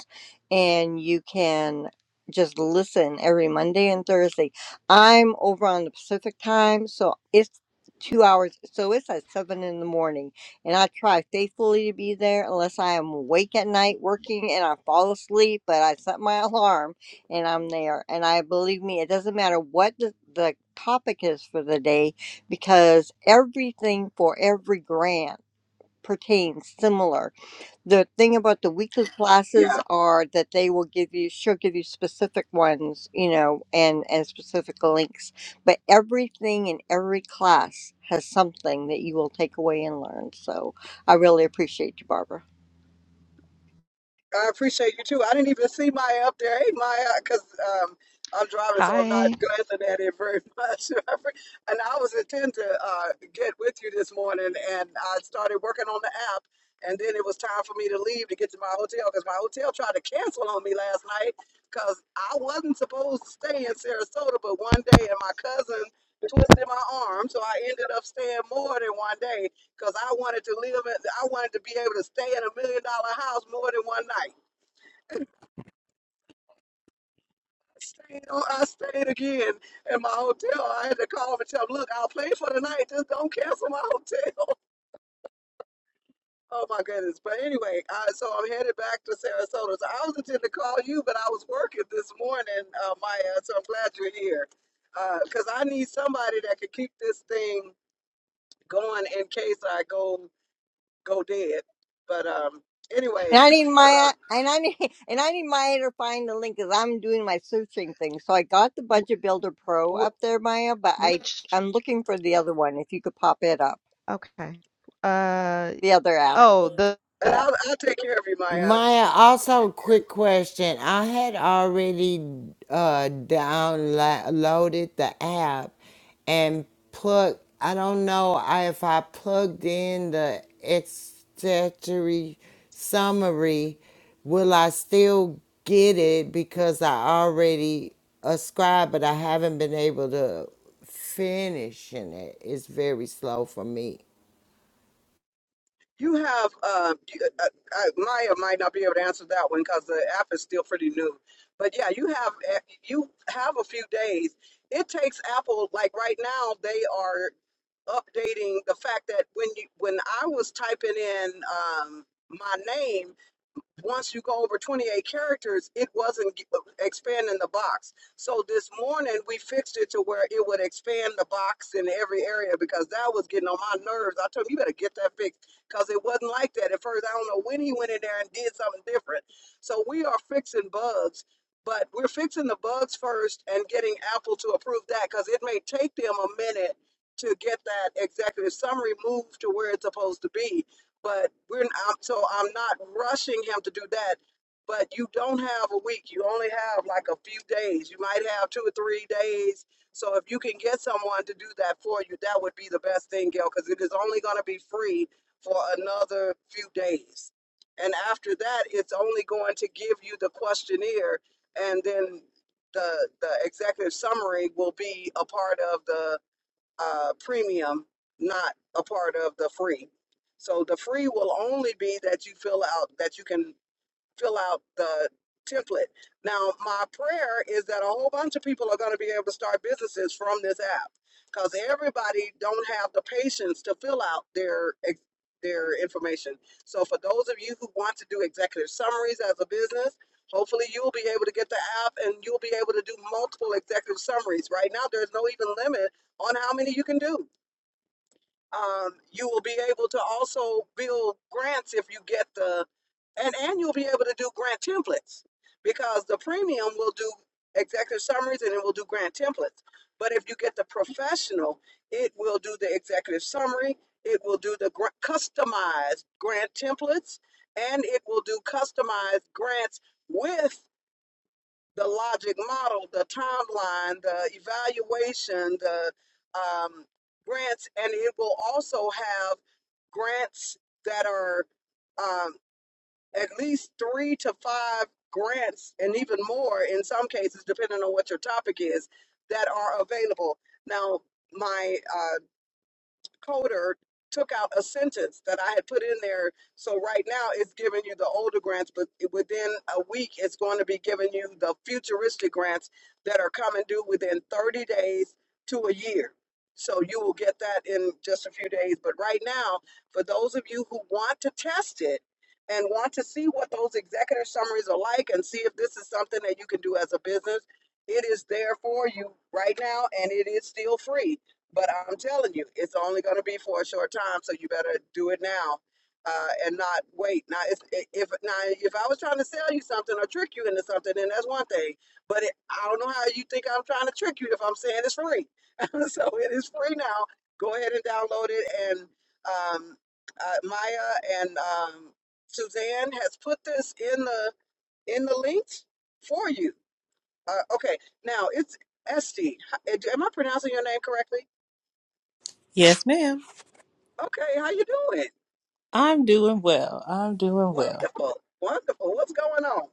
[SPEAKER 6] and you can just listen every Monday and Thursday. I'm over on the Pacific time, so it's two hours. So it's at seven in the morning. And I try faithfully to be there unless I am awake at night working and I fall asleep, but I set my alarm and I'm there. And I believe me, it doesn't matter what the, the topic is for the day because everything for every grant pertains similar. The thing about the weekly
[SPEAKER 1] Yeah.
[SPEAKER 6] classes are that they will give you she'll give you specific ones, you know, and and specific links, but everything in every class has something that you will take away and learn. So I really appreciate you, Barbara.
[SPEAKER 1] I appreciate you too. I didn't even see Maya up there. Hey, Maya, because um, I'm driving, so I'm not
[SPEAKER 7] Hi.
[SPEAKER 1] glancing at it very much. and I was intending to uh, get with you this morning, and I started working on the app. And then it was time for me to leave to get to my hotel because my hotel tried to cancel on me last night because I wasn't supposed to stay in Sarasota, but one day, and my cousin twisted my arm, so I ended up staying more than one day because I wanted to live. In, I wanted to be able to stay in a million dollar house more than one night. Stayed on, I stayed again in my hotel. I had to call and tell them, look, I'll pay for the night. Just don't cancel my hotel. Oh my goodness. But anyway, I, so I'm headed back to Sarasota. So I was intending to call you, but I was working this morning, uh, Maya. So I'm glad you're here because I need somebody that can keep this thing going in case I go go dead. But um, anyway.
[SPEAKER 6] And I need
[SPEAKER 1] uh,
[SPEAKER 6] Maya, and I need, and I need Maya to find the link because I'm doing my searching thing. So I got the
[SPEAKER 7] Wh-
[SPEAKER 6] Budget Builder Pro up
[SPEAKER 7] wh-
[SPEAKER 6] there, Maya, but I
[SPEAKER 7] which
[SPEAKER 6] I'm looking for the other one. If you could pop it up,
[SPEAKER 7] okay. Uh
[SPEAKER 6] the other app.
[SPEAKER 7] oh, the
[SPEAKER 1] And I'll,
[SPEAKER 7] app.
[SPEAKER 1] I'll take care of you, Maya.
[SPEAKER 5] Maya, also quick question. I had already uh downloaded the app and plug I don't know I- if I plugged in the accessory summary, will I still get it because I already ascribed but I haven't been able to finishing it. It's very slow for me.
[SPEAKER 1] You have, uh, you- uh, uh, Maya might not be able to answer that one because the app is still pretty new. But yeah, you have uh, you have a few days. It takes Apple like right now they are updating the fact that when you when I was typing in um, my name. once you go over 28 characters, it wasn't expanding the box. So this morning we fixed it to where it would expand the box in every area because that was getting on my nerves. I told him, you better get that fixed because it wasn't like that at first. I don't know when he went in there and did something different. So we are fixing bugs. But we're fixing the bugs first and getting Apple to approve that because it may take them a minute to get that executive summary moved to where it's supposed to be but we're not, so I'm not rushing him to do that. But you don't have a week. You only have like a few days. You might have two or three days. So if you can get someone to do that for you, that would be the best thing, Gail, because it is only going to be free for another few days. And after that, it's only going to give you the questionnaire, and then the the executive summary will be a part of the uh, premium, not a part of the free. So the free will only be that you fill out that you can fill out the template. Now, my prayer is that a whole bunch of people are going to be able to start businesses from this app because everybody don't have the patience to fill out their ex- their information. So, for those of you who want to do executive summaries as a business, hopefully you will be able to get the app and you'll be able to do multiple executive summaries. Right now, there's no even limit on how many you can do um, you will be able to also build grants if you get the and and you'll be able to do grant templates because the premium will do executive summaries and it will do grant templates but if you get the professional it will do the executive summary it will do the gra- customized grant templates and it will do customized grants with the logic model, the timeline, the evaluation, the um, grants, and it will also have grants that are um, at least three to five grants, and even more in some cases, depending on what your topic is, that are available. Now, my uh, coder took out a sentence that I had put in there. So right now it's giving you the older grants, but within a week it's going to be giving you the futuristic grants that are coming due within 30 days to a year. So you will get that in just a few days. But right now, for those of you who want to test it and want to see what those executive summaries are like and see if this is something that you can do as a business, it is there for you right now and it is still free but I'm telling you, it's only going to be for a short time, so you better do it now uh, and not wait. Now, if, if now if I was trying to sell you something or trick you into something, then that's one thing. But it, I don't know how you think I'm trying to trick you if I'm saying it's free. so it is free now. Go ahead and download it. And um, uh, Maya and um, Suzanne has put this in the in the links for you. Uh, okay, now it's Esty. Am I pronouncing your name correctly?
[SPEAKER 8] Yes, ma'am.
[SPEAKER 1] Okay, how you doing?
[SPEAKER 8] I'm doing well. I'm doing well.
[SPEAKER 1] Wonderful, wonderful. What's going on?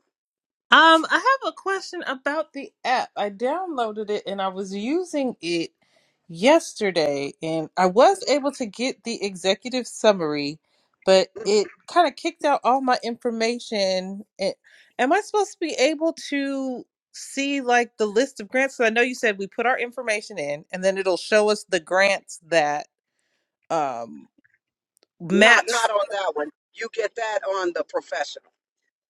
[SPEAKER 8] Um, I have a question about the app. I downloaded it and I was using it yesterday and I was
[SPEAKER 1] Mhm.
[SPEAKER 8] able to get the executive summary, but
[SPEAKER 1] mhm.
[SPEAKER 8] it kind of kicked out all my information. It, am I supposed to be able to see like the list of grants? So I know you said we put our information in and then it'll show us the grants that um
[SPEAKER 1] Not,
[SPEAKER 8] match.
[SPEAKER 1] not on that one. You get that on the professional.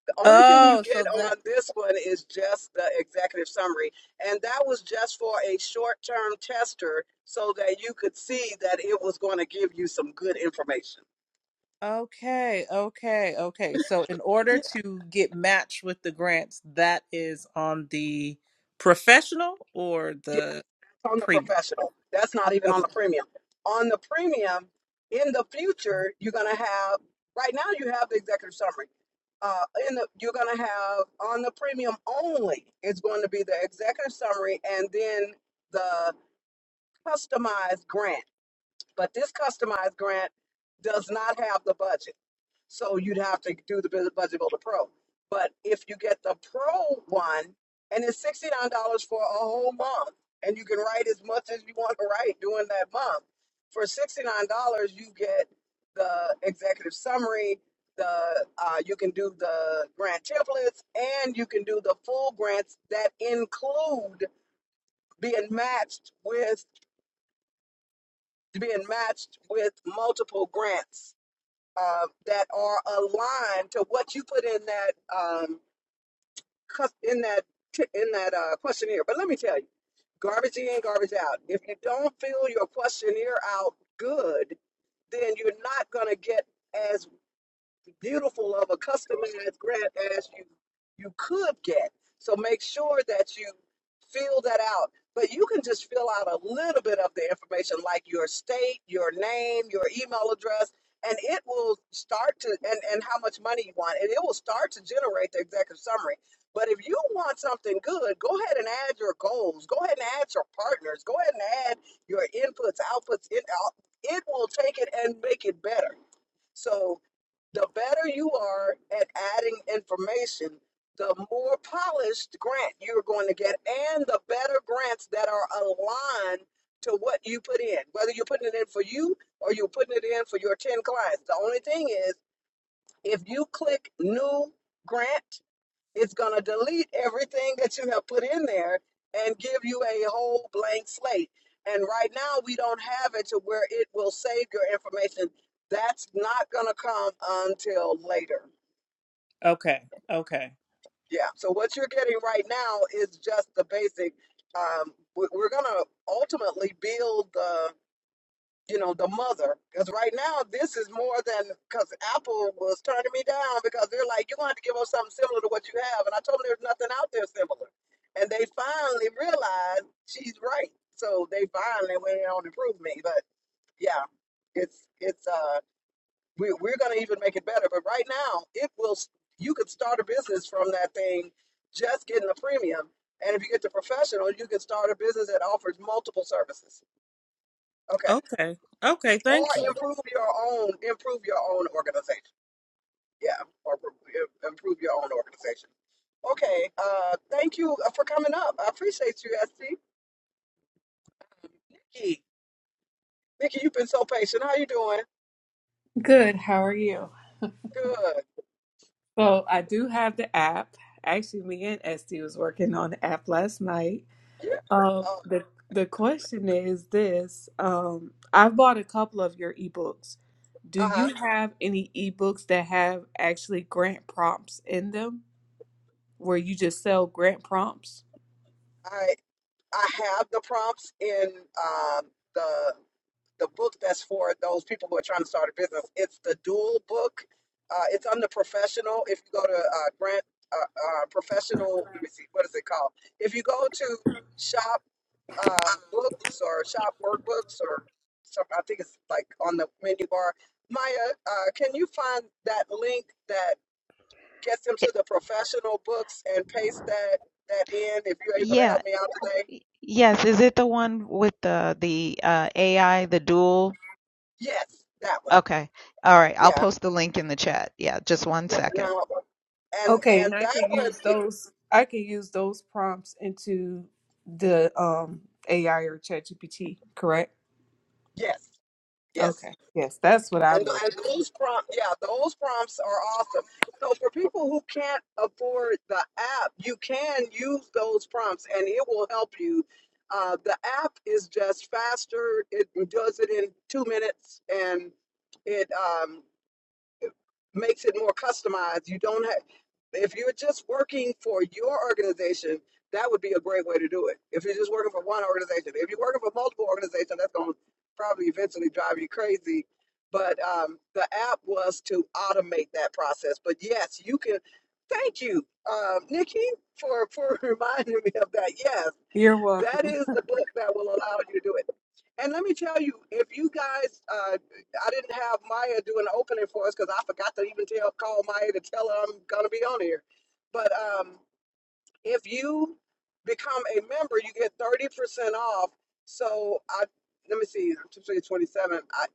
[SPEAKER 1] The only thing you
[SPEAKER 8] Oh, so
[SPEAKER 1] get
[SPEAKER 8] that.
[SPEAKER 1] on this one is just the executive summary, and that was just for a short-term tester so that you could see that it was going to give you some good information.
[SPEAKER 8] Okay, okay, okay. So in order
[SPEAKER 1] Yeah.
[SPEAKER 8] to get matched with the grants, that is on the professional or the
[SPEAKER 1] It's on the
[SPEAKER 8] premium.
[SPEAKER 1] professional. That's not even on
[SPEAKER 8] Okay,
[SPEAKER 1] the premium. On the premium, in the future, you're gonna have. Right now, you have the executive summary. Uh, in the you're gonna have on the premium only. It's going to be the executive summary and then the customized grant. But this customized grant does not have the budget. So you'd have to do the Budget Builder Pro. But if you get the Pro one, and it's sixty nine dollars for a whole month, and you can write as much as you want to write during that month. For sixty nine dollars, you get the executive summary. The uh, you can do the grant templates, and you can do the full grants that include being matched with being matched with multiple grants uh, that are aligned to what you put in that um, cus- in that t- in that uh, questionnaire. But let me tell you, garbage in, garbage out. If you don't fill your questionnaire out good, then you're not going to get as beautiful of a customized grant as you you could get. So make sure that you fill that out. But you can just fill out a little bit of the information, like your state, your name, your email address, and it will start to and, and how much money you want, and it will start to generate the executive summary. But if you want something good, go ahead and add your goals. Go ahead and add your partners. Go ahead and add your inputs, outputs. It, uh, it will take it and make it better. So the better you are at adding information, the more polished grant you're going to get, and the better grants that are aligned to what you put in. Whether you're putting it in for you or you're putting it in for your 10 clients. The only thing is, if you click new grant, it's going to delete everything that you have put in there and give you a whole blank slate. And right now, we don't have it to where it will save your information. That's not going to come until later.
[SPEAKER 8] okay, okay,
[SPEAKER 1] Yeah. So what you're getting right now is just the basic. Um, we- we're going to ultimately build the you know, the mother. Because right now, this is more than because Apple was turning me down because they're like, you're going to have to give us something similar to what you have. And I told them there's nothing out there similar. And they finally realized she's right. So they finally went on to prove me. But yeah, it's, it's, uh, we, we're going to even make it better. But right now, it will, s- you could start a business from that thing just getting the premium. And if you get the professional, you can start a business that offers multiple services. Okay.
[SPEAKER 8] okay, okay.
[SPEAKER 1] Or
[SPEAKER 8] Thank you.
[SPEAKER 1] improve your own, improve your own organization. Yeah, or pro- improve your own organization. Okay, uh, thank you uh, for coming up. I appreciate you, SC. Vicky, Nikki, Nikki, you've been so patient. How you doing?
[SPEAKER 9] Good. How are you?
[SPEAKER 1] Good.
[SPEAKER 9] Well, I do have the app. Actually, me and Esty was working on the app last night.
[SPEAKER 1] Yeah.
[SPEAKER 9] Um,
[SPEAKER 1] Um,
[SPEAKER 9] the the question is this: um, I've bought a couple of your ebooks. Do
[SPEAKER 1] uh huh.
[SPEAKER 9] you have any ebooks that have actually grant prompts in them, where you just sell grant prompts?
[SPEAKER 1] I I have the prompts in um, the. the book that's for those people who are trying to start a business. It's the dual book. Uh, it's under professional. If you go to uh, Grant uh, uh, Professional, let me see, what is it called? If you go to Shop uh, Books or Shop Workbooks or some, I think it's like on the menu bar. Maya, uh, can you find that link that gets them to
[SPEAKER 7] It-
[SPEAKER 1] the professional books and paste that that in? If you're able to
[SPEAKER 7] yeah.
[SPEAKER 1] help me out today,
[SPEAKER 7] y- Yes, is it the one with the the uh AI, the dual?
[SPEAKER 1] yes, that one.
[SPEAKER 7] Okay. All right, I'll
[SPEAKER 1] Yeah,
[SPEAKER 7] post the link in the chat. Yeah, just one second.
[SPEAKER 1] No, and
[SPEAKER 9] Okay,
[SPEAKER 1] and
[SPEAKER 9] and I
[SPEAKER 1] that
[SPEAKER 9] can
[SPEAKER 1] one,
[SPEAKER 9] use those. I can use those prompts into the um, AI or ChatGPT. Correct.
[SPEAKER 1] yes, yes,
[SPEAKER 9] Okay. Yes, that's what
[SPEAKER 1] and
[SPEAKER 9] I'm
[SPEAKER 1] and
[SPEAKER 9] looking.
[SPEAKER 1] those prompts, yeah, those prompts are awesome. So for people who can't afford the app, you can use those prompts, and it will help you. Uh, the app is just faster; it does it in two minutes, and it um It makes it more customized. You don't have, if you're just working for your organization, that would be a great way to do it. If you're just working for one organization, if you're working for multiple organizations, that's going to probably eventually drive you crazy. But um, the app was to automate that process. But yes, you can. Thank you, um, Nikki, for for reminding me of that. Yes
[SPEAKER 9] You're welcome.
[SPEAKER 1] that is the book that will allow you to do it. And let me tell you, if you guys, uh, I didn't have Maya do an opening for us because I forgot to even tell call Maya to tell her I'm gonna be on here. But um, if you become a member, you get thirty percent off. So I let me see, I'm 27. I,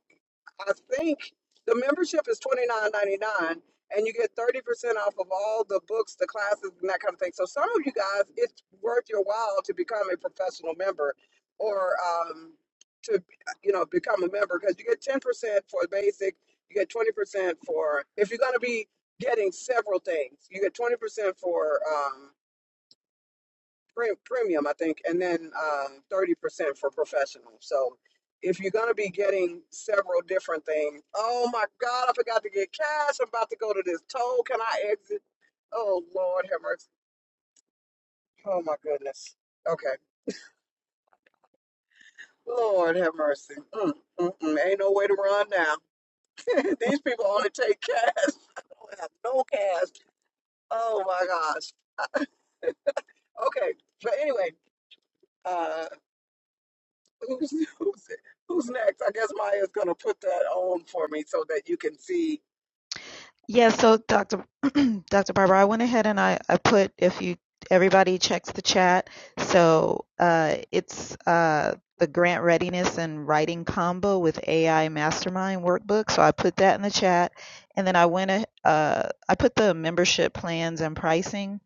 [SPEAKER 1] I think the membership is twenty nine ninety nine, and you get thirty percent off of all the books, the classes, and that kind of thing. So some of you guys, it's worth your while to become a professional member, or um, to you know become a member because you get ten percent for basic, you get twenty percent for if you're going to be getting several things, you get twenty percent for. um, pre- premium, I think, and then uh, thirty percent for professional. So if you're gonna be getting several different things, oh my God, I forgot to get cash. I'm about to go to this toll. Can I exit? Oh Lord, have mercy. Oh my goodness. Okay, Lord have mercy. Mm, mm, mm. Ain't no way to run now. These people only take cash. I don't have no cash. Oh my gosh. Okay, but anyway. uh, Who's, who's, who's next? I guess Maya's going to put that on for me so that you can see.
[SPEAKER 7] Yeah, so Dr. Dr. Barber, I went ahead and I, I put if you everybody checks the chat. So uh, it's uh, the grant readiness and writing combo with AI mastermind workbook. So I put that in the chat, and then I went a, uh, I put the membership plans and pricing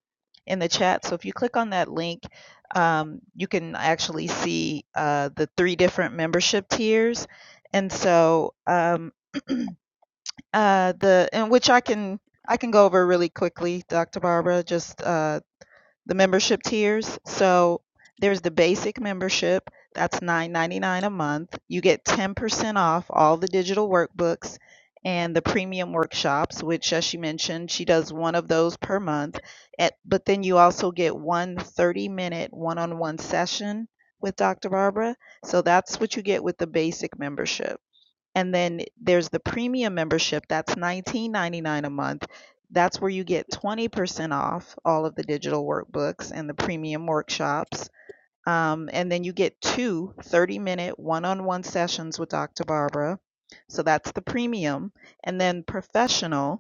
[SPEAKER 7] in the chat. So if you click on that link, um, you can actually see uh, the three different membership tiers. And so um, Uh, the and which I can I can go over really quickly, Dr. Barbara, just uh, the membership tiers. So there's the basic membership. That's $9.99 a month. You get 10% off all the digital workbooks and the premium workshops, which, as she mentioned, she does one of those per month. At, but then you also get one 30 minute one on one session with Dr. Barbara. So that's what you get with the basic membership. And then there's the premium membership that's 19.99 a month. That's where you get 20% off all of the digital workbooks and the premium workshops. Um, and then you get two 30 minute one on one sessions with Dr. Barbara. So that's the premium. And then professional,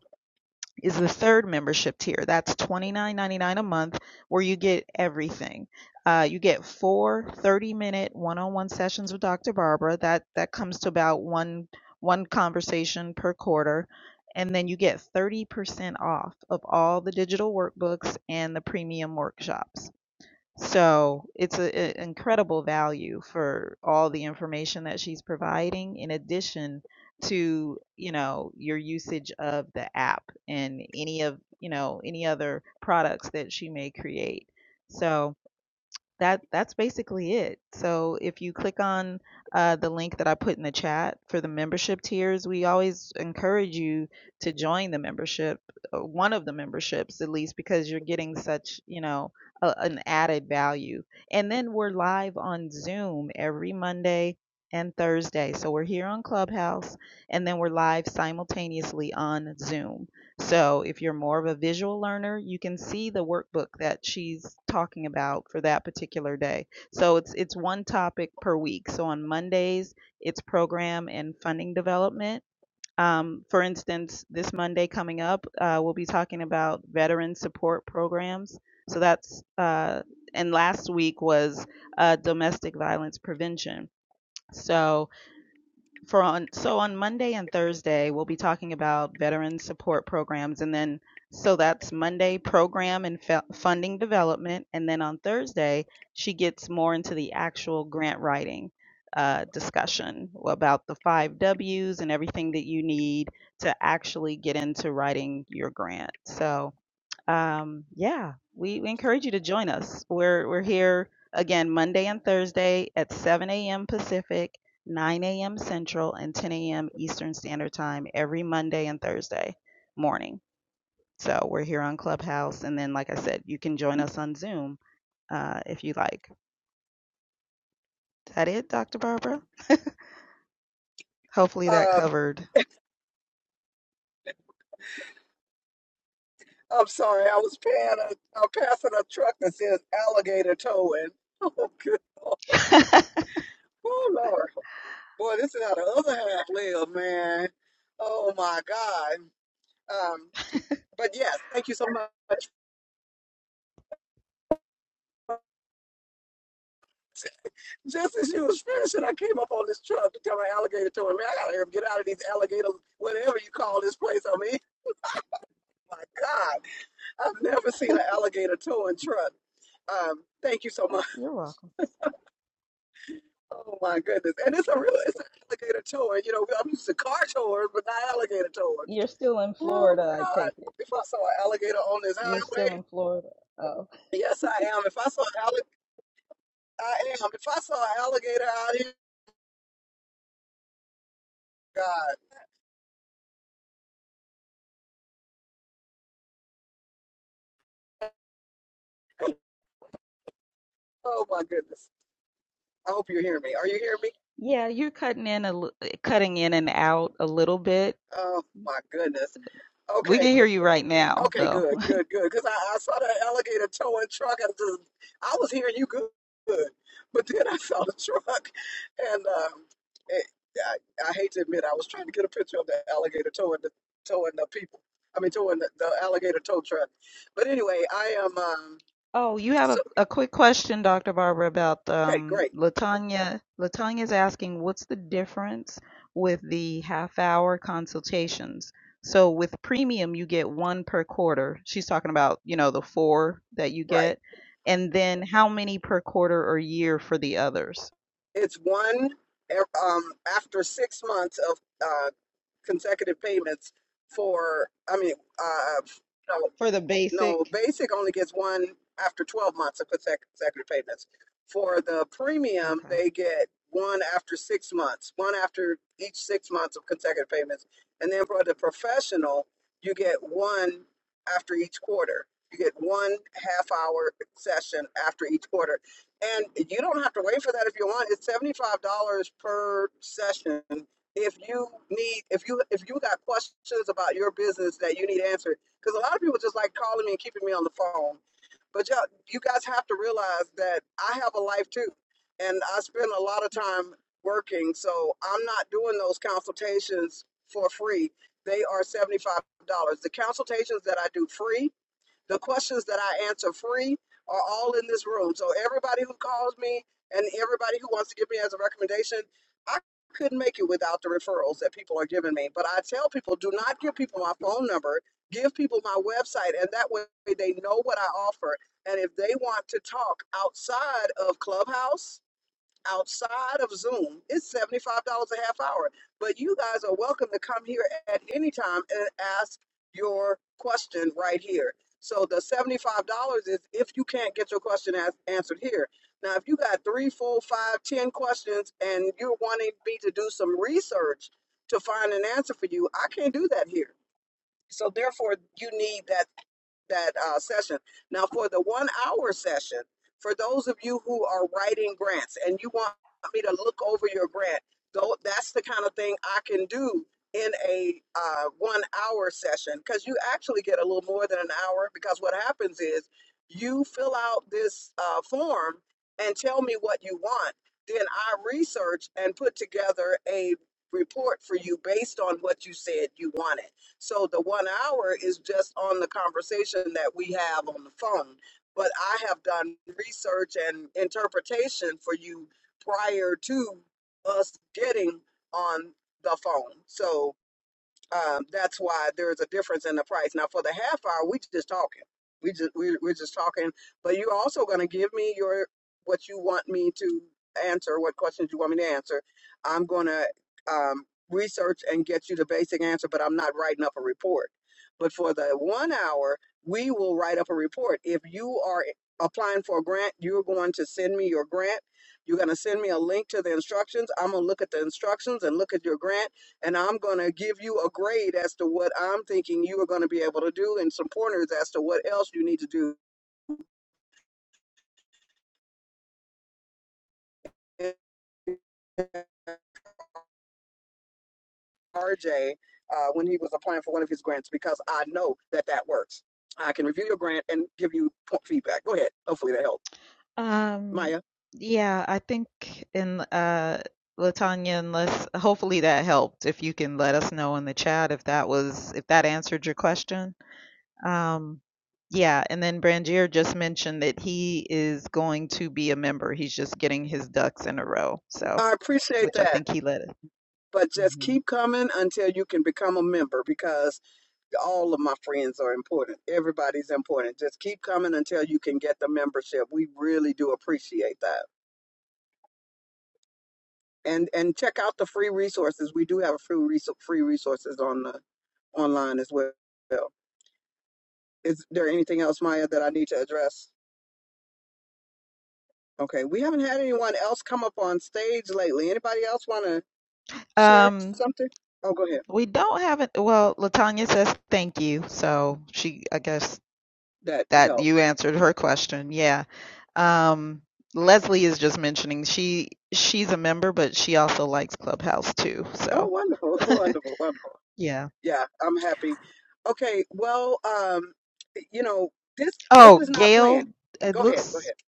[SPEAKER 7] is the third membership tier. That's $29.99 a month where you get everything. Uh, you get four 30 minute one on one sessions with Dr. Barbara. That that comes to about one one conversation per quarter. And then you get 30% off of all the digital workbooks and the premium workshops. So it's an incredible value for all the information that she's providing, in addition to you know your usage of the app and any of you know any other products that she may create. So that that's basically it. So if you click on uh, the link that I put in the chat for the membership tiers, we always encourage you to join the membership, uh, one of the memberships at least, because you're getting such you know a, an added value. And then we're live on Zoom every Monday and Thursday. So we're here on Clubhouse, and then we're live simultaneously on Zoom. So if you're more of a visual learner, you can see the workbook that she's talking about for that particular day. So it's it's one topic per week. So on Mondays, it's program and funding development. Um, for instance, this Monday coming up, uh, we'll be talking about veteran support programs. So that's uh, and last week was uh, domestic violence prevention. So for on so on Monday and Thursday we'll be talking about veteran support programs and then so that's Monday program and fe- funding development and then on Thursday she gets more into the actual grant writing uh, discussion about the five W's and everything that you need to actually get into writing your grant. So um, yeah, we, we encourage you to join us. We're we're here again Monday and Thursday at 7 a.m. Pacific, 9 a.m. Central, and 10 a.m. Eastern Standard Time every Monday and Thursday morning. So we're here on Clubhouse, and then like I said, you can join us on Zoom uh, if you like. Is that it, Dr. Barbara? Hopefully that
[SPEAKER 1] Uh,
[SPEAKER 7] covered.
[SPEAKER 1] I'm sorry, I was paying a, I'm passing a truck that says alligator towing. Oh, good Lord. Oh, Lord. Boy, this is how the other half live, man. Oh, my God. Um, but yes, thank you so much. Just as you was finishing, I came up on this truck to tell my alligator towing, man, I got to get out of these alligator, whatever you call this place I'm in. My God. I've never seen an alligator towing truck. Um, thank you so
[SPEAKER 7] Uh,
[SPEAKER 1] much.
[SPEAKER 7] You're welcome.
[SPEAKER 1] Oh my goodness. And it's a real it's an alligator towing. You know, I'm used to car towing, but not alligator towing.
[SPEAKER 7] You're still in
[SPEAKER 1] Oh my
[SPEAKER 7] Florida, I
[SPEAKER 1] God.
[SPEAKER 7] take it.
[SPEAKER 1] If I saw an alligator on this
[SPEAKER 7] You're still
[SPEAKER 1] highway,
[SPEAKER 7] in Florida. Oh,
[SPEAKER 1] yes I am. If I saw an alligator I am. If I saw an alligator out here, God. Oh my goodness. I hope you hear me. Are you hearing me?
[SPEAKER 7] Yeah, you're cutting in a l- cutting in and out a little bit.
[SPEAKER 1] Oh my goodness.
[SPEAKER 7] We
[SPEAKER 1] Okay.
[SPEAKER 7] can hear you right now,
[SPEAKER 1] Okay,
[SPEAKER 7] though.
[SPEAKER 1] good, good, good. Because I, I saw that alligator towing truck, and just I was hearing you good, good. but then I saw the truck, and um, it, I, I hate to admit, I was trying to get a picture of the alligator towing the towing the people. I mean, towing the, the alligator tow truck. But anyway, I am um.
[SPEAKER 7] Oh, you have
[SPEAKER 1] So
[SPEAKER 7] a, a quick question, Dr. Barbara, about
[SPEAKER 1] okay,
[SPEAKER 7] um
[SPEAKER 1] great,
[SPEAKER 7] Latanya. Latanya's asking, what's the difference with the half hour consultations? So with premium, you get one per quarter. She's talking about, you know, the four that you
[SPEAKER 1] right.
[SPEAKER 7] get. And then how many per quarter or year for the others?
[SPEAKER 1] It's one ev- um after six months of uh consecutive payments for I mean uh no,
[SPEAKER 7] For the basic?
[SPEAKER 1] No, basic only gets one after 12 months of consec- consecutive payments. For the premium,
[SPEAKER 7] Okay.
[SPEAKER 1] they get one after six months, one after each six months of consecutive payments. And then for the professional, you get one after each quarter. You get one half hour session after each quarter. And you don't have to wait for that if you want. It's $75 per session. If you need, if you if you got questions about your business that you need answered, because a lot of people just like calling me and keeping me on the phone. But y'all, you guys have to realize that I have a life too, and I spend a lot of time working. So I'm not doing those consultations for free. They are seventy five dollars. The consultations that I do free the questions that I answer free are all in this room. So everybody who calls me and everybody who wants to give me as a recommendation, I couldn't make it without the referrals that people are giving me. But I tell people, do not give people my phone number. Give people my website, and that way they know what I offer. And if they want to talk outside of Clubhouse, outside of Zoom, it's $75 a half hour. But you guys are welcome to come here at any time and ask your question right here. So the $75 is if you can't get your question as- answered here. Now, if you got three, four, five, ten questions and you're wanting me to do some research to find an answer for you, I can't do that here. So therefore, you need that that uh, session. Now, for the one hour session, for those of you who are writing grants and you want me to look over your grant, though, that's the kind of thing I can do in a uh, one hour session because you actually get a little more than an hour because what happens is you fill out this uh, form and tell me what you want. Then I research and put together a report for you based on what you said you wanted. So the one hour is just on the conversation that we have on the phone. But I have done research and interpretation for you prior to us getting on the phone. So um, that's why there's a difference in the price. Now, for the half hour, we just talking. We just we, we're just talking. But you're also going to give me your what you want me to answer, what questions you want me to answer. I'm going to um, research and get you the basic answer, but I'm not writing up a report. But for the one hour, we will write up a report. If you are applying for a grant, you're going to send me your grant. You're going to send me a link to the instructions. I'm going to look at the instructions and look at your grant and I'm going to give you a grade as to what I'm thinking you are going to be able to do and some pointers as to what else you need to do. RJ, uh, when he was applying for one of his grants, because I know that that works. I can review your grant and give you feedback. Go ahead. Hopefully that helped.
[SPEAKER 7] Um,
[SPEAKER 1] Maya,
[SPEAKER 7] yeah, I think in uh Latanya, unless hopefully that helped. If you can let us know in the chat if that was if that answered your question. Um, yeah, and then Brangier just mentioned that he is going to be a member. He's just getting his ducks in a row. So,
[SPEAKER 1] I appreciate
[SPEAKER 7] which I
[SPEAKER 1] that,
[SPEAKER 7] think he let it.
[SPEAKER 1] but just
[SPEAKER 7] Mhm.
[SPEAKER 1] keep coming until you can become a member because all of my friends are important. Everybody's important. Just keep coming until you can get the membership. We really do appreciate that. And and check out the free resources. We do have a free resource free resources on the online as well. Is there anything else, Maya, that I need to address? Okay, we haven't had anyone else come up on stage lately. Anybody else want to share
[SPEAKER 7] Um,
[SPEAKER 1] something? Oh, go ahead.
[SPEAKER 7] we don't have it. Well, Latanya says thank you. So she, I guess
[SPEAKER 1] That
[SPEAKER 7] That
[SPEAKER 1] helped.
[SPEAKER 7] you answered her question. Yeah. Um, Leslie is just mentioning she she's a member, but she also likes Clubhouse too.
[SPEAKER 1] Oh,
[SPEAKER 7] So
[SPEAKER 1] wonderful, wonderful, wonderful.
[SPEAKER 7] yeah.
[SPEAKER 1] yeah, I'm happy. Okay, well, um, you know, this this
[SPEAKER 7] Oh,
[SPEAKER 1] is not
[SPEAKER 7] Gail,
[SPEAKER 1] planned.
[SPEAKER 7] it
[SPEAKER 1] Go ahead, go
[SPEAKER 7] looks.
[SPEAKER 1] ahead.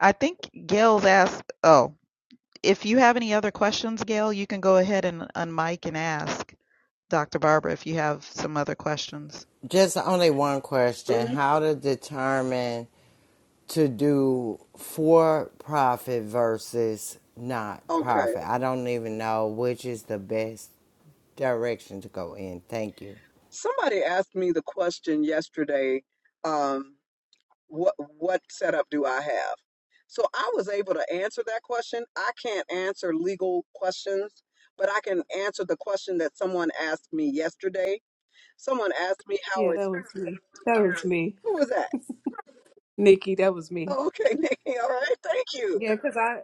[SPEAKER 7] I think Gail's asked. Oh, if you have any other questions, Gail, you can go ahead and unmic and ask Dr. Barbara if you have some other questions.
[SPEAKER 5] Just only one question.
[SPEAKER 1] hmm
[SPEAKER 5] How to determine to do for profit versus not
[SPEAKER 1] Okay.
[SPEAKER 5] profit. I don't even know which is the best direction to go in. Thank you.
[SPEAKER 1] Somebody asked me the question yesterday, um, what what setup do I have? So I was able to answer that question. I can't answer legal questions, but I can answer the question that someone asked me yesterday. Someone asked me how
[SPEAKER 9] Yeah, that
[SPEAKER 1] it's
[SPEAKER 9] was me. That was me,
[SPEAKER 1] who was that?
[SPEAKER 9] Nikki. That was me.
[SPEAKER 1] Oh, okay, Nikki. All right, thank you.
[SPEAKER 9] Yeah, cause I,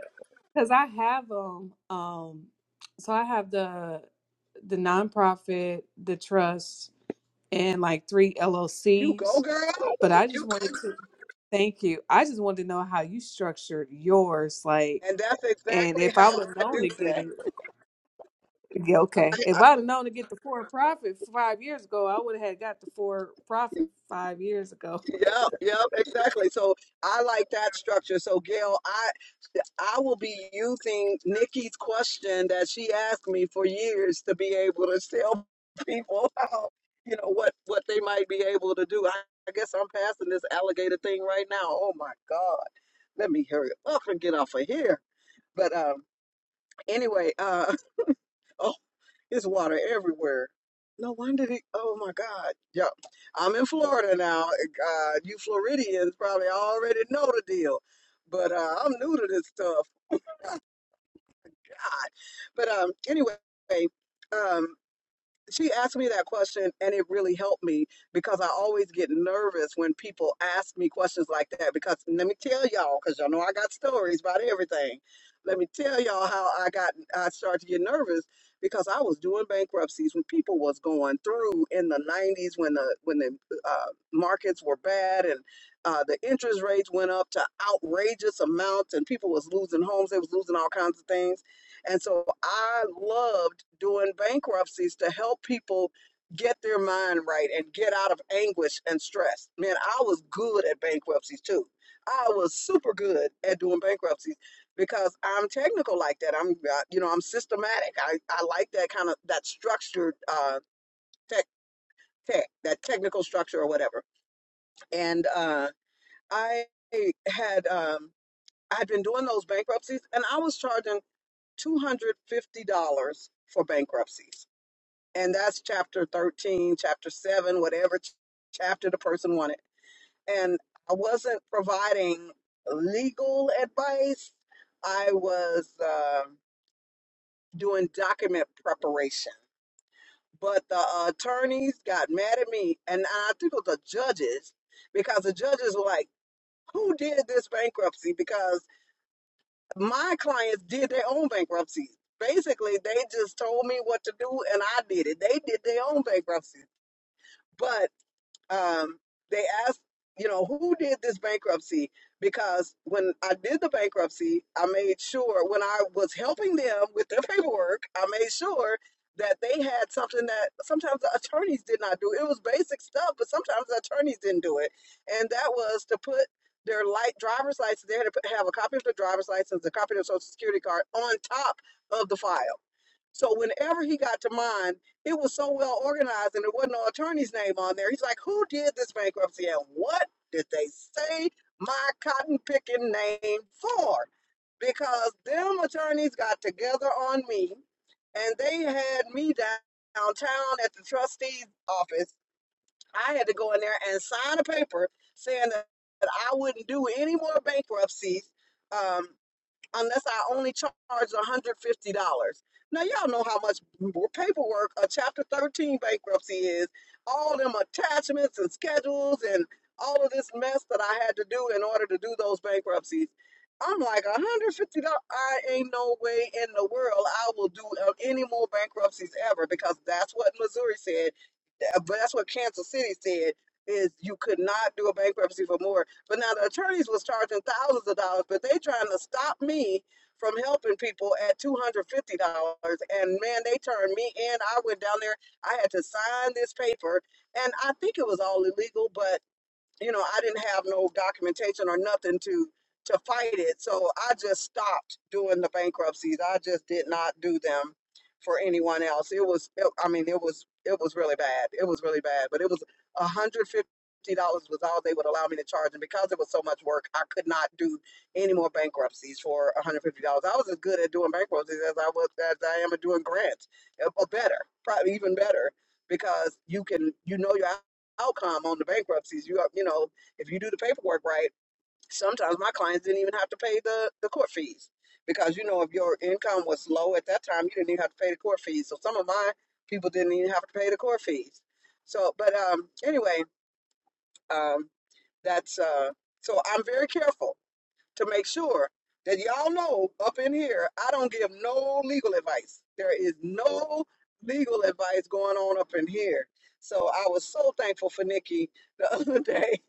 [SPEAKER 9] cause I have um, um, so I have the the nonprofit, the trust, and like three
[SPEAKER 1] You go,
[SPEAKER 9] LLCs.
[SPEAKER 1] girl.
[SPEAKER 9] But I just wanted to thank you. I just wanted to know how you structured yours, like,
[SPEAKER 1] And that's
[SPEAKER 9] and
[SPEAKER 1] exactly
[SPEAKER 9] if
[SPEAKER 1] how
[SPEAKER 9] I would have
[SPEAKER 1] I
[SPEAKER 9] known to
[SPEAKER 1] do
[SPEAKER 9] get
[SPEAKER 1] that.
[SPEAKER 9] it, yeah, okay.
[SPEAKER 1] I,
[SPEAKER 9] If
[SPEAKER 1] I,
[SPEAKER 9] I'd have known to get the for profit five years ago, I would have had got the for profit five years ago.
[SPEAKER 1] yep, yep, exactly. So I like that structure. So Gail, I I will be using Nikki's question that she asked me for years to be able to tell people how you know what what they might be able to do. I, I guess I'm passing this alligator thing right now. Oh my God, let me hurry up and get off of here. But um, anyway, uh, It's water everywhere. No wonder they, oh my God. Yeah. I'm in Florida now. Uh, you Floridians probably already know the deal, but uh, I'm new to this stuff. God. But um, anyway, um, she asked me that question and it really helped me because I always get nervous when people ask me questions like that because let me tell y'all because y'all know I got stories about everything. Let me tell y'all how I got I started to get nervous because I was doing bankruptcies when people was going through in the 90s when the when the uh, markets were bad and uh, the interest rates went up to outrageous amounts and people was losing homes they was losing all kinds of things and so I loved doing bankruptcies to help people get their mind right and get out of anguish and stress. Man, I was good at bankruptcies too. I was super good at doing bankruptcies because I'm technical like that. I'm, uh, you know, I'm systematic. I, I like that kind of that structured uh, tech tech, that technical structure or whatever. And uh, I had um, I'd been doing those bankruptcies, and I was charging. $250 for bankruptcies. And that's chapter 13, chapter 7, whatever ch- chapter the person wanted. And I wasn't providing legal advice, I was uh, doing document preparation. But the attorneys got mad at me, and I think it was the judges, because the judges were like, Who did this bankruptcy? Because my clients did their own bankruptcies. Basically, they just told me what to do and I did it. They did their own bankruptcies. but um, they asked, you know, who did this bankruptcy? Because when I did the bankruptcy, I made sure when I was helping them with their paperwork, I made sure that they had something that sometimes the attorneys did not do. It was basic stuff, but sometimes the attorneys didn't do it. And that was to put their light driver's license, they had to put, have a copy of the driver's license, a copy of the social security card on top of the file. So whenever he got to mine, it was so well organized and there wasn't no attorney's name on there. He's like, who did this bankruptcy and what did they say my cotton picking name for? Because them attorneys got together on me and they had me downtown at the trustee's office. I had to go in there and sign a paper saying that that I wouldn't do any more bankruptcies. Um, unless I only charge $150. Now, y'all know how much paperwork a Chapter 13 bankruptcy is. All them attachments and schedules and all of this mess that I had to do in order to do those bankruptcies. I'm like, $150, I ain't no way in the world I will do uh, any more bankruptcies ever because that's what Missouri said uh, but that's what Kansas City said is you could not do a bankruptcy for more. But now the attorneys was charging thousands of dollars, but they trying to stop me from helping people at two hundred fifty dollars. And man, they turned me in. I went down there. I had to sign this paper, and I think it was all illegal, but you know, I didn't have no documentation or nothing to to fight it. So I just stopped doing the bankruptcies. I just did not do them for anyone else. It was, it, I mean, it was it was really bad. It was really bad. But it was a hundred fifty dollars was all they would allow me to charge, and because it was so much work, I could not do any more bankruptcies for a hundred fifty dollars. I was as good at doing bankruptcies as I was as I am at doing grants, uh, or better, probably even better because you can you know your outcome on the bankruptcies. You you know, if you do the paperwork right, sometimes my clients didn't even have to pay the the court fees because you know if your income was low at that time, you didn't even have to pay the court fees. So some of my people didn't even have to pay the court fees. So, but um, anyway, um, that's uh, so I'm very careful to make sure that y'all know up in here, I don't give no legal advice. There is no legal advice going on up in here. So I was so thankful for Nikki the other day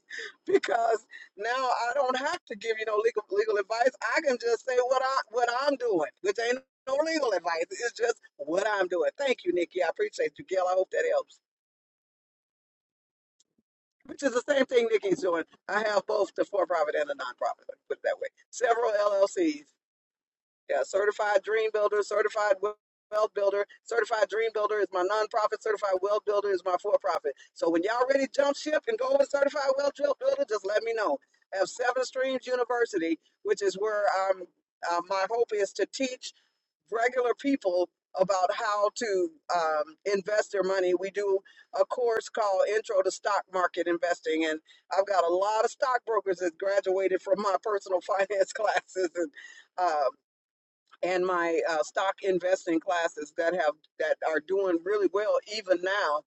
[SPEAKER 1] because now I don't have to give you no legal legal advice. I can just say what I what I'm doing, which ain't no legal advice. It's just what I'm doing. Thank you, Nikki. I appreciate you, Gail. I hope that helps. Which is the same thing Nikki's doing. I have both the for-profit and the non-profit. Put it that way. Several LLCs Yeah, certified dream builder, certified wealth builder, certified dream builder is my nonprofit, certified wealth builder is my for profit. So when y'all ready to jump ship and go with certified wealth Drill- builder, just let me know. I have Seven Streams University, which is where um, uh, my hope is to teach regular people about how to um, invest their money. We do a course called Intro to Stock Market Investing, and I've got a lot of stockbrokers that graduated from my personal finance classes and uh, and my uh, stock investing classes that have that are doing really well even now.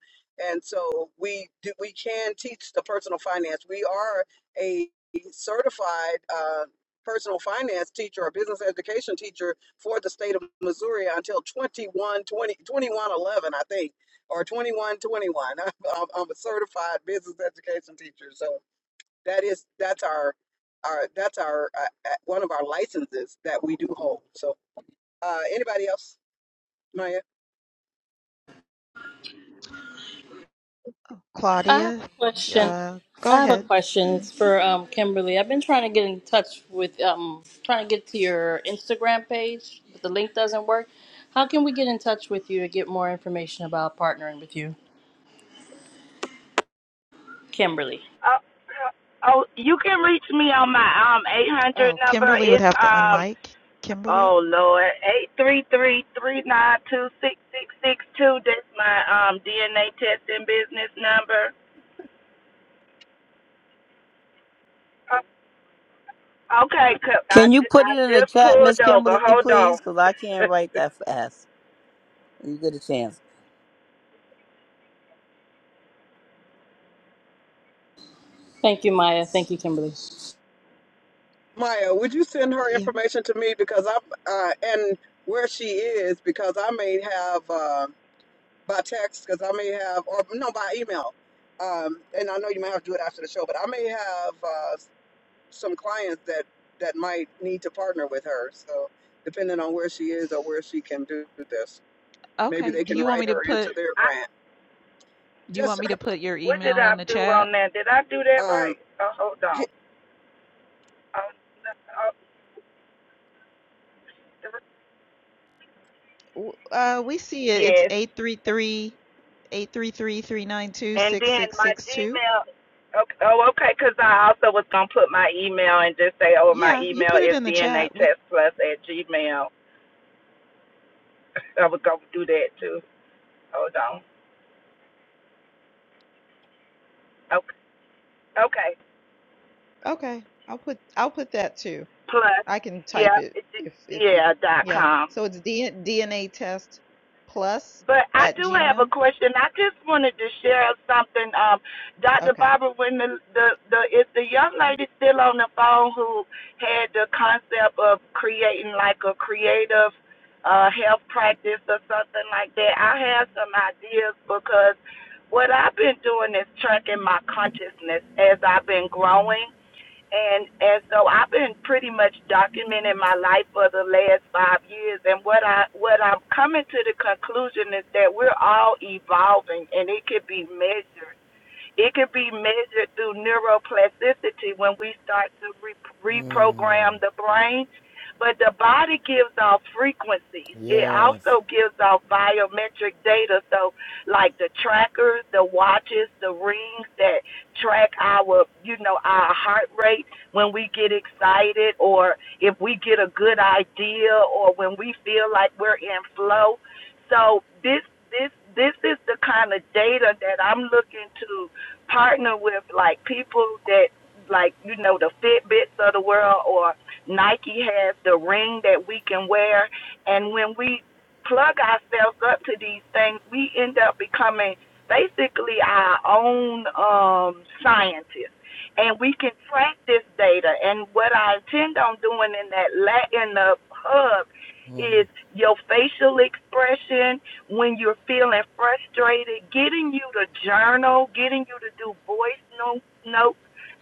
[SPEAKER 1] And so we do, we can teach the personal finance. We are a certified uh, personal finance teacher or business education teacher for the state of Missouri until 21 20 21 11, I think, or 21, 21. I'm, I'm I'm a certified business education teacher. So that is, that's our, our, that's our, uh, uh, one of our licenses that we do hold. So uh, anybody else? Maya.
[SPEAKER 2] I have
[SPEAKER 7] Claudia,
[SPEAKER 2] a question.
[SPEAKER 7] uh, go
[SPEAKER 2] I have a
[SPEAKER 7] ahead.
[SPEAKER 2] question.
[SPEAKER 7] Mhm.
[SPEAKER 2] It's for um, Kimberly. I've been trying to get in touch with, um, trying to get to your Instagram page, but the link doesn't work. How can we get in touch with you to get more information about partnering with you, Kimberly?
[SPEAKER 4] Oh, you can reach me on my um eight hundred
[SPEAKER 7] Oh,
[SPEAKER 4] number.
[SPEAKER 7] Kimberly would
[SPEAKER 4] It's
[SPEAKER 7] have to
[SPEAKER 4] um
[SPEAKER 7] unmic. Kimberly.
[SPEAKER 4] oh Lord eight three three three nine two six six six two. That's my um DNA testing business number. Okay, 'cause I
[SPEAKER 3] can you put
[SPEAKER 4] I
[SPEAKER 3] it in the
[SPEAKER 4] just
[SPEAKER 3] chat, Miss
[SPEAKER 4] pulled over.
[SPEAKER 3] Kimberly,
[SPEAKER 4] Hold on.
[SPEAKER 3] please? Because I can't write that fast. You get a chance.
[SPEAKER 2] Thank you, Maya. Thank you, Kimberly.
[SPEAKER 1] Maya, would you send her
[SPEAKER 7] Yeah.
[SPEAKER 1] information to me because I'm uh, and where she is because I may have uh, by text because I may have or no by email. Um, and I know you may have to do it after the show, but I may have uh, some clients that that might need to partner with her. So depending on where she is or where she can do this, maybe
[SPEAKER 7] Okay.
[SPEAKER 1] they
[SPEAKER 7] Do
[SPEAKER 1] can
[SPEAKER 7] you want
[SPEAKER 1] write
[SPEAKER 7] me to
[SPEAKER 1] her
[SPEAKER 7] put?
[SPEAKER 1] into their
[SPEAKER 4] I
[SPEAKER 1] grant.
[SPEAKER 7] Do you want
[SPEAKER 1] Just
[SPEAKER 7] me to put your
[SPEAKER 4] what did
[SPEAKER 7] email
[SPEAKER 4] I
[SPEAKER 7] in the
[SPEAKER 4] do
[SPEAKER 7] chat?
[SPEAKER 4] on that? Did I do that
[SPEAKER 1] um,
[SPEAKER 4] right? Oh, hold on.
[SPEAKER 1] y-
[SPEAKER 4] Oh, no, oh,
[SPEAKER 7] W- Uh, we see it. It's
[SPEAKER 4] yes.
[SPEAKER 7] 833 833 392
[SPEAKER 4] And
[SPEAKER 7] six
[SPEAKER 4] then
[SPEAKER 7] six
[SPEAKER 4] my
[SPEAKER 7] six two.
[SPEAKER 4] Gmail. Okay, oh, okay, 'cause I also was gonna put my email and just say, oh, my
[SPEAKER 7] Yeah, you
[SPEAKER 4] email
[SPEAKER 7] put it
[SPEAKER 4] is
[SPEAKER 7] in the
[SPEAKER 4] DNA
[SPEAKER 7] chat. We
[SPEAKER 4] at Gmail. I was gonna do that too. Hold on. Okay. Okay.
[SPEAKER 7] okay. I'll put I'll put that too.
[SPEAKER 4] Plus.
[SPEAKER 7] I can type
[SPEAKER 4] Yeah.
[SPEAKER 7] it
[SPEAKER 4] it-
[SPEAKER 7] if if you
[SPEAKER 4] yeah. Dot
[SPEAKER 7] yeah.
[SPEAKER 4] com.
[SPEAKER 7] So it's D, DNA test plus
[SPEAKER 4] But I
[SPEAKER 7] at
[SPEAKER 4] do have a
[SPEAKER 7] Gmail.
[SPEAKER 4] question. I just wanted to share something. Um, Dr.
[SPEAKER 7] Okay.
[SPEAKER 4] Barbara, when the, the, the is the young lady still on the phone who had the concept of creating like a creative uh, health practice or something like that, I have some ideas because what I've been doing is tracking my consciousness as I've been growing. And and so I've been pretty much documenting my life for the last five years. And what I what I'm coming to the conclusion is that we're all evolving, and it could be measured. It can be measured through neuroplasticity when we start to re- reprogram the brain. But the body gives off frequencies. It
[SPEAKER 5] Yes.
[SPEAKER 4] also gives off biometric data. So, like the trackers, the watches, the rings that track our, you know, our heart rate when we get excited or if we get a good idea or when we feel like we're in flow. So, this this this is the kind of data that I'm looking to partner with like people that like you know the Fitbits of the world or Nike has the ring that we can wear and when we plug ourselves up to these things we end up becoming basically our own um scientists and we can track this data and what I intend on doing in that la in the hub is your facial expression when you're feeling frustrated, getting you to journal, getting you to do voice no- notes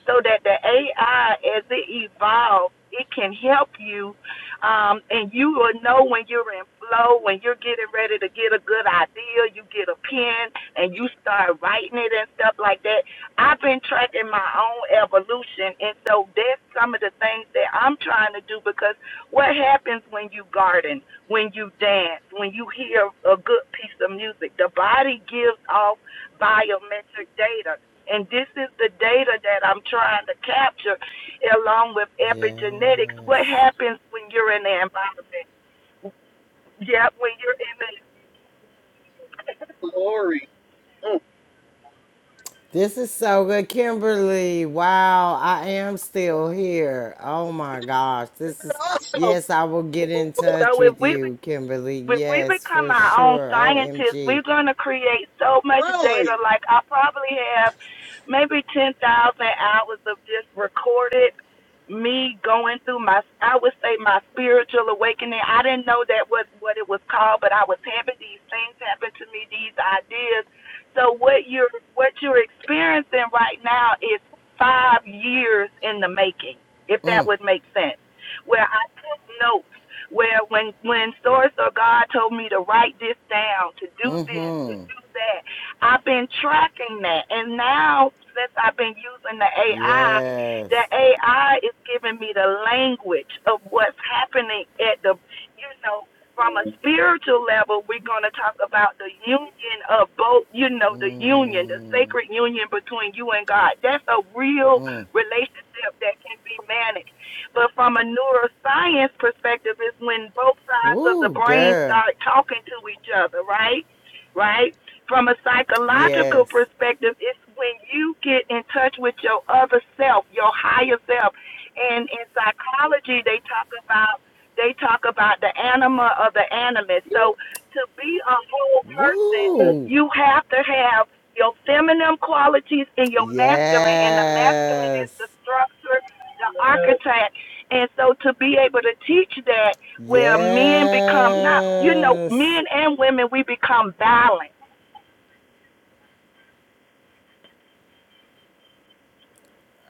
[SPEAKER 4] so that the AI, as it evolves, it can help you, um, and you will know when you're in flow, when you're getting ready to get a good idea. You get a pen and you start writing it and stuff like that. I've been tracking my own evolution, and so that's some of the things that I'm trying to do because what happens when you garden, when you dance, when you hear a good piece of music? The body gives off biometric data. And this is the data that I'm trying to capture along with epigenetics. What
[SPEAKER 5] Yes.
[SPEAKER 4] happens when you're in the environment? Yeah, when you're in the
[SPEAKER 1] glory. Mm.
[SPEAKER 5] This is so good, Kimberly. Wow, I am still here. Oh my gosh. This
[SPEAKER 1] But
[SPEAKER 5] is,
[SPEAKER 1] also,
[SPEAKER 5] yes, I will get in touch
[SPEAKER 4] so if
[SPEAKER 5] with
[SPEAKER 4] we be-
[SPEAKER 5] you, Kimberly.
[SPEAKER 4] if we
[SPEAKER 5] Yes,
[SPEAKER 4] become
[SPEAKER 5] for
[SPEAKER 4] our own
[SPEAKER 5] sure.
[SPEAKER 4] scientists, we're
[SPEAKER 5] OMG.
[SPEAKER 4] gonna create so much data.
[SPEAKER 1] really.
[SPEAKER 4] Like I probably have maybe ten thousand hours of just recorded me going through my I would say my spiritual awakening. I didn't know that was what it was called, but I was having these things happen to me, these ideas. So what you're what you're experiencing right now is five years in the making, if that
[SPEAKER 5] Mm,
[SPEAKER 4] would make sense. Where I took notes, where when when source or God told me to write this down, to do this
[SPEAKER 5] mm-hmm.
[SPEAKER 4] that. I've been tracking that. And now, since I've been using the AI,
[SPEAKER 5] Yes.
[SPEAKER 4] the AI is giving me the language of what's happening at the, you know, from a spiritual level, we're going to talk about the union of both, you know, the union, the
[SPEAKER 5] Mm.
[SPEAKER 4] sacred union between you and God. That's a real relationship that can be managed. But from a neuroscience perspective, it's when both sides of the
[SPEAKER 5] Woo,
[SPEAKER 4] brain
[SPEAKER 5] girl.
[SPEAKER 4] start talking to each other, right? Right? From a psychological
[SPEAKER 5] Yes.
[SPEAKER 4] perspective, it's when you get in touch with your other self, your higher self. And in psychology, they talk about they talk about the anima or the animus. So to be a whole person,
[SPEAKER 5] Woo.
[SPEAKER 4] you have to have your feminine qualities and your masculine. And the masculine is the
[SPEAKER 5] Yes.
[SPEAKER 4] structure, the architect. And so to be able to teach that where men become not, you know,
[SPEAKER 5] Yes.
[SPEAKER 4] men and women, we become balanced.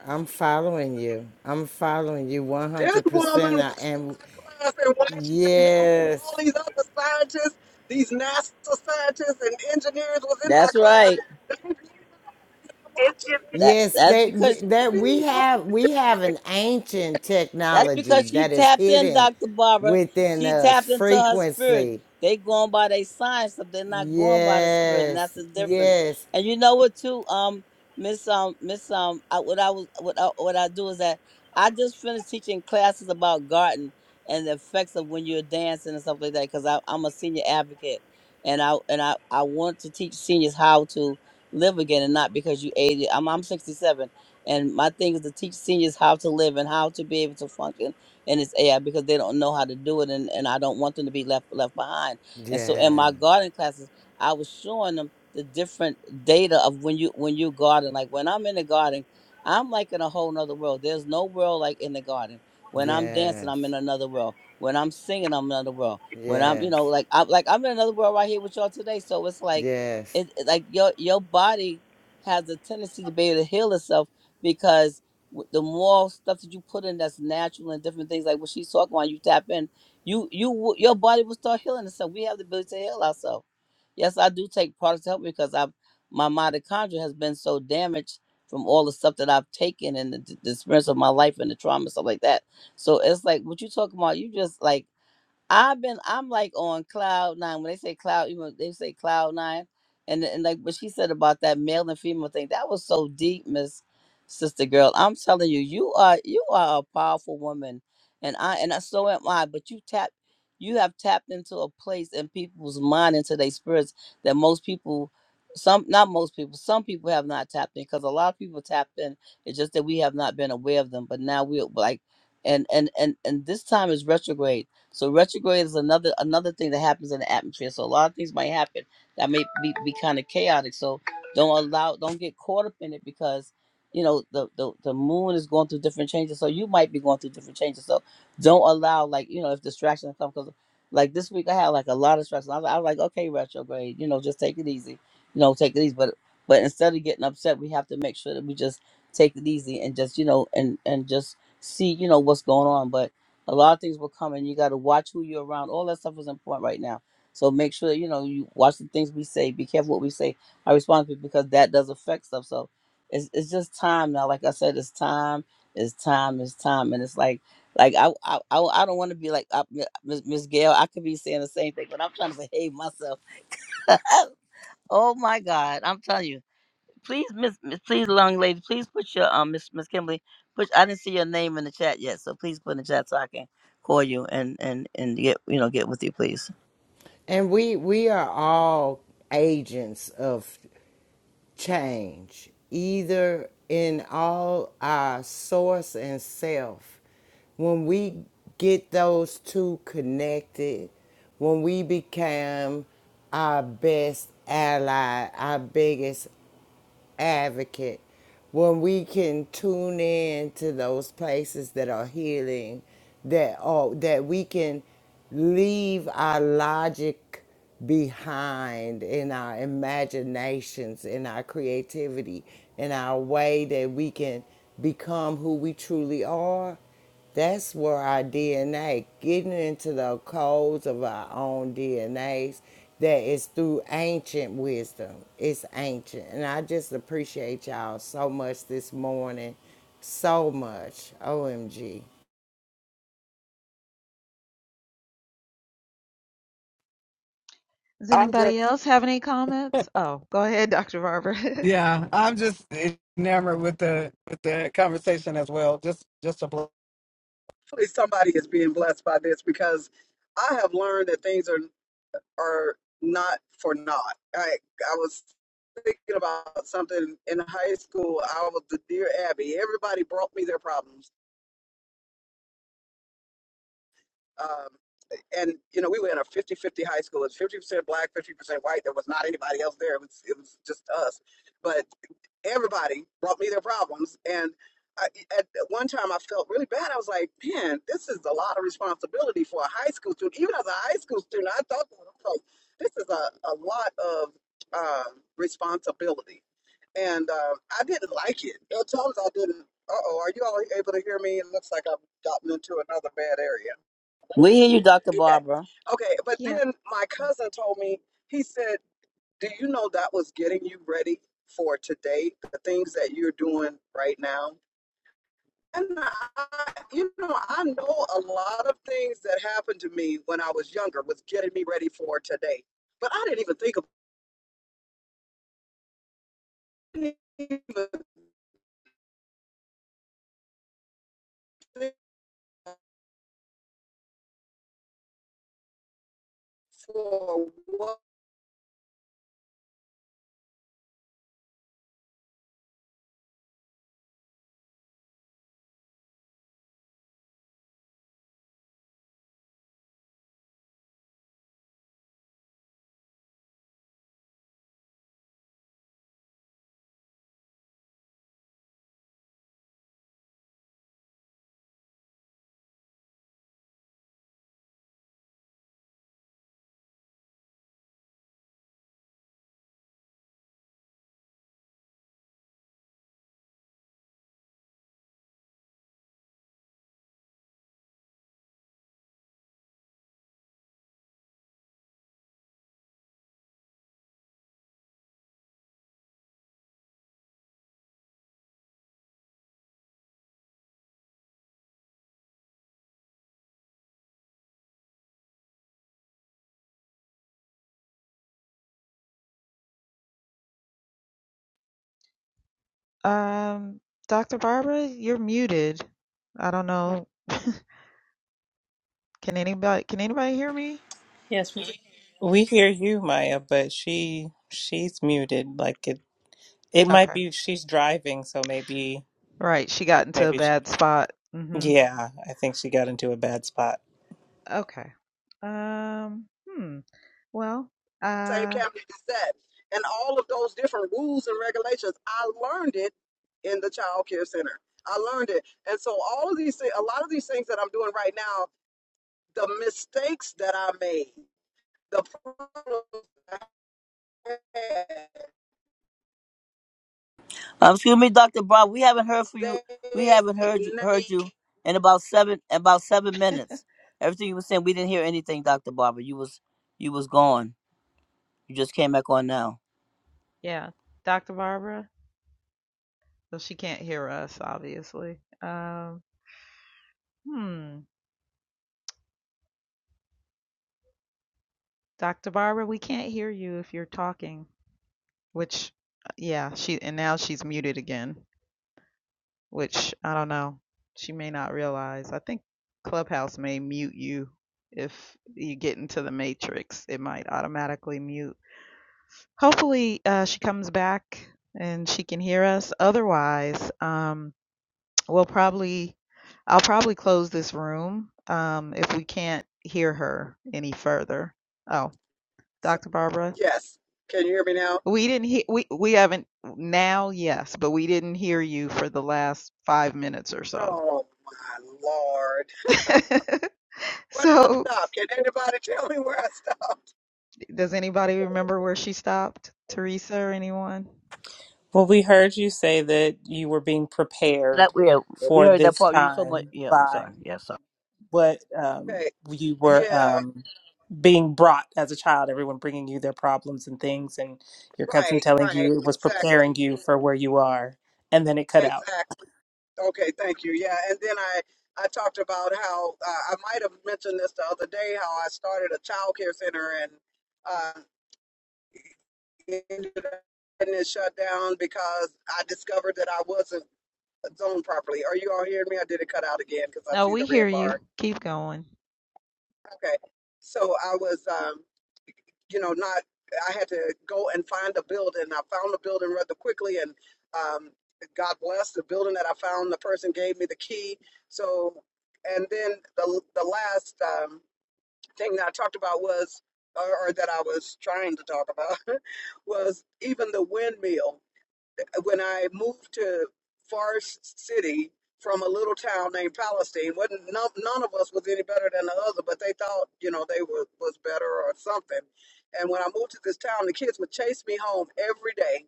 [SPEAKER 5] I'm following you. I'm following you
[SPEAKER 1] This woman
[SPEAKER 5] 100%. I
[SPEAKER 1] was in
[SPEAKER 5] am.
[SPEAKER 1] my class in Washington, Hill, and all
[SPEAKER 5] Yes.
[SPEAKER 1] these other scientists, these NASA scientists and engineers was in my
[SPEAKER 3] That's
[SPEAKER 1] class.
[SPEAKER 3] right.
[SPEAKER 1] They blew my mind in
[SPEAKER 4] It's just
[SPEAKER 1] Washington.
[SPEAKER 3] That
[SPEAKER 5] Yes,
[SPEAKER 3] that's
[SPEAKER 5] that
[SPEAKER 3] because
[SPEAKER 1] She's
[SPEAKER 5] that we
[SPEAKER 1] still
[SPEAKER 5] have
[SPEAKER 1] doing
[SPEAKER 5] we have
[SPEAKER 1] it
[SPEAKER 5] an ancient
[SPEAKER 3] That's
[SPEAKER 1] today.
[SPEAKER 5] technology
[SPEAKER 3] because she
[SPEAKER 5] that is
[SPEAKER 3] tapped in,
[SPEAKER 5] hidden
[SPEAKER 3] Dr. Barbara.
[SPEAKER 5] within
[SPEAKER 3] She
[SPEAKER 5] us.
[SPEAKER 3] tapped into her spirit.
[SPEAKER 5] Frequency.
[SPEAKER 3] They going by their science, but they're not going by the spirit, and that's
[SPEAKER 5] Yes.
[SPEAKER 3] the difference.
[SPEAKER 5] Yes.
[SPEAKER 3] And you know what too, um, Miss um Miss um I, what I was what I, what I do is that I just finished teaching classes about garden and the effects of when you're dancing and stuff like that because I'm a senior advocate and I and I, I want to teach seniors how to live again and not because you 80. I'm I'm 67 and my thing is to teach seniors how to live and how to be able to function in this AI because they don't know how to do it, and, and I don't want them to be left left behind. And so in
[SPEAKER 5] Yes.
[SPEAKER 3] my gardening classes, I was showing them the different data of when you when you garden. Like when I'm in the garden, I'm like in a whole nother world. There's no world like in the garden. When I'm dancing,
[SPEAKER 5] Yes.
[SPEAKER 3] I'm in another world. When I'm singing, I'm in another world. When I'm, you know,
[SPEAKER 5] Yes.
[SPEAKER 3] like I'm like I'm in another world right here with y'all today. So it's like,
[SPEAKER 5] Yes.
[SPEAKER 3] it it- like your your body has a tendency to be able to heal itself because w- the more stuff that you put in that's natural and different things like what she's talking about, you tap in, you you w- your body will start healing itself. We have the ability to heal ourselves. Yes, I do take products to help me because I've my mitochondria has been so damaged from all the stuff that I've taken and the, the experience of my life and the trauma and stuff like that. So it's like what you talking about. You just like I've been I'm like on cloud nine. When they say cloud, you know, they say cloud nine. And and like what she said about that male and female thing, that was so deep, Miss Sister Girl. I'm telling you, you are you are a powerful woman. And I and I so am I, but you tap you have tapped into a place in people's mind into their spirits that most people some not most people, some people have not tapped in because a lot of people tapped in. It's just that we have not been aware of them. But now we're like and and and and this time is retrograde so retrograde is another another thing that happens in the atmosphere. So a lot of things might happen that may be, be kind of chaotic. So don't allow don't get caught up in it because you know the, the the moon is going through different changes. So you might be going through different changes. So don't allow like you know if distractions come because like this week I had like a lot of distractions. I was, I was like okay retrograde, you know just take it easy, you know take it easy. But but instead of getting upset, we have to make sure that we just take it easy and just you know and and just see you know what's going on. But a lot of things will come and you got to watch who you're around all that stuff is important right now so make sure you know you watch the things we say be careful what we say our response is because that does affect stuff so it's, it's just time now like i said it's time it's time it's time and it's like like i i, I, I don't want to be like uh, miss Miss gail i could be saying the same thing but i'm trying to behave myself oh my god i'm telling you Please, Miss, Miss- please, long lady, please put your um, Miss Miss Kimberly. Put I didn't see your name in the chat yet, so please put in the chat so I can call you and and and get you know get with you, please.
[SPEAKER 5] And we we are all agents of change, either in all our source and self. When we get those two connected, when we become our best ally, our biggest advocate when we can tune in to those places that are healing that are that we can leave our logic behind in our imaginations in our creativity in our way that we can become who we truly are that's where our DNA, getting into the codes of our own DNAs, that is through ancient wisdom. It's ancient. And I just appreciate y'all so much this morning. So much. OMG.
[SPEAKER 7] Does
[SPEAKER 1] I'm
[SPEAKER 7] anybody
[SPEAKER 1] just
[SPEAKER 7] else have any comments? Oh, Go ahead, Dr. Barbara.
[SPEAKER 1] yeah, I'm just enamored with the with the conversation as well. Just just a bl- Hopefully somebody is being blessed by this because I have learned that things are are not for naught. I I was thinking about something in high school. I was the dear Abby. Everybody brought me their problems. Um, and you know, we were in a fifty-fifty high school. It's 50% black, 50% white. There was not anybody else there. It was it was just us. But everybody brought me their problems. And I, at one time, I felt really bad. I was like, man, this is a lot of responsibility for a high school student. Even as a high school student, I thought, to this is a, a lot of uh, responsibility. And uh, I didn't like it. At times, I didn't. Uh oh, are you all able to hear me? It looks like I've gotten into another bad area.
[SPEAKER 3] We hear you, Doctor
[SPEAKER 1] Okay.
[SPEAKER 3] Barbara.
[SPEAKER 1] Okay. But
[SPEAKER 7] yeah.
[SPEAKER 1] then my cousin told me, he said, do you know that was getting you ready for today? The things that you're doing right now? And I, you know, I know a lot of things that happened to me when I was younger was getting me ready for today. But I didn't even think of didn't even think for what
[SPEAKER 7] Um, Dr. Barbara, you're muted. I don't know. Can anybody can anybody hear me?
[SPEAKER 2] Yes, we- thank
[SPEAKER 8] We hear you, Maya, but she she's muted. Like it it might
[SPEAKER 7] Okay.
[SPEAKER 8] be she's driving, so maybe
[SPEAKER 7] Right. She got into a
[SPEAKER 8] maybe she
[SPEAKER 7] bad spot. Mm-hmm.
[SPEAKER 8] Yeah, I think she got into a bad spot.
[SPEAKER 7] Okay. Um, hmm. Well,
[SPEAKER 1] same
[SPEAKER 7] uh
[SPEAKER 1] cabinet is that. And all of those different rules and regulations, I learned it in the child care center. I learned it. And so all of these thi- a lot of these things that I'm doing right now, the mistakes that I made. The problem
[SPEAKER 3] Um, excuse me, Doctor Barbara. We haven't heard from you. We
[SPEAKER 1] they
[SPEAKER 3] haven't heard you heard you
[SPEAKER 1] need
[SPEAKER 3] in about seven about seven minutes. Everything you were saying, we didn't hear anything, Doctor Barbara. You was you was gone. You just came back on now.
[SPEAKER 7] yeah. Dr. Barbara. Well, she can't hear us, obviously. Um, hmm. Dr. Barbara, we can't hear you if you're talking. Which yeah, she and now she's muted again, which I don't know. She may not realize. I think Clubhouse may mute you if you get into the matrix. It might automatically mute. hopefully uh, she comes back and she can hear us. Otherwise, um, we'll probably I'll probably close this room um, if we can't hear her any further. Oh,
[SPEAKER 1] So,
[SPEAKER 7] Dr. Barbara,
[SPEAKER 1] yes. Can you hear me now?
[SPEAKER 7] we didn't hear we we haven't now, yes, but we didn't hear you for the last five minutes or so.
[SPEAKER 1] Oh my lord. Where did I
[SPEAKER 7] so
[SPEAKER 1] stop? Can anybody tell me where I stopped?
[SPEAKER 7] Does anybody remember where she stopped? Teresa or anyone?
[SPEAKER 8] Well, we heard you say that you were being
[SPEAKER 3] That
[SPEAKER 8] prepared
[SPEAKER 3] we we
[SPEAKER 8] for
[SPEAKER 3] heard that
[SPEAKER 8] this
[SPEAKER 3] part. You were talking about
[SPEAKER 8] time
[SPEAKER 3] yeah. I'm
[SPEAKER 8] by
[SPEAKER 3] sorry. Yeah, sorry.
[SPEAKER 8] what um,
[SPEAKER 1] Okay.
[SPEAKER 8] you were
[SPEAKER 1] Yeah,
[SPEAKER 8] um, being brought as a child, everyone bringing you their problems and things, and your cousin
[SPEAKER 1] right,
[SPEAKER 8] telling
[SPEAKER 1] right.
[SPEAKER 8] you it was
[SPEAKER 1] Exactly.
[SPEAKER 8] preparing you for where you are, and then it cut out.
[SPEAKER 1] Exactly. Okay, thank you. Yeah, and then I I talked about how uh, I might have mentioned this the other day how I started a child care center and uh ended up getting it shut down because I discovered that I wasn't zone properly. Are you all hearing me? I did it cut out again because I
[SPEAKER 7] No,
[SPEAKER 1] see
[SPEAKER 7] we
[SPEAKER 1] the red
[SPEAKER 7] hear you.
[SPEAKER 1] bar.
[SPEAKER 7] Keep going.
[SPEAKER 1] Okay. So I was, um, you know, not, I had to go and find a building. I found the building rather quickly and um, God bless the building that I found. The person gave me the key. So, and then the, the last um, thing that I talked about was, or or that I was trying to talk about, was even the windmill. when I moved to Forest City from a little town named Palestine, wasn't none, none of us was any better than the other, but they thought you know they were was better or something. And when I moved to this town, the kids would chase me home every day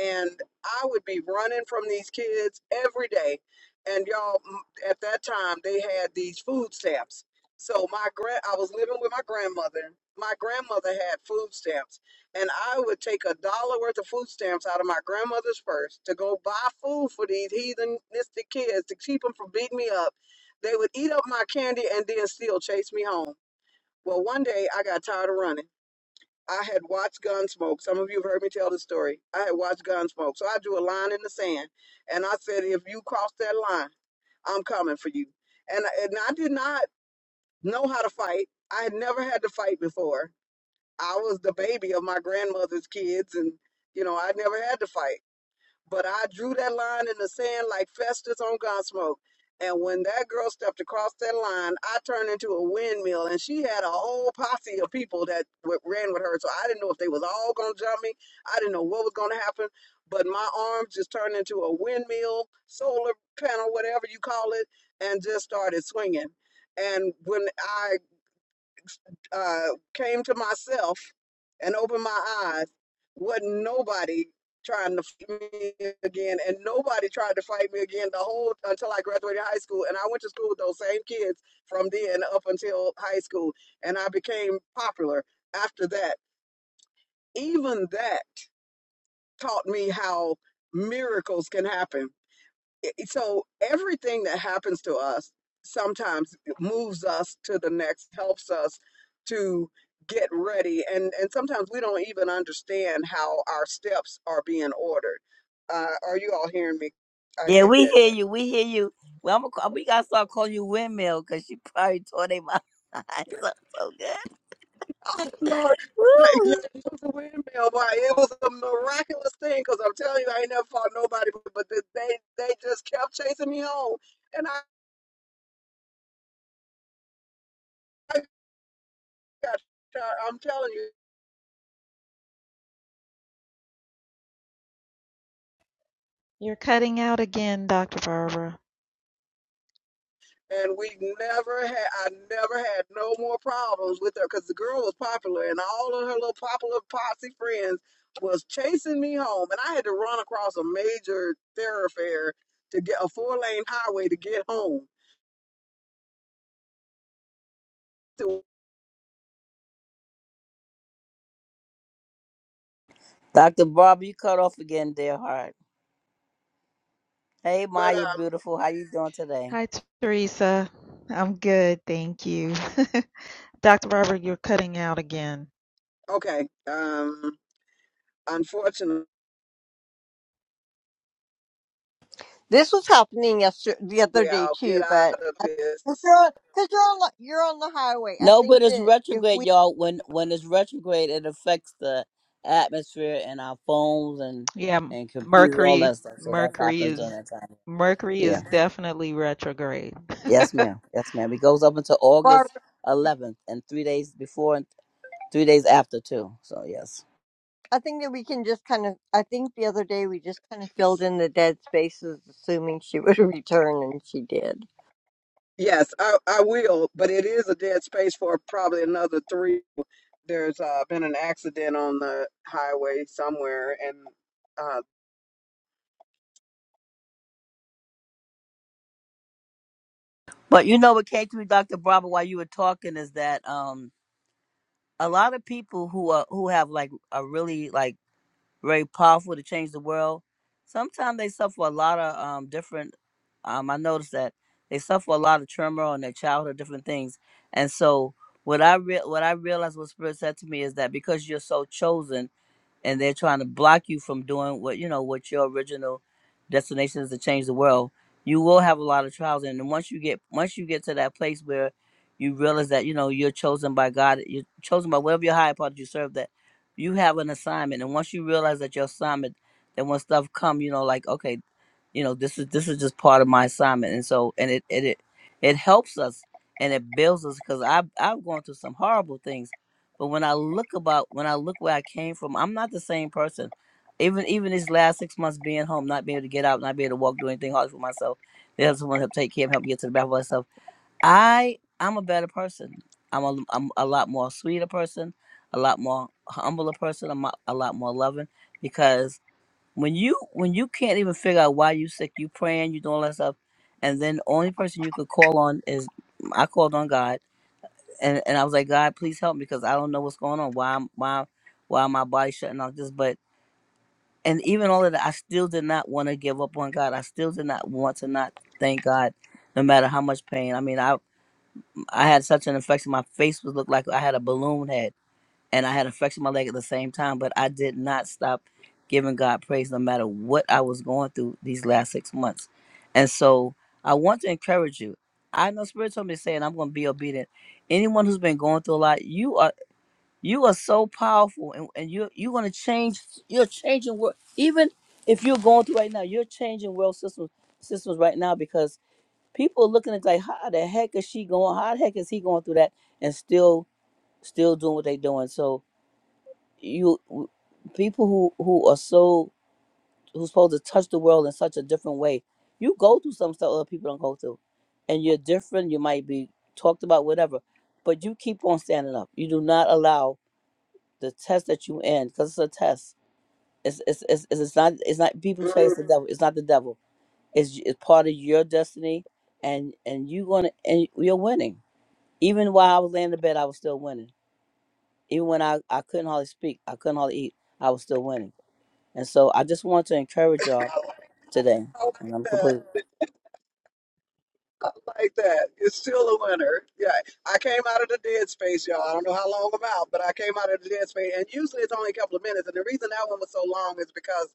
[SPEAKER 1] and I would be running from these kids every day. And y'all, m- at that time, they had these food stamps. So my grand, I was living with my grandmother. My grandmother had food stamps, and I would take a dollar worth of food stamps out of my grandmother's purse to go buy food for these heathenistic kids to keep them from beating me up. They would eat up my candy and then still chase me home. Well, one day I got tired of running. I had watched Gunsmoke. Some of you have heard me tell the story. I had watched Gunsmoke. So I drew a line in the sand and I said, if you cross that line, I'm coming for you. And, and I did not know how to fight. I had never had to fight before. I was the baby of my grandmother's kids and, you know, I never had to fight. But I drew that line in the sand like Festus on Gunsmoke. And when that girl stepped across that line, I turned into a windmill, and she had a whole posse of people that w- ran with her. So I didn't know if they was all gonna jump me. I didn't know what was gonna happen. But my arms just turned into a windmill, solar panel, whatever you call it, and just started swinging. And when I uh, came to myself and opened my eyes, wasn't nobody trying to fight me again, and nobody tried to fight me again the whole until I graduated high school. And I went to school with those same kids from then up until high school, and I became popular after that. Even that taught me how miracles can happen it- so everything that happens to us sometimes moves us to the next helps us to get ready and and sometimes we don't even understand how our steps are being ordered uh, are you all hearing me i
[SPEAKER 3] Yeah,
[SPEAKER 1] get
[SPEAKER 3] we
[SPEAKER 1] it
[SPEAKER 3] hear you. We hear you. Well, I'm gonna, we gotta start calling you windmill because she probably tore their mouth eyes up so good.
[SPEAKER 1] oh lord Like, yeah,
[SPEAKER 3] Woo.
[SPEAKER 1] it was a windmill but it was a miraculous thing because i'm telling you i ain't never fought nobody but, but they they they just kept chasing me home and i, I got shot i'm telling you
[SPEAKER 7] You're cutting out again, Dr. Barbara.
[SPEAKER 1] and we never had I never had no more problems with her because the girl was popular and all of her little popular posse friends was chasing me home and I had to run across a major thoroughfare to get a four lane highway to get home. So-
[SPEAKER 3] Dr. Barbara, you cut off again, dear heart. Hey,
[SPEAKER 1] But
[SPEAKER 3] Maya,
[SPEAKER 1] um
[SPEAKER 3] beautiful. How you doing today?
[SPEAKER 7] Hi, Teresa. I'm good, thank you. Dr. Barbara, you're cutting out again.
[SPEAKER 1] okay. Um unfortunately
[SPEAKER 6] This was happening yesterday, the other day
[SPEAKER 1] I'll get
[SPEAKER 6] too, but
[SPEAKER 1] out of
[SPEAKER 6] because
[SPEAKER 1] this.
[SPEAKER 6] you're on, 'cause you're on the you're on the highway, I
[SPEAKER 3] No, but
[SPEAKER 6] think
[SPEAKER 3] it's
[SPEAKER 6] that if
[SPEAKER 3] retrograde,
[SPEAKER 6] we
[SPEAKER 3] y'all. When when it's retrograde, it affects the atmosphere and our phones and
[SPEAKER 7] Yeah,
[SPEAKER 3] and computers, all
[SPEAKER 7] Mercury,
[SPEAKER 3] that stuff. So that
[SPEAKER 7] Mercury
[SPEAKER 3] happens during
[SPEAKER 7] is
[SPEAKER 3] that time.
[SPEAKER 7] Mercury
[SPEAKER 3] Yeah.
[SPEAKER 7] is definitely retrograde.
[SPEAKER 3] Yes, ma'am. Yes, ma'am. It goes up until
[SPEAKER 6] Barb,
[SPEAKER 3] August 11th, and three days before and three days after too. So yes.
[SPEAKER 6] I think that we can just kind of. I think the other day we just kind of filled in the dead spaces, assuming she would return, and she did.
[SPEAKER 1] Yes, I, I will, but it is a dead space for probably another three there's uh, been an accident on the highway somewhere, and uh,
[SPEAKER 3] But you know what came to me, Dr. Barbara, while you were talking is that um a lot of people who are who have like are really like very powerful to change the world, sometimes they suffer a lot of um different um I noticed that they suffer a lot of turmoil in their childhood, different things. And so what I re- what I realized what Spirit said to me is that because you're so chosen and they're trying to block you from doing what you know what your original destination is to change the world you will have a lot of trials and then once you get once you get to that place where you realize that you know you're chosen by god you're chosen by whatever your higher part you serve that you have an assignment and once you realize that your assignment then when stuff come you know like okay you know this is this is just part of my assignment and so and it it it, it helps us and it builds us because i've i've gone through some horrible things but when I look about when I look where I came from, I'm not the same person. Even even these last six months being home, not being able to get out, not being able to walk, do anything hard for myself, they have someone help take care of, help me get to the bathroom myself. I I'm a better person. I'm a I'm a lot more sweeter person, a lot more humbler person, I'm a, a lot more loving because when you when you can't even figure out why you sick, you praying, you doing all that stuff, and then the only person you could call on is I called on God and and I was like, God, please help me because I don't know what's going on. Why I'm- why why my body shutting off this? But and even all of that, I still did not want to give up on God. I still did not want to not thank God, no matter how much pain. I mean, I I had such an infection. My face was looked like I had a balloon head, and I had an infection in my leg at the same time. But I did not stop giving God praise, no matter what I was going through these last six months. And so I want to encourage you. I know Spirit told me to say, and I'm going to be obedient anyone who's been going through a lot, you are. You are so powerful, and, and you you're gonna change. You're changing world. Even if you're going through right now, you're changing world systems systems right now because people are looking at like, how the heck is she going? How the heck is he going through that and still still doing what they're doing? So you w- people who who are so who's supposed to touch the world in such a different way, you go through some stuff other people don't go through, and you're different. You might be talked about, whatever, but you keep on standing up. You do not allow the test that you in because it's a test. It's it's it's it's it's not it's not people say
[SPEAKER 1] boom,
[SPEAKER 3] it's the devil. It's not the devil. It's it's part of your destiny, and and you gonna and you're winning. Even while I was laying in bed, I was still winning. Even when I I couldn't hardly speak, I couldn't hardly eat, I was still winning. And so I just want to encourage y'all
[SPEAKER 1] I like,
[SPEAKER 3] today.
[SPEAKER 1] I
[SPEAKER 3] And
[SPEAKER 1] like
[SPEAKER 3] I'm
[SPEAKER 1] that.
[SPEAKER 3] complete.
[SPEAKER 1] I like that. It's still a winner. Yeah, I came out of the dead space, y'all. I don't know how long I'm out, but I came out of the dead space, and usually it's only a couple of minutes. And the reason that one was so long is because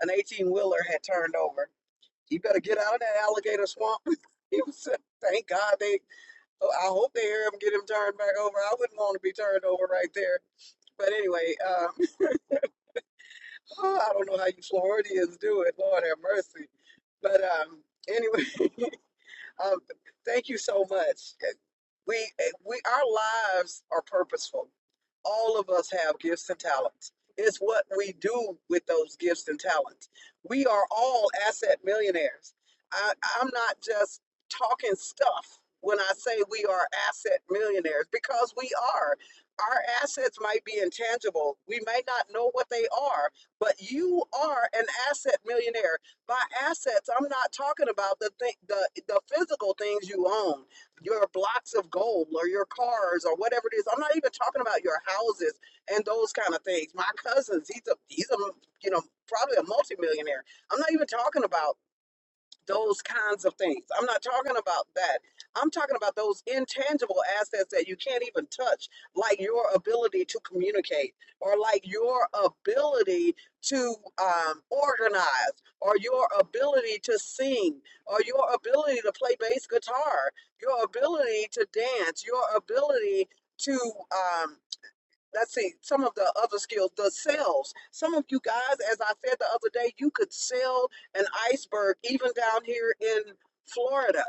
[SPEAKER 1] an 18 wheeler had turned over. You better get out of that alligator swamp. he was, thank God they. oh, I hope they hear him get him turned back over. I wouldn't want to be turned over right there. But anyway, uh, Oh, I don't know how you Floridians do it. Lord have mercy. But um, anyway, um, thank you so much. We we our lives are purposeful. All of us have gifts and talents. It's what we do with those gifts and talents. We are all asset millionaires. I, I'm not just talking stuff when I say we are asset millionaires because we are. Our assets might be intangible. We may not know what they are, but you are an asset millionaire. By assets, I'm not talking about the thing, the, the physical things you own your blocks of gold or your cars or whatever it is. I'm not even talking about your houses and those kind of things. My cousins, he's a he's a you know probably a multimillionaire. I'm not even talking about those kinds of things. I'm not talking about that. I'm talking about those intangible assets that you can't even touch, like your ability to communicate, or like your ability to um, organize, or your ability to sing, or your ability to play bass guitar, your ability to dance, your ability to um, let's see some of the other skills the sales some of you guys as i said the other day you could sell an iceberg even down here in florida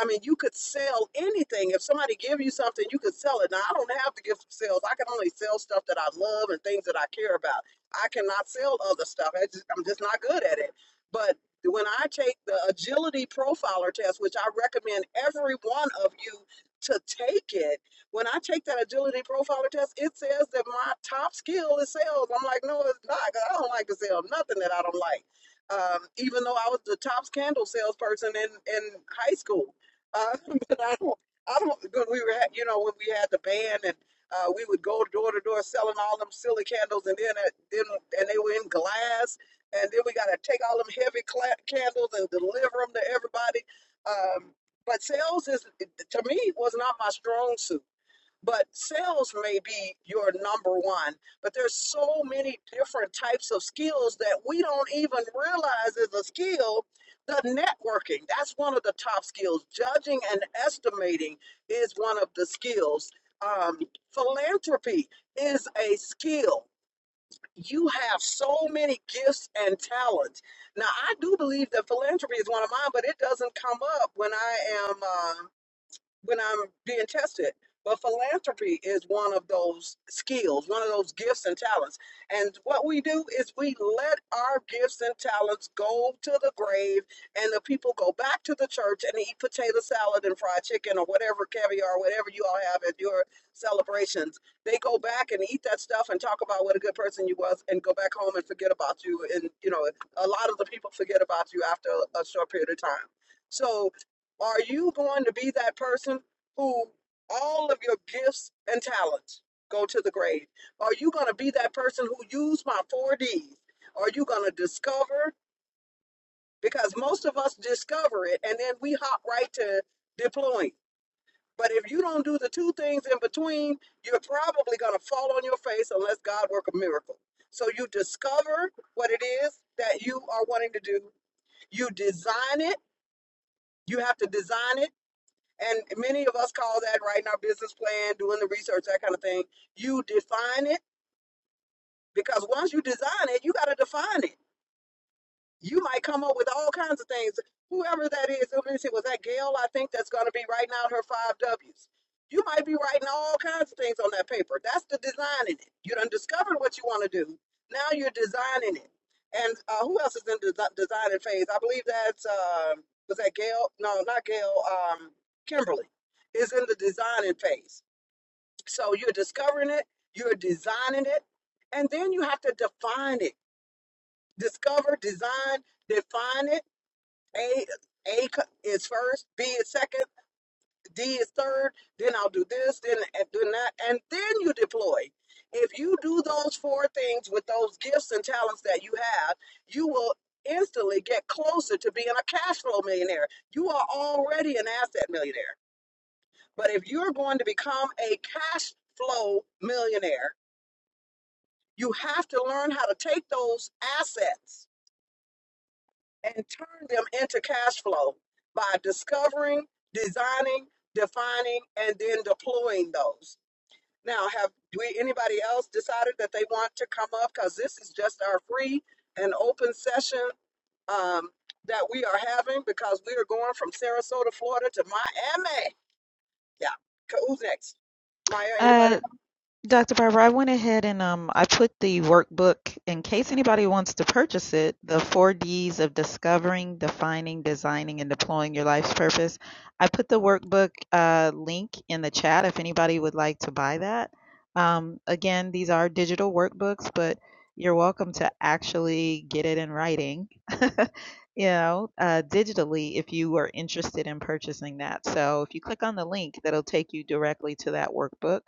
[SPEAKER 1] i mean you could sell anything if somebody give you something you could sell it now i don't have to give sales i can only sell stuff that i love and things that i care about i cannot sell other stuff I just, i'm just not good at it but when i take the agility profiler test which i recommend every one of you to take it when I take that agility profiler test, it says that my top skill is sales. I'm like, no, it's not, 'cause I don't like to sell nothing that I don't like. Um, even though I was the top candle salesperson in, in high school, uh, but I don't, I don't, because we were, at- you know, when we had the band and uh, we would go door to door selling all them silly candles, and then, at- then and they were in glass, and then we got to take all them heavy cla- candles and deliver them to everybody. Um, but sales is to me was not my strong suit but sales may be your number one but there's so many different types of skills that we don't even realize is a skill the networking that's one of the top skills judging and estimating is one of the skills um, philanthropy is a skill you have so many gifts and talents now i do believe that philanthropy is one of mine but it doesn't come up when i am Uh, when I'm being tested. But philanthropy is one of those skills, one of those gifts and talents. And what we do is we let our gifts and talents go to the grave, and the people go back to the church and eat potato salad and fried chicken or whatever caviar, whatever you all have at your celebrations. They go back and eat that stuff and talk about what a good person you was, and go back home and forget about you. And you know, a lot of the people forget about you after a short period of time. So are you going to be that person who all of your gifts and talents go to the grave? Are you going to be that person who use my 4Ds? Are you going to discover? Because most of us discover it and then we hop right to deploying. But if you don't do the two things in between, you're probably going to fall on your face unless God work a miracle. So you discover what it is that you are wanting to do. You design it. You have to design it And many of us call that writing our business plan, doing the research, that kind of thing. You define it because once you design it, you got to define it you might come up with all kinds of things. Whoever that is, let me see, was that Gail? I think that's going to be writing out her five W's. You might be writing all kinds of things on that paper. That's the design in it. You done discovered what you want to do. Now you're designing it. And uh, who else is in the desi- designing phase? I believe that's, uh, was that Gail? No, not Gail. Um, Kimberly is in the designing phase. So you're discovering it, you're designing it, and then you have to define it. Discover, design, define it a A co- is first, B is second, D is third. Then I'll do this, then and then that, and then you deploy. If you do those four things with those gifts and talents that you have, you will instantly get closer to being a cash flow millionaire. You are already an asset millionaire, but if you're going to become a cash flow millionaire, you have to learn how to take those assets and turn them into cash flow by discovering, designing, defining, and then deploying those. Now, have we anybody else decided that they want to come up? Because this is just our free and open session um, that we are having because we are going from Sarasota, Florida to Miami. Yeah. Co- Who's next? Maya,
[SPEAKER 7] Uh,
[SPEAKER 1] anybody?
[SPEAKER 7] Dr. Barber, I went ahead and um, I put the workbook in case anybody wants to purchase it. The four D's of discovering, defining, designing, and deploying your life's purpose. I put the workbook uh, link in the chat if anybody would like to buy that. Um, again, these are digital workbooks, but you're welcome to actually get it in writing, you know, uh, digitally if you are interested in purchasing that. So if you click on the link, that'll take you directly to that workbook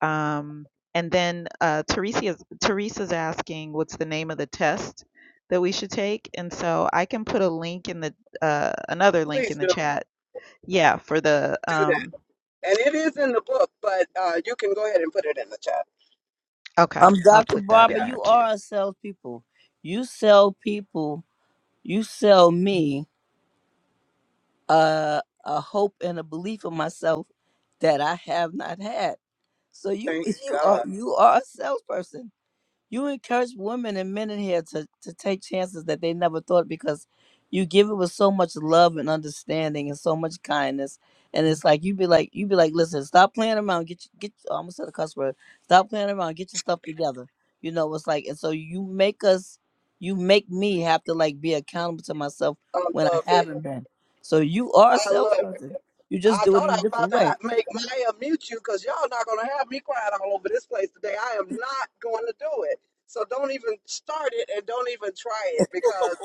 [SPEAKER 7] um, and then uh, Teresa's, Teresa's asking what's the name of the test that we should take. And so I can put a link in the, uh, another link
[SPEAKER 1] Please
[SPEAKER 7] in the
[SPEAKER 1] do,
[SPEAKER 7] chat. Yeah, for the,
[SPEAKER 1] do that.
[SPEAKER 7] um,
[SPEAKER 1] And it is in the book, but uh, you can go ahead and put it in the chat.
[SPEAKER 7] okay,
[SPEAKER 3] I'm
[SPEAKER 7] I'll
[SPEAKER 3] Dr.
[SPEAKER 7] put that in
[SPEAKER 3] Barbara.
[SPEAKER 1] Yeah.
[SPEAKER 7] there
[SPEAKER 3] You
[SPEAKER 7] too.
[SPEAKER 3] are a salespeople. You sell people. You sell me a, a hope and a belief in myself that I have not had. So you
[SPEAKER 1] Thank
[SPEAKER 3] you are
[SPEAKER 1] God.
[SPEAKER 3] you are a salesperson you encourage women and men in here to, to take chances that they never thought because you give it with so much love and understanding and so much kindness. And it's like you'd be like you'd be like, listen, stop playing around, get your- get I almost said a cuss word. Stop playing around, get your stuff together. You know, it's like and so you make us you make me have to like be accountable to myself
[SPEAKER 1] I
[SPEAKER 3] when I
[SPEAKER 1] love it.
[SPEAKER 3] haven't been. So you are a
[SPEAKER 1] I love
[SPEAKER 3] salesperson. You just
[SPEAKER 1] I
[SPEAKER 3] do it
[SPEAKER 1] thought
[SPEAKER 3] in
[SPEAKER 1] I
[SPEAKER 3] a
[SPEAKER 1] was about
[SPEAKER 3] different
[SPEAKER 1] to
[SPEAKER 3] way.
[SPEAKER 1] ha- make Maya mute you because y'all not going to have me crying all over this place today. I am not going to do it. So don't even start it and don't even try it because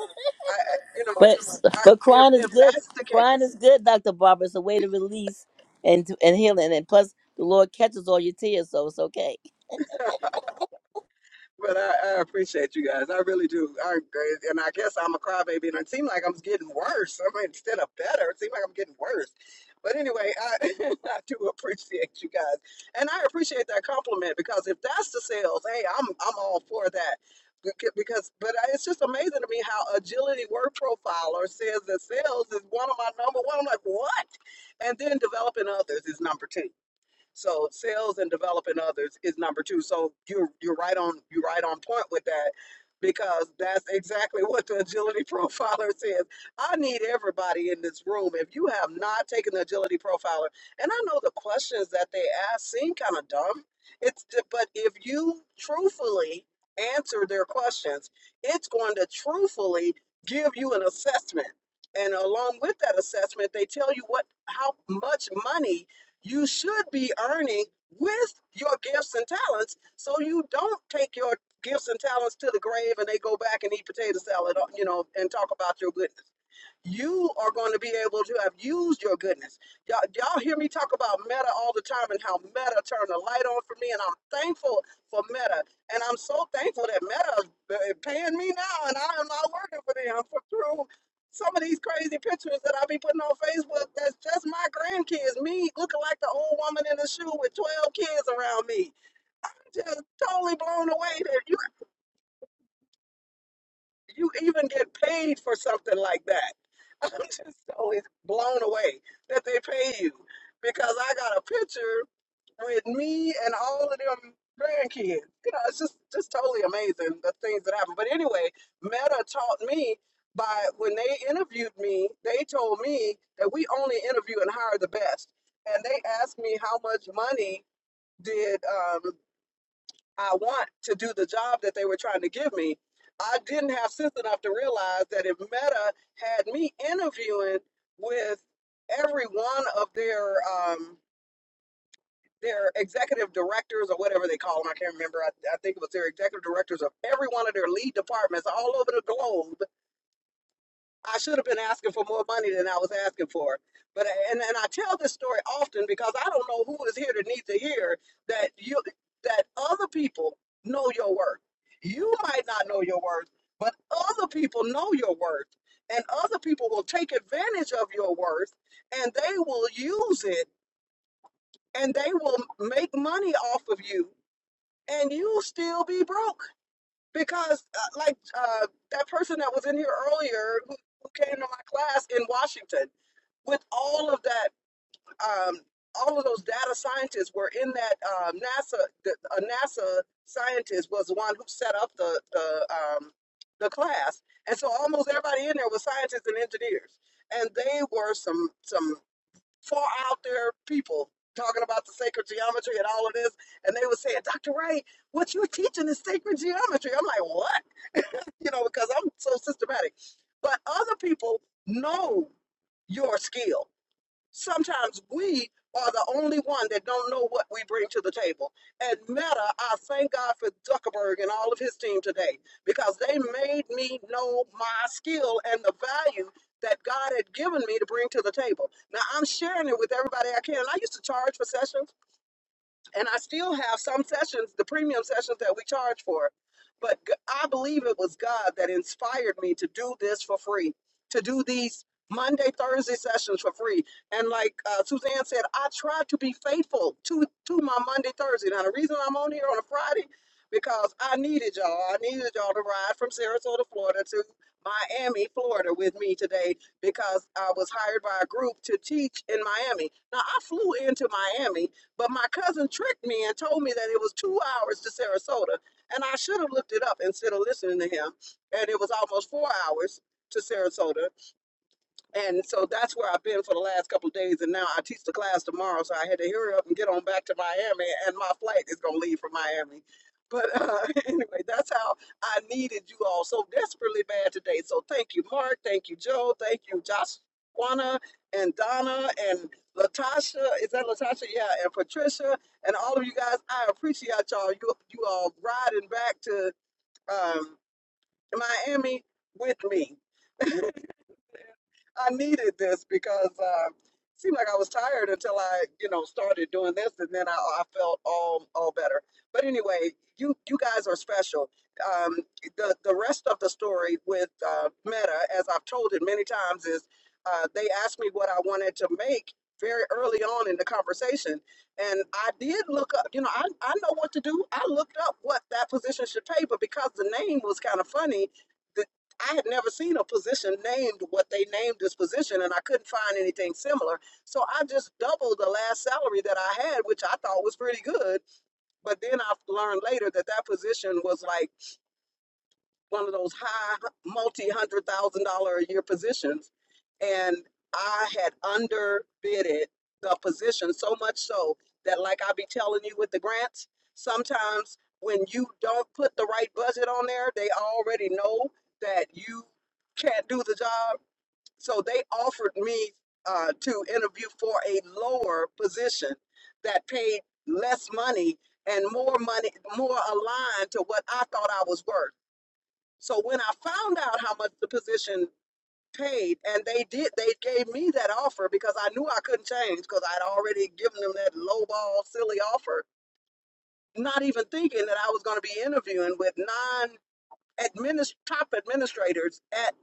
[SPEAKER 1] I, I- you know,
[SPEAKER 3] But
[SPEAKER 1] I,
[SPEAKER 3] but
[SPEAKER 1] if,
[SPEAKER 3] crying is
[SPEAKER 1] if
[SPEAKER 3] good.
[SPEAKER 1] that's the
[SPEAKER 3] Crying
[SPEAKER 1] case,
[SPEAKER 3] is good, Doctor Barbara. It's a way to release and and healing, and plus the Lord catches all your tears, so it's okay.
[SPEAKER 1] But I, I appreciate you guys. I really do. I and I guess I'm a crybaby, and it seemed like I'm getting worse. I mean, instead of better, it seemed like I'm getting worse. But anyway, I, I do appreciate you guys, and I appreciate that compliment because if that's the sales, hey, I'm I'm all for that. Beca- Because, but I- it's just amazing to me how agility work profiler says that sales is one of my number one. I'm like, what? And then developing others is number two. So sales and developing others is number two. So you're you're right on you're right on point with that because that's exactly what the agility profiler says. I need everybody in this room. If you have not taken the agility profiler, and I know the questions that they ask seem kind of dumb. It's but if you truthfully answer their questions, it's going to truthfully give you an assessment. And along with that assessment, they tell you what how much money you should be earning with your gifts and talents so you don't take your gifts and talents to the grave and they go back and eat potato salad, uh, you know, and talk about your goodness you are going to be able to have used your goodness. Y'all, y'all hear me talk about meta all the time and how meta turned the light on for me, and I'm thankful for meta. And I'm so thankful that meta is eh, paying me now, and I am not working for them for through some of these crazy pictures that I be putting on Facebook. That's just my grandkids, me looking like the old woman in the shoe with 12 kids around me. Just totally blown away that you even get paid for something like that. I'm just always blown away that they pay you because I got a picture with me and all of them grandkids. You know, it's just just totally amazing the things that happen. But anyway, Meta taught me by when they interviewed me, they told me that we only interview and hire the best, and they asked me how much money did. Um, I want to do the job that they were trying to give me. I didn't have sense enough to realize that if Meta had me interviewing with every one of their um, their executive directors or whatever they call them, I can't remember. I, I think it was their executive directors of every one of their lead departments all over the globe I should have been asking for more money than I was asking for. But and and I tell this story often because I don't know who is here that needs to hear that you that other people know your worth. You might not know your worth, but other people know your worth. And other people will take advantage of your worth and they will use it and they will make money off of you and you'll still be broke because uh, like uh, that person that was in here earlier who, who came to my class in Washington with all of that um, all of those data scientists were in that um, NASA the, a NASA scientist was the one who set up the the um, the class and so almost everybody in there was scientists and engineers and they were some some far out there people talking about the sacred geometry and all of this and they were saying Dr. Wright what you're teaching is sacred geometry I'm like what you know, because I'm so systematic. But other people know your skill. Sometimes we are the only one that don't know what we bring to the table. And Meta, I thank God for Zuckerberg and all of his team today because they made me know my skill and the value that God had given me to bring to the table. Now I'm sharing it with everybody I can. And I used to charge for sessions and I still have some sessions, the premium sessions that we charge for. But g- I believe it was God that inspired me to do this for free, to do these Monday, Thursday sessions for free. And like uh, Suzanne said, I try to be faithful to to my Monday, Thursday. Now the reason I'm on here on a Friday because I needed y'all. I needed y'all to ride from Sarasota, Florida to Miami, Florida with me today because I was hired by a group to teach in Miami. Now I flew into Miami but my cousin tricked me and told me that it was two hours to Sarasota. And I should have looked it up instead of listening to him. And it was almost four hours to Sarasota. And so that's where I've been for the last couple of days. And now I teach the class tomorrow, so I had to hurry up and get on back to Miami. And my flight is going to leave from Miami. But uh, anyway, that's how I needed you all so desperately bad today. So thank you, Mark. Thank you, Joe. Thank you, Joshua and Donna and Latasha. Is that Latasha? Yeah, and Patricia and all of you guys. I appreciate y'all. You you all riding back to um, Miami with me. I needed this because uh, it seemed like I was tired until I, you know, started doing this, and then I, I felt all all better. But anyway, you you guys are special. Um, the the rest of the story with uh, Meta, as I've told it many times, is uh, they asked me what I wanted to make very early on in the conversation, and I did look up. You know, I I know what to do. I looked up what that position should pay, but because the name was kind of funny. I had never seen a position named what they named this position, and I couldn't find anything similar. So I just doubled the last salary that I had, which I thought was pretty good. But then I learned later that that position was like one of those high multi hundred thousand dollar a year positions and i had underbidded the position so much so that like i be telling you with the grants sometimes when you don't put the right budget on there they already know that you can't do the job so they offered me uh, to interview for a lower position that paid less money and more money more aligned to what i thought i was worth so when I found out how much the position paid, and they did, they gave me that offer because I knew I couldn't change because I'd already given them that lowball, silly offer, not even thinking that I was going to be interviewing with non administ top administrators at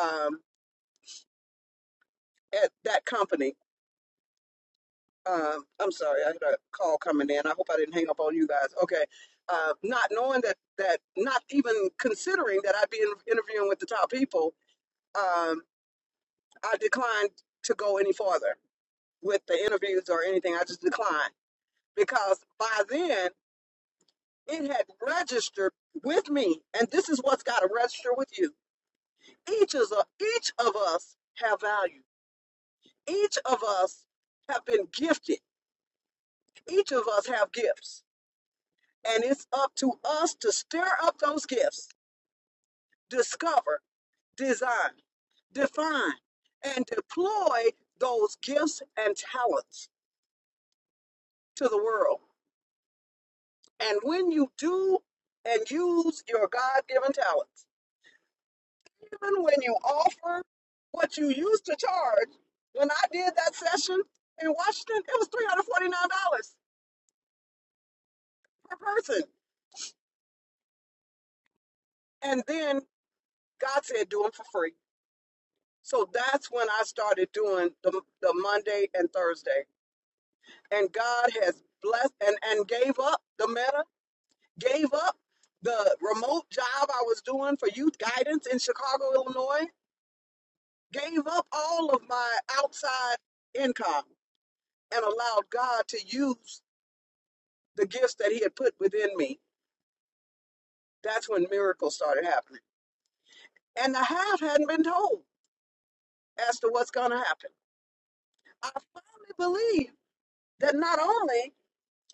[SPEAKER 1] um, at that company. Um, I'm sorry, I had a call coming in. I hope I didn't hang up on you guys. Okay, uh, not knowing that that, not even considering that I'd be in, interviewing with the top people. Um, I declined to go any farther with the interviews or anything. I just declined because by then it had registered with me, and this is what's got to register with you. Each is a, each of us have value. Each of us have been gifted. Each of us have gifts, and it's up to us to stir up those gifts, discover, design, define, and deploy those gifts and talents to the world. And when you do and use your God given talents, even when you offer what you used to charge, when I did that session in Washington, it was $349 per person. And then God said, do them for free. So that's when I started doing the, the Monday and Thursday. And God has blessed and, and gave up the meta, gave up the remote job I was doing for youth guidance in Chicago, Illinois gave up all of my outside income and allowed God to use the gifts that He had put within me, that's when miracles started happening. And the half hadn't been told as to what's going to happen. I finally believe that not only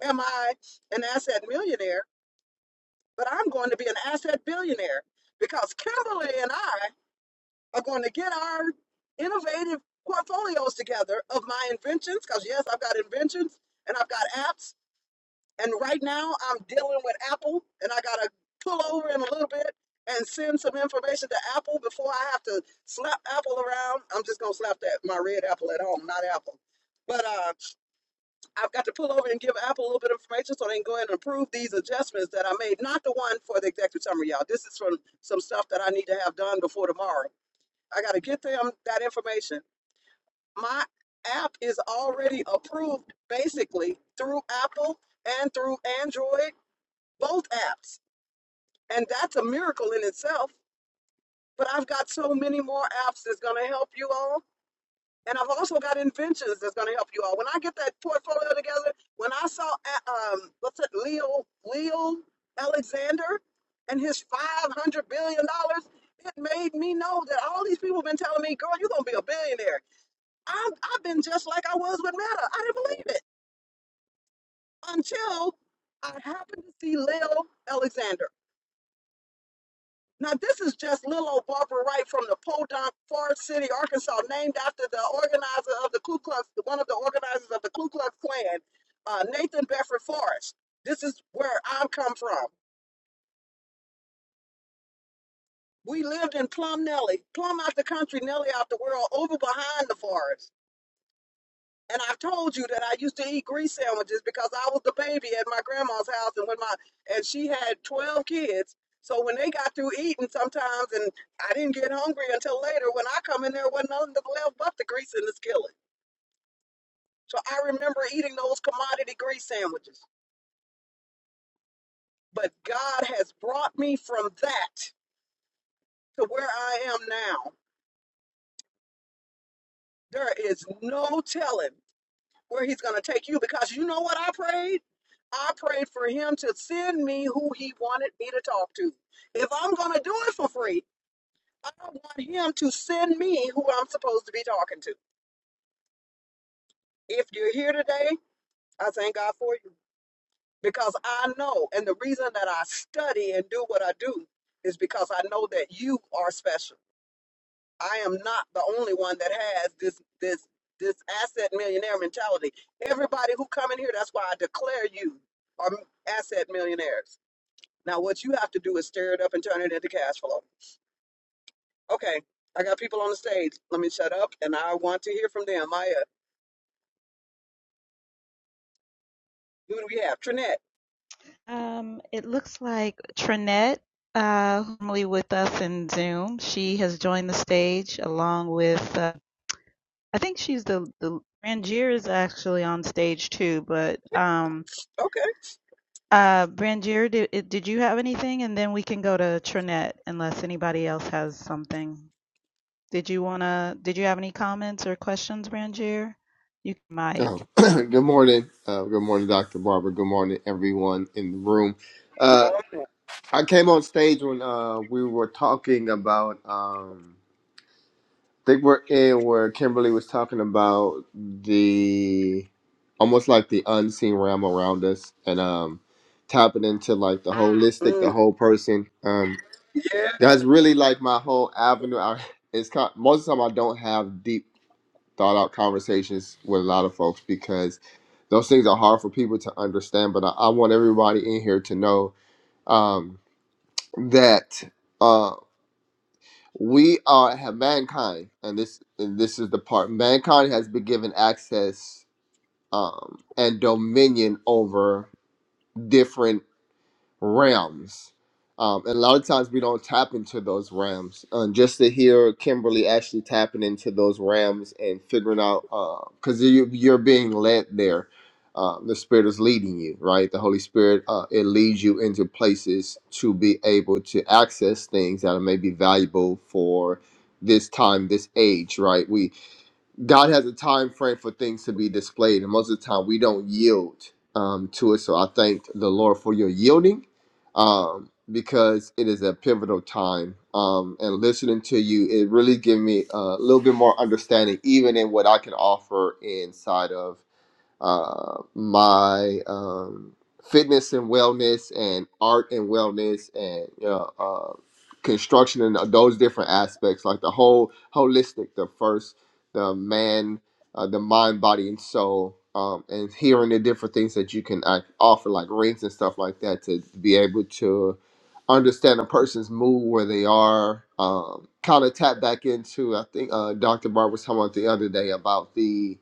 [SPEAKER 1] am I an asset millionaire, but I'm going to be an asset billionaire because Kimberly and I are going to get our innovative portfolios together of my inventions. Because, yes, I've got inventions and I've got apps And right now, I'm dealing with Apple, and I gotta pull over in a little bit and send some information to Apple before I have to slap Apple around. I'm just gonna slap that my red Apple at home, not Apple. But uh, I've got to pull over and give Apple a little bit of information so they can go ahead and approve these adjustments that I made. Not the one for the executive summary, y'all. This is from some stuff that I need to have done before tomorrow. I gotta get them that information. My app is already approved basically through Apple and through Android both apps. And that's a miracle in itself. But I've got so many more apps that's going to help you all. And I've also got inventions that's going to help you all. When I get that portfolio together, when I saw uh, um, what's it, Leo Leo Alexander and his five hundred billion dollars, it made me know that all these people have been telling me, "Girl, you're gonna be a billionaire." I've I've been just like I was with Meta. I didn't believe it until I happened to see Leo Alexander. Now, this is just little old Barbara Wright from the Podunk, Forest City, Arkansas, named after the organizer of the Ku Klux, one of the organizers of the Ku Klux Klan, uh, Nathan Bedford Forrest. This is where I'm come from. We lived in Plum Nelly, plumb out the country, Nelly out the world, over behind the forest. And I've told you that I used to eat grease sandwiches because I was the baby at my grandma's house, and when my and she had twelve kids. So when they got through eating, sometimes, and I didn't get hungry until later. When I come in there, wasn't nothing left but the grease in the skillet. So I remember eating those commodity grease sandwiches. But God has brought me from that to where I am now. There is no telling. where he's going to take you because you know what I prayed? I prayed for him to send me who he wanted me to talk to. If I'm going to do it for free, I want him to send me who I'm supposed to be talking to. If you're here today, I thank God for you because I know, and the reason that I study and do what I do is because I know that you are special. I am not the only one that has this this this asset millionaire mentality. Everybody who come in here, that's why I declare you are m- asset millionaires. Now, what you have to do is stir it up and turn it into cash flow. Okay, I got people on the stage. Let me shut up, and I want to hear from them. Maya, who do we have? Trinette.
[SPEAKER 7] Um, it looks like Trinette, uh, who's normally with us in Zoom, she has joined the stage along with, uh, I think she's the, the Rangier is actually on stage too, but, um,
[SPEAKER 1] Okay.
[SPEAKER 7] Uh, Brangier, did, did you have anything? And then we can go to Trinette unless anybody else has something. Did you wanna, did you have any comments or questions, Brangier? You can
[SPEAKER 10] Oh,
[SPEAKER 7] mic.
[SPEAKER 10] good morning. Uh, good morning, Dr. Barber. Good morning, everyone in the room.
[SPEAKER 1] Good
[SPEAKER 10] Uh,
[SPEAKER 1] morning.
[SPEAKER 10] I came on stage when uh, we were talking about, um, I think we're in where Kimberly was talking about the almost like the unseen realm around us and um, tapping into like the holistic, the
[SPEAKER 1] Mm,
[SPEAKER 10] whole person. Um, that's
[SPEAKER 1] yes.
[SPEAKER 10] really like my whole avenue. I, it's kind most of the time I don't have deep thought out conversations with a lot of folks because those things are hard for people to understand. But I, I want everybody in here to know um, that uh, we are have mankind, and this and this is the part mankind has been given access um, and dominion over different realms. Um, and a lot of times we don't tap into those realms. And just to hear Kimberly actually tapping into those realms and figuring out, because you, you're being led there. Um, the Spirit is leading you, right? The Holy Spirit, uh, it leads you into places to be able to access things that may be valuable for this time, this age, right? We God has a time frame for things to be displayed, and most of the time we don't yield um, to it. So I thank the Lord for your yielding, um, because it is a pivotal time. Um, and listening to you, it really gave me a little bit more understanding, even in what I can offer inside of uh, my um, fitness and wellness and art and wellness and you know, uh, construction and those different aspects, like the whole holistic, the first, the man, uh, the mind, body, and soul. Um, and hearing the different things that you can uh, offer, like rings and stuff like that, to be able to understand a person's mood, where they are, um, kind of tap back into. I think uh, Dr. Barb was talking about the other day about the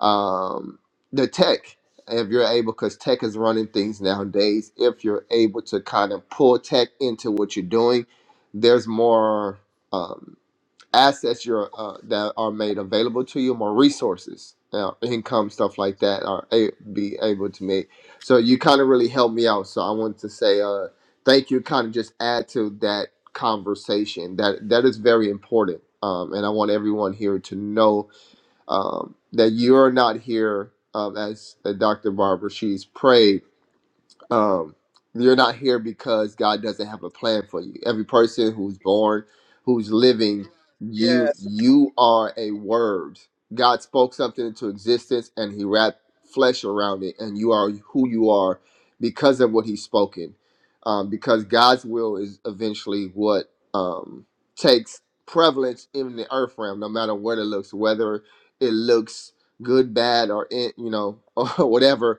[SPEAKER 10] um, the tech if you're able because tech is running things nowadays if you're able to kind of pull tech into what you're doing there's more um, assets you're, uh, that are made available to you more resources uh, income stuff like that are a- be able to make so you kind of really helped me out so i want to say uh, thank you kind of just add to that conversation that that is very important um, and i want everyone here to know um, that you are not here um, as uh, Dr. Barbara she's prayed um, you're not here because God doesn't have a plan for you. Every person who's born, who's living, you
[SPEAKER 1] Yes.
[SPEAKER 10] you are a word. God spoke something into existence and he wrapped flesh around it, and you are who you are because of what he's spoken. Um, because God's will is eventually what um, takes prevalence in the earth realm, no matter what it looks, whether it looks good, bad, or in, you know, or whatever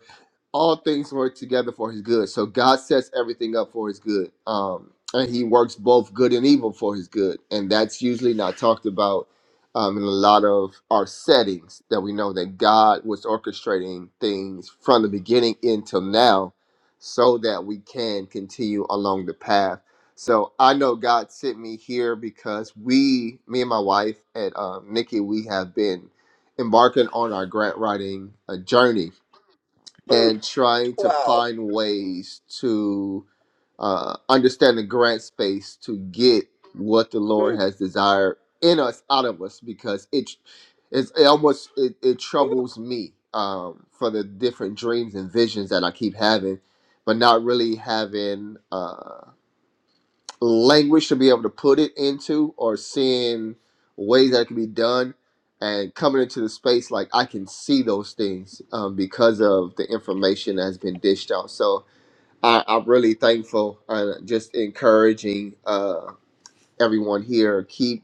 [SPEAKER 10] all things work together for his good. So God sets everything up for his good. Um, and he works both good and evil for his good. And that's usually not talked about um, in a lot of our settings that we know that God was orchestrating things from the beginning until now so that we can continue along the path. So I know God sent me here because we, me and my wife and um, Nikki, we have been embarking on our grant writing uh, journey
[SPEAKER 1] Mm,
[SPEAKER 10] and trying to
[SPEAKER 1] wow.
[SPEAKER 10] find ways to uh, understand the grant space to get what the Lord
[SPEAKER 1] Mm,
[SPEAKER 10] has desired in us, out of us, because it it's, it almost it, it troubles me um, for the different dreams and visions that I keep having, but not really having. uh, language to be able to put it into or seeing ways that it can be done and coming into the space like i can see those things um, because of the information that's been dished out so I, i'm really thankful and just encouraging uh, everyone here keep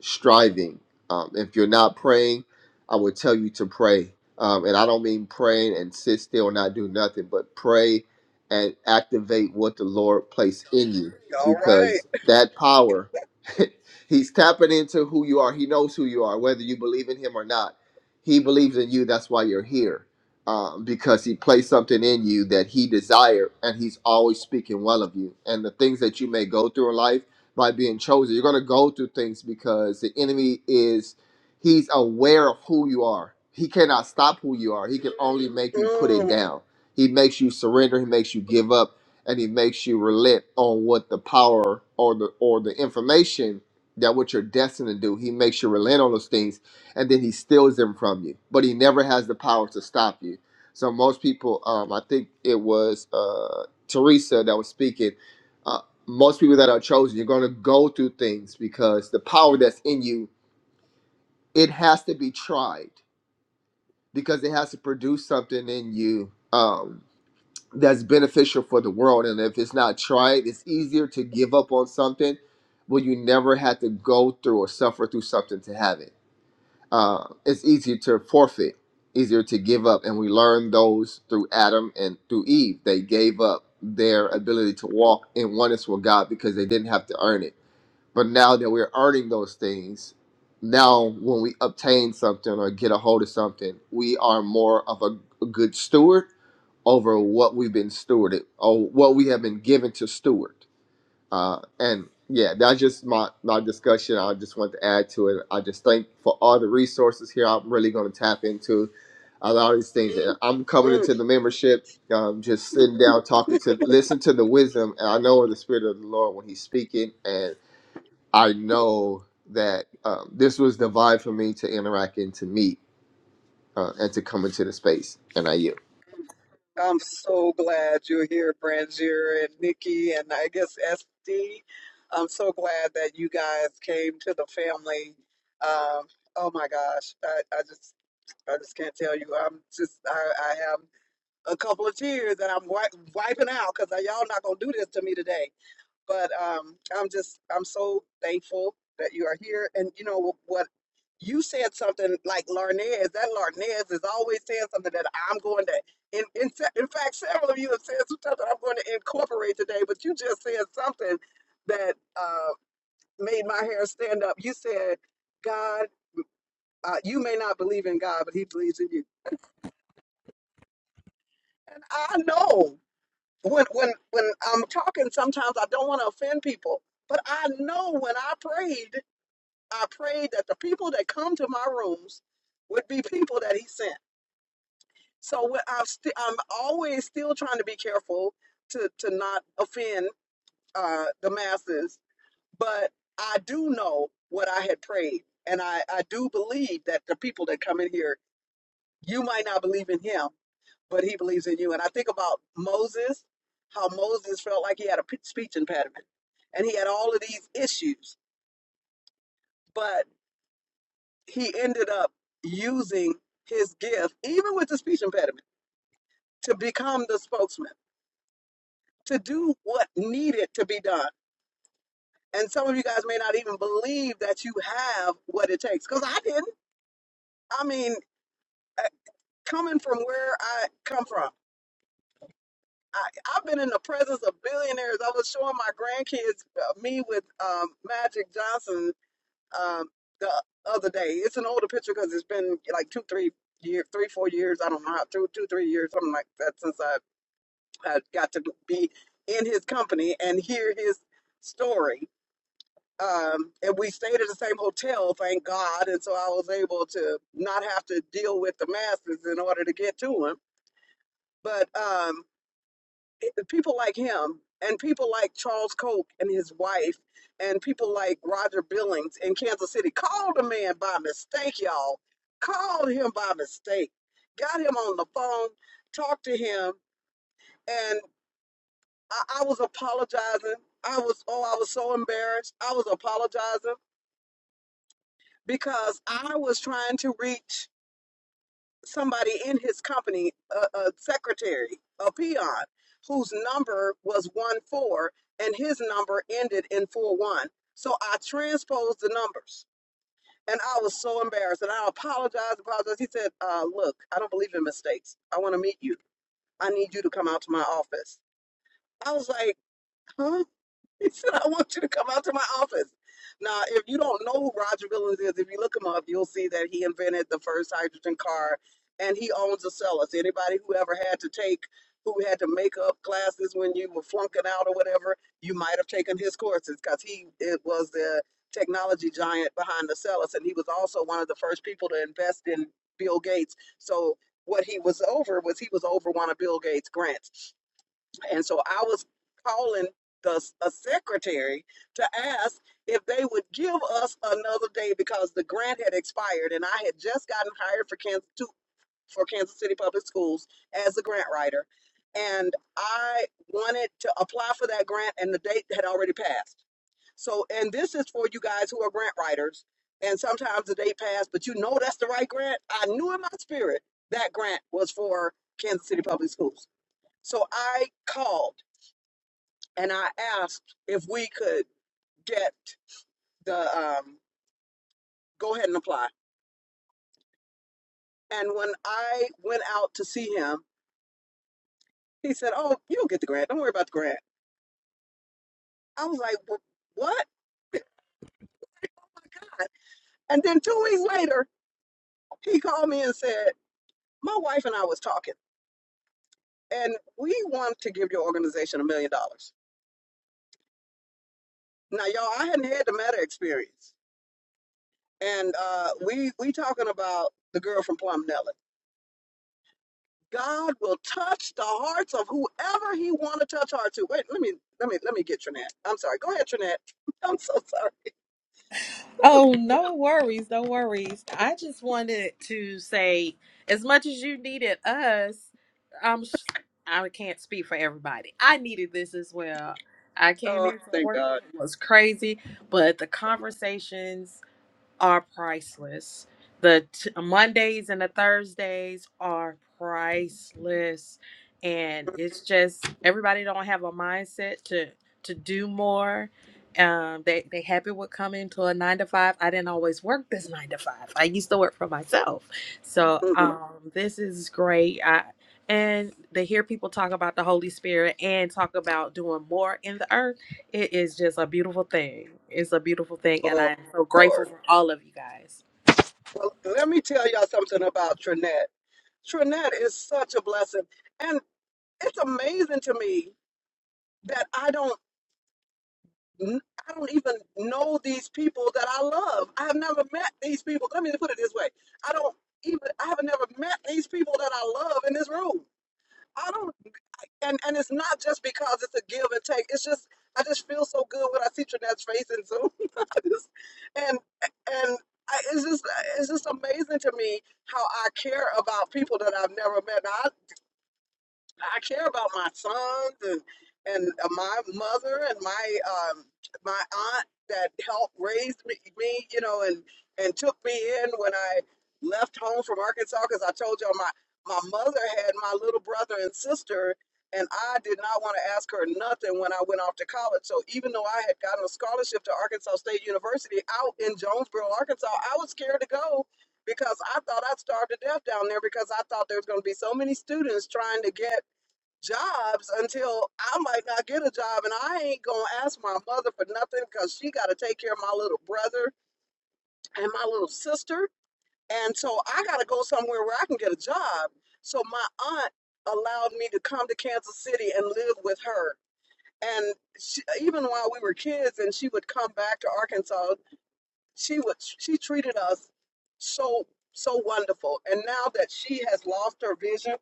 [SPEAKER 10] striving. Um, if you're not praying, I would tell you to pray. Um, and I don't mean praying and sit still and not do nothing, but pray and activate what the Lord placed in you
[SPEAKER 1] all right.
[SPEAKER 10] because that power, He's tapping into who you are. He knows who you are, whether you believe in Him or not. He believes in you. That's why you're here um, because He placed something in you that He desired, and He's always speaking well of you. And the things that you may go through in life, by being chosen. You're going to go through things because the enemy is, he's aware of who you are. He cannot stop who you are. He can only make you put it
[SPEAKER 1] Mm,
[SPEAKER 10] down. He makes you surrender. He makes you give up, and he makes you relent on what the power or the or the information that what you're destined to do. He makes you relent on those things, and then he steals them from you. But he never has the power to stop you. So most people, um, I think it was uh, Teresa that was speaking most people that are chosen, you're going to go through things because the power that's in you, it has to be tried because it has to produce something in you um, that's beneficial for the world. And if it's not tried, it's easier to give up on something where you never had to go through or suffer through something to have it. Uh, it's easier to forfeit, easier to give up. And we learned those through Adam and through Eve. They gave up their ability to walk in oneness with God because they didn't have to earn it But now that we're earning those things, now when we obtain something or get a hold of something, we are more of a, a good steward over what we've been stewarded or what we have been given to steward. Uh, and yeah, that's just my, my discussion. I just want to add to it. I just thank for all the resources here. I'm really going to tap into a lot of these things. And I'm coming
[SPEAKER 1] mm.
[SPEAKER 10] into the membership, um, just sitting down, talking to, listen to the wisdom. And I know in the spirit of the Lord when He's speaking. and. I know that um, this was the vibe for me to interact and to meet uh, and to come into the space. And I yield.
[SPEAKER 1] I'm so glad you're here, Brangier and Nikki, and I guess SD. I'm so glad that you guys came to the family. Um, oh my gosh, I, I just I just can't tell you. I'm just I, I have a couple of tears that I'm wi- wiping out because y'all not gonna do this to me today but um, I'm just I'm so thankful that you are here. And you know wh- what? You said something like Larnez. That Larnez is always saying something that I'm going to. In, in, fa- in fact, several of you have said some stuff that I'm going to incorporate today. But you just said something that uh, made my hair stand up. You said, "God, uh, you may not believe in God, but He believes in you." I know when when when I'm talking, sometimes I don't want to offend people, but I know when I prayed I prayed that the people that come to my rooms would be people that he sent. So what I've st- I'm always still trying to be careful to, to not offend uh, the masses, but I do know what I had prayed. And I, I do believe that the people that come in here, you might not believe in him, but he believes in you. And I think about Moses, how Moses felt like he had a p- speech impediment and he had all of these issues. But he ended up using his gift, even with the speech impediment, to become the spokesman, to do what needed to be done. And some of you guys may not even believe that you have what it takes, because I didn't. I mean, uh, coming from where I come from, I, I've been in the presence of billionaires. I was showing my grandkids uh, me with um, Magic Johnson um, the other day. It's an older picture because it's been like two, three years, three, four years. I don't know how, two, two, three years, something like that since I I got to be in his company and hear his story. Um, and we stayed at the same hotel, thank God. And so I was able to not have to deal with the masses in order to get to him. But um, it, people like him and people like Charles Koch and his wife and people like Roger Billings in Kansas City called the man by mistake, y'all. Called him by mistake. Got him on the phone, talked to him, and. I, I was apologizing. I was, oh, I was so embarrassed. I was apologizing because I was trying to reach somebody in his company, a, a secretary, a peon, whose number was 1 4 and his number ended in 4 1. So I transposed the numbers and I was so embarrassed and I apologized. apologized. He said, uh, Look, I don't believe in mistakes. I want to meet you. I need you to come out to my office. I was like, huh? He said, I want you to come out to my office. Now, if you don't know who Roger Billings is, if you look him up, you'll see that he invented the first hydrogen car and he owns a Cellus. Anybody who ever had to take, who had to make up classes when you were flunking out or whatever, you might have taken his courses because he it was the technology giant behind the Cellus. And he was also one of the first people to invest in Bill Gates. So what he was over was he was over one of Bill Gates' grants. And so I was calling the s- a secretary to ask if they would give us another day because the grant had expired and I had just gotten hired for Kansas to, for Kansas City Public Schools as a grant writer. And I wanted to apply for that grant and the date had already passed. So and this is for you guys who are grant writers and sometimes the date passed, but you know that's the right grant. I knew in my spirit that grant was for Kansas City Public Schools. So I called and I asked if we could get the um, go ahead and apply. And when I went out to see him, he said, "Oh, you'll get the grant. Don't worry about the grant." I was like, "Wh- "What?" And then two weeks later, he called me and said, "My wife and I was talking, and we want to give your organization a million dollars." Now, y'all, I hadn't had the meta experience, and uh, we we talking about the girl from Plum Nellis. God will touch the hearts of whoever He want to touch heart to. Wait, let me let me let me get Trinette. I'm sorry. Go ahead, Trinette. I'm so sorry.
[SPEAKER 11] Oh, no worries, no worries. I just wanted to say, as much as you needed us, I'm s- I can't speak for everybody. I needed this as well. I came
[SPEAKER 1] Oh,
[SPEAKER 11] in from
[SPEAKER 1] thank
[SPEAKER 11] work;
[SPEAKER 1] God.
[SPEAKER 11] it was crazy, but the conversations are priceless. The t- Mondays and the Thursdays are priceless, and it's just everybody don't have a mindset to to do more. Um, they they happy with coming to a nine to five. I didn't always work this nine to five. I used to work for myself, so
[SPEAKER 1] Mhm.
[SPEAKER 11] um, this is great. I and to hear people talk about the Holy Spirit and talk about doing more in the earth it is just a beautiful thing. It's a beautiful thing, and
[SPEAKER 1] Oh,
[SPEAKER 11] I am so grateful
[SPEAKER 1] Lord.
[SPEAKER 11] for all of you guys.
[SPEAKER 1] Well, let me tell y'all something about Trinette. Trinette is such a blessing, and it's amazing to me that I don't. I don't even know these people that I love. I have never met these people. Let me put it this way: I don't even. I have never met these people that I love in this room. I don't. and and it's not just because it's a give and take. It's just I just feel so good when I see Trinette's face in Zoom, I just- and and I, it's just it's just amazing to me how I care about people that I've never met. Now, I. I care about my sons and and uh, my mother and my um, my aunt that helped raise me, me, you know, and and took me in when I left home from Arkansas because I told y'all my my mother had my little brother and sister. And I did not want to ask her nothing when I went off to college. So even though I had gotten a scholarship to Arkansas State University out in Jonesboro, Arkansas, I was scared to go because I thought I'd starve to death down there because I thought there was going to be so many students trying to get jobs until I might not get a job. And I ain't going to ask my mother for nothing because she got to take care of my little brother and my little sister. And so I got to go somewhere where I can get a job. So my aunt allowed me to come to Kansas City and live with her. And she, even while we were kids and she would come back to Arkansas, she would she treated us so so wonderful. And now that she has lost her vision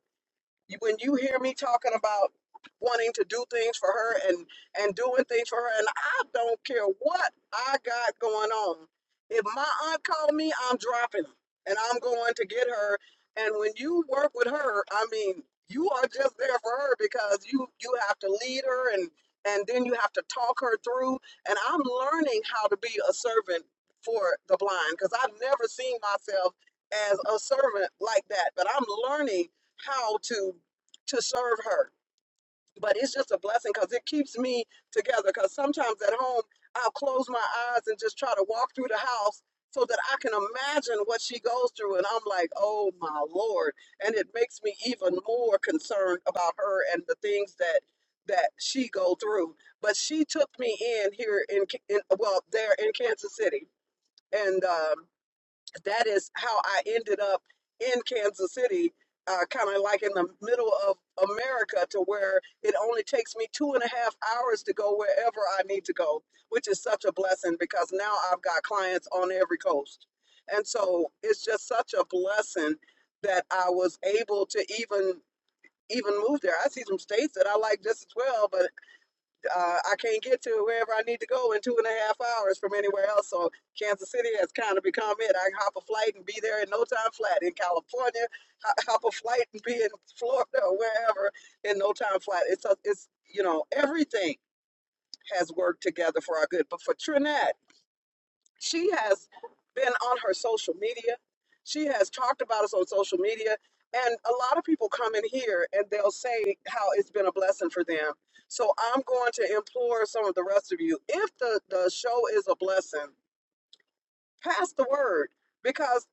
[SPEAKER 1] you- When you hear me talking about wanting to do things for her and and doing things for her, and I don't care what I got going on. If my aunt called me, I'm dropping her and I'm going to get her. And when you work with her, I mean, you are just there for her because you you have to lead her and and then you have to talk her through. And I'm learning how to be a servant for the blind because I've never seen myself as a servant like that. But I'm learning how to to serve her. But it's just a blessing because it keeps me together. Because sometimes at home, I'll close my eyes and just try to walk through the house so that I can imagine what she goes through. And I'm like, oh my Lord. And it makes me even more concerned about her and the things that that she go through. But she took me in here in, K- in well, there in Kansas City. And um, that is how I ended up in Kansas City, uh, kind of like in the middle of America, to where it only takes me two and a half hours to go wherever I need to go, which is such a blessing because now I've got clients on every coast. And so it's just such a blessing that I was able to even even move there. I see some states that I like just as well, but uh, I can't get to wherever I need to go in two and a half hours from anywhere else. So Kansas City has kind of become it. I can hop a flight and be there in no time flat. In California, hop a flight and be in Florida or wherever in no time flat. It's a, it's you know everything has worked together for our good. But for Trinette she has been on her social media. She has talked about us on social media. And a lot of people come in here and they'll say how it's been a blessing for them. So I'm going to implore some of the rest of you if the, the show is a blessing, pass the word because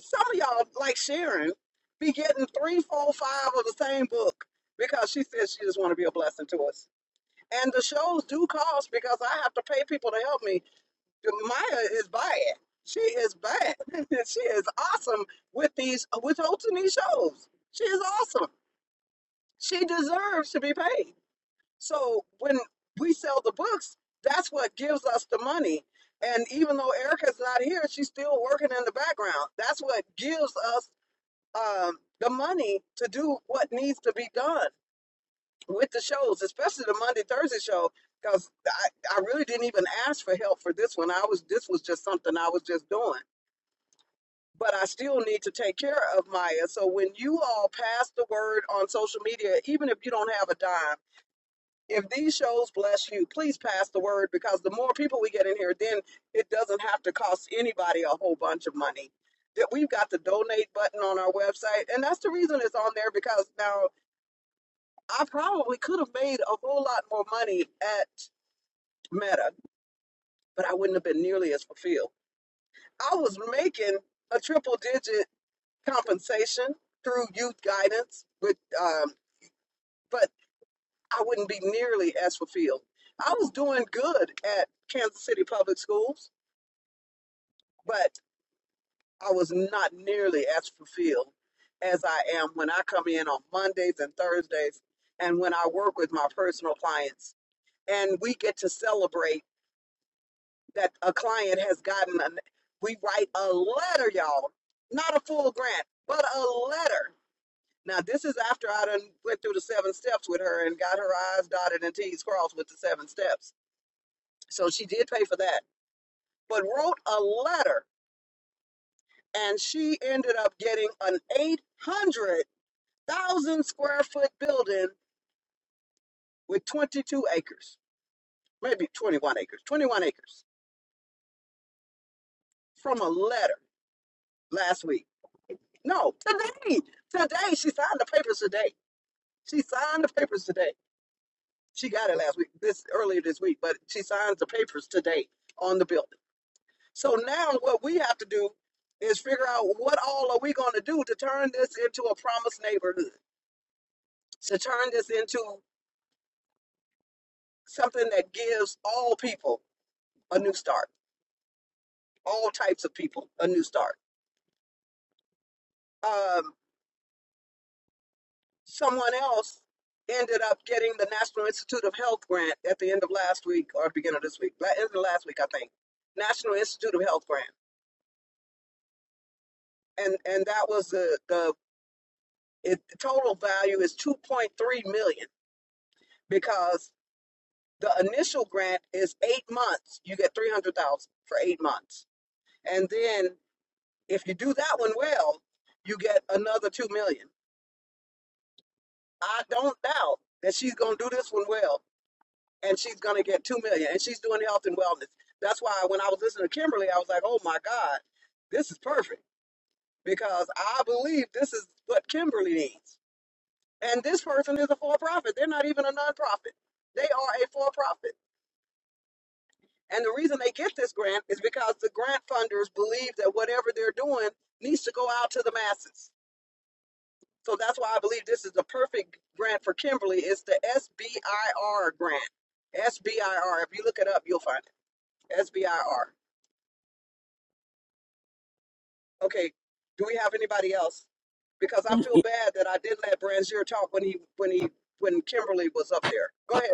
[SPEAKER 1] some of y'all, like Sharon, be getting three, four, five of the same book because she says she just want to be a blessing to us. And the shows do cost because I have to pay people to help me Maya is bad. She is bad. she is awesome with these with hosting these shows. She is awesome. She deserves to be paid. So when we sell the books, that's what gives us the money. And even though Erica's not here, she's still working in the background. That's what gives us um, the money to do what needs to be done with the shows, especially the Monday Thursday show. Because I, I really didn't even ask for help for this one. I was this was just something I was just doing but I still need to take care of Maya. So when you all pass the word on social media, even if you don't have a dime, if these shows bless you, please pass the word because the more people we get in here, then it doesn't have to cost anybody a whole bunch of money. That we've got the donate button on our website, and that's the reason it's on there because now I probably could have made a whole lot more money at Meta, but I wouldn't have been nearly as fulfilled. I was making a triple digit compensation through youth guidance with um, but i wouldn't be nearly as fulfilled i was doing good at kansas city public schools but i was not nearly as fulfilled as i am when i come in on mondays and thursdays and when i work with my personal clients and we get to celebrate that a client has gotten an we write a letter y'all not a full grant but a letter Now, this is after I done went through the seven steps with her and got her I's dotted and T's crossed with the seven steps. So she did pay for that, but wrote a letter and she ended up getting an 800,000 square foot building with 22 acres, maybe 21 acres, 21 acres from a letter last week. No, today, today, she signed the papers today. She signed the papers today. She got it last week, this earlier this week, but she signs the papers today on the building. So now what we have to do is figure out what all are we going to do to turn this into a promised neighborhood, to turn this into something that gives all people a new start, all types of people a new start. Um, someone else ended up getting the National Institute of Health grant at the end of last week or beginning of this week, la- end of last week, I think. National Institute of Health grant, and and that was the the it, the total value is 2.3 million because The initial grant is eight months. You get 300,000 for eight months. And then if you do that one well, you get another 2 million. dollars. I don't doubt that she's going to do this one well and she's going to get 2 million dollars, and she's doing health and wellness. That's why when I was listening to Kimberly, I was like, "Oh my god, this is perfect because I believe this is what Kimberly needs." And this person is a for-profit. They're not even a nonprofit. They are a for-profit. And the reason they get this grant is because the grant funders believe that whatever they're doing needs to go out to the masses. So that's why I believe this is the perfect grant for Kimberly. It's the SBIR grant. SBIR. If you look it up, you'll find it. SBIR. Okay. Do we have anybody else? Because I feel bad that I did let Branzier talk when he when he when Kimberly was up there. Go ahead.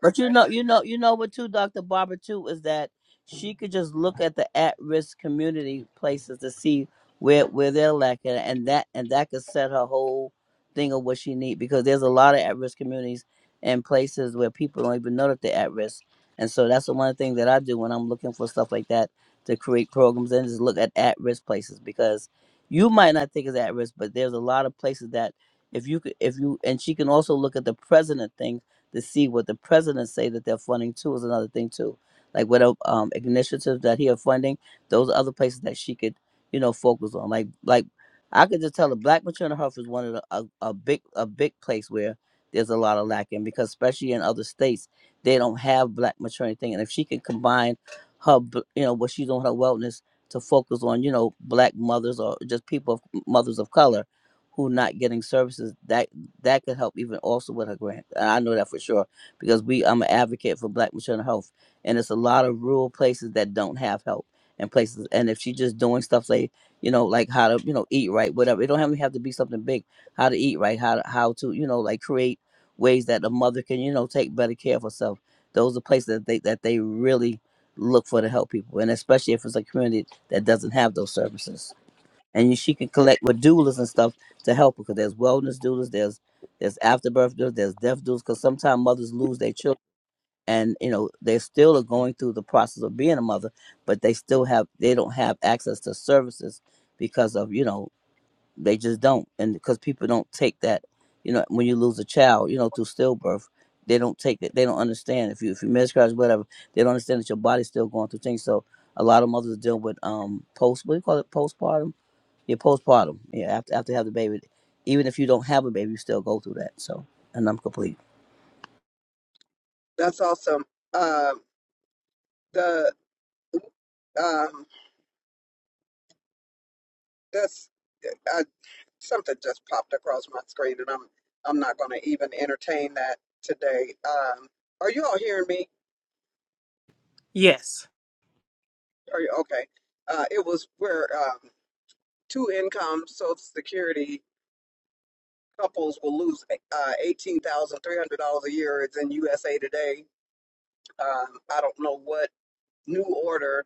[SPEAKER 3] But you know, you know, you know what too, Dr. Barbara too, is that she could just look at the at risk community places to see where where they're lacking and that and that could set her whole thing of what she need because there's a lot of at risk communities and places where people don't even know that they're at risk. And so that's the one thing that I do when I'm looking for stuff like that to create programs and just look at at risk places because you might not think it's at risk, but there's a lot of places that if you could if you and she can also look at the present things to see what the president say that they're funding too is another thing too. Like what um initiatives that he are funding, those are other places that she could, you know, focus on. Like like I could just tell the Black maternal health is one of the a, a big a big place where there's a lot of lacking because especially in other states they don't have Black maternity thing. And if she can combine her, b- you know, what she's doing her wellness to focus on, you know, Black mothers or just people of mothers of color who not getting services. that that could help even also with her grant. And I know that for sure because we I'm an advocate for Black maternal health, and it's a lot of rural places that don't have help and places. And if she's just doing stuff like you know like how to you know eat right, whatever. It don't have, have to be something big. How to eat right, how to how to you know like create ways that the mother can you know take better care of herself. Those are places that they that they really look for to help people, and especially if it's a community that doesn't have those services and you, she can collect with doulas and stuff to help her because there's wellness doulas, there's there's afterbirth doulas, there's death doulas because sometimes mothers lose their children and you know they still are going through the process of being a mother, but they still have they don't have access to services because of you know they just don't and because people don't take that you know when you lose a child you know through stillbirth they don't take it they don't understand if you if you miscarriage whatever they don't understand that your body's still going through things so a lot of mothers are dealing with um post what do you call it postpartum yeah, postpartum. Yeah, after after you have the baby, even if you don't have a baby, you still go through that. So, and I'm complete.
[SPEAKER 1] That's awesome. Um, the um, that's. I, something just popped across my screen, and I'm I'm not going to even entertain that today. Um, are you all hearing me?
[SPEAKER 8] Yes.
[SPEAKER 1] Are you okay? Uh, it was where um, two income Social Security couples will lose uh, eighteen thousand three hundred dollars a year. It's in USA Today. Um, I don't know what. new order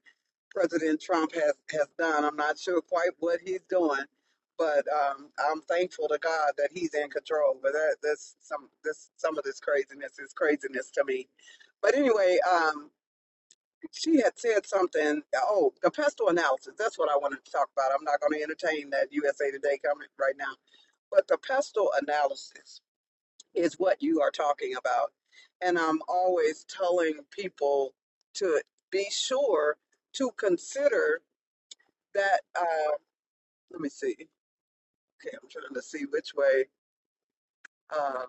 [SPEAKER 1] President Trump has, has done. I'm not sure quite what he's doing, but um, I'm thankful to God that he's in control. But that, that's some this some of this craziness is craziness to me. But anyway, um, she had said something. Oh, the pestle analysis. That's what I wanted to talk about. I'm not going to entertain that USA Today comment right now. But the pestle analysis is what you are talking about. And I'm always telling people to be sure to consider that. Uh, let me see. Okay, I'm trying to see which way. Uh,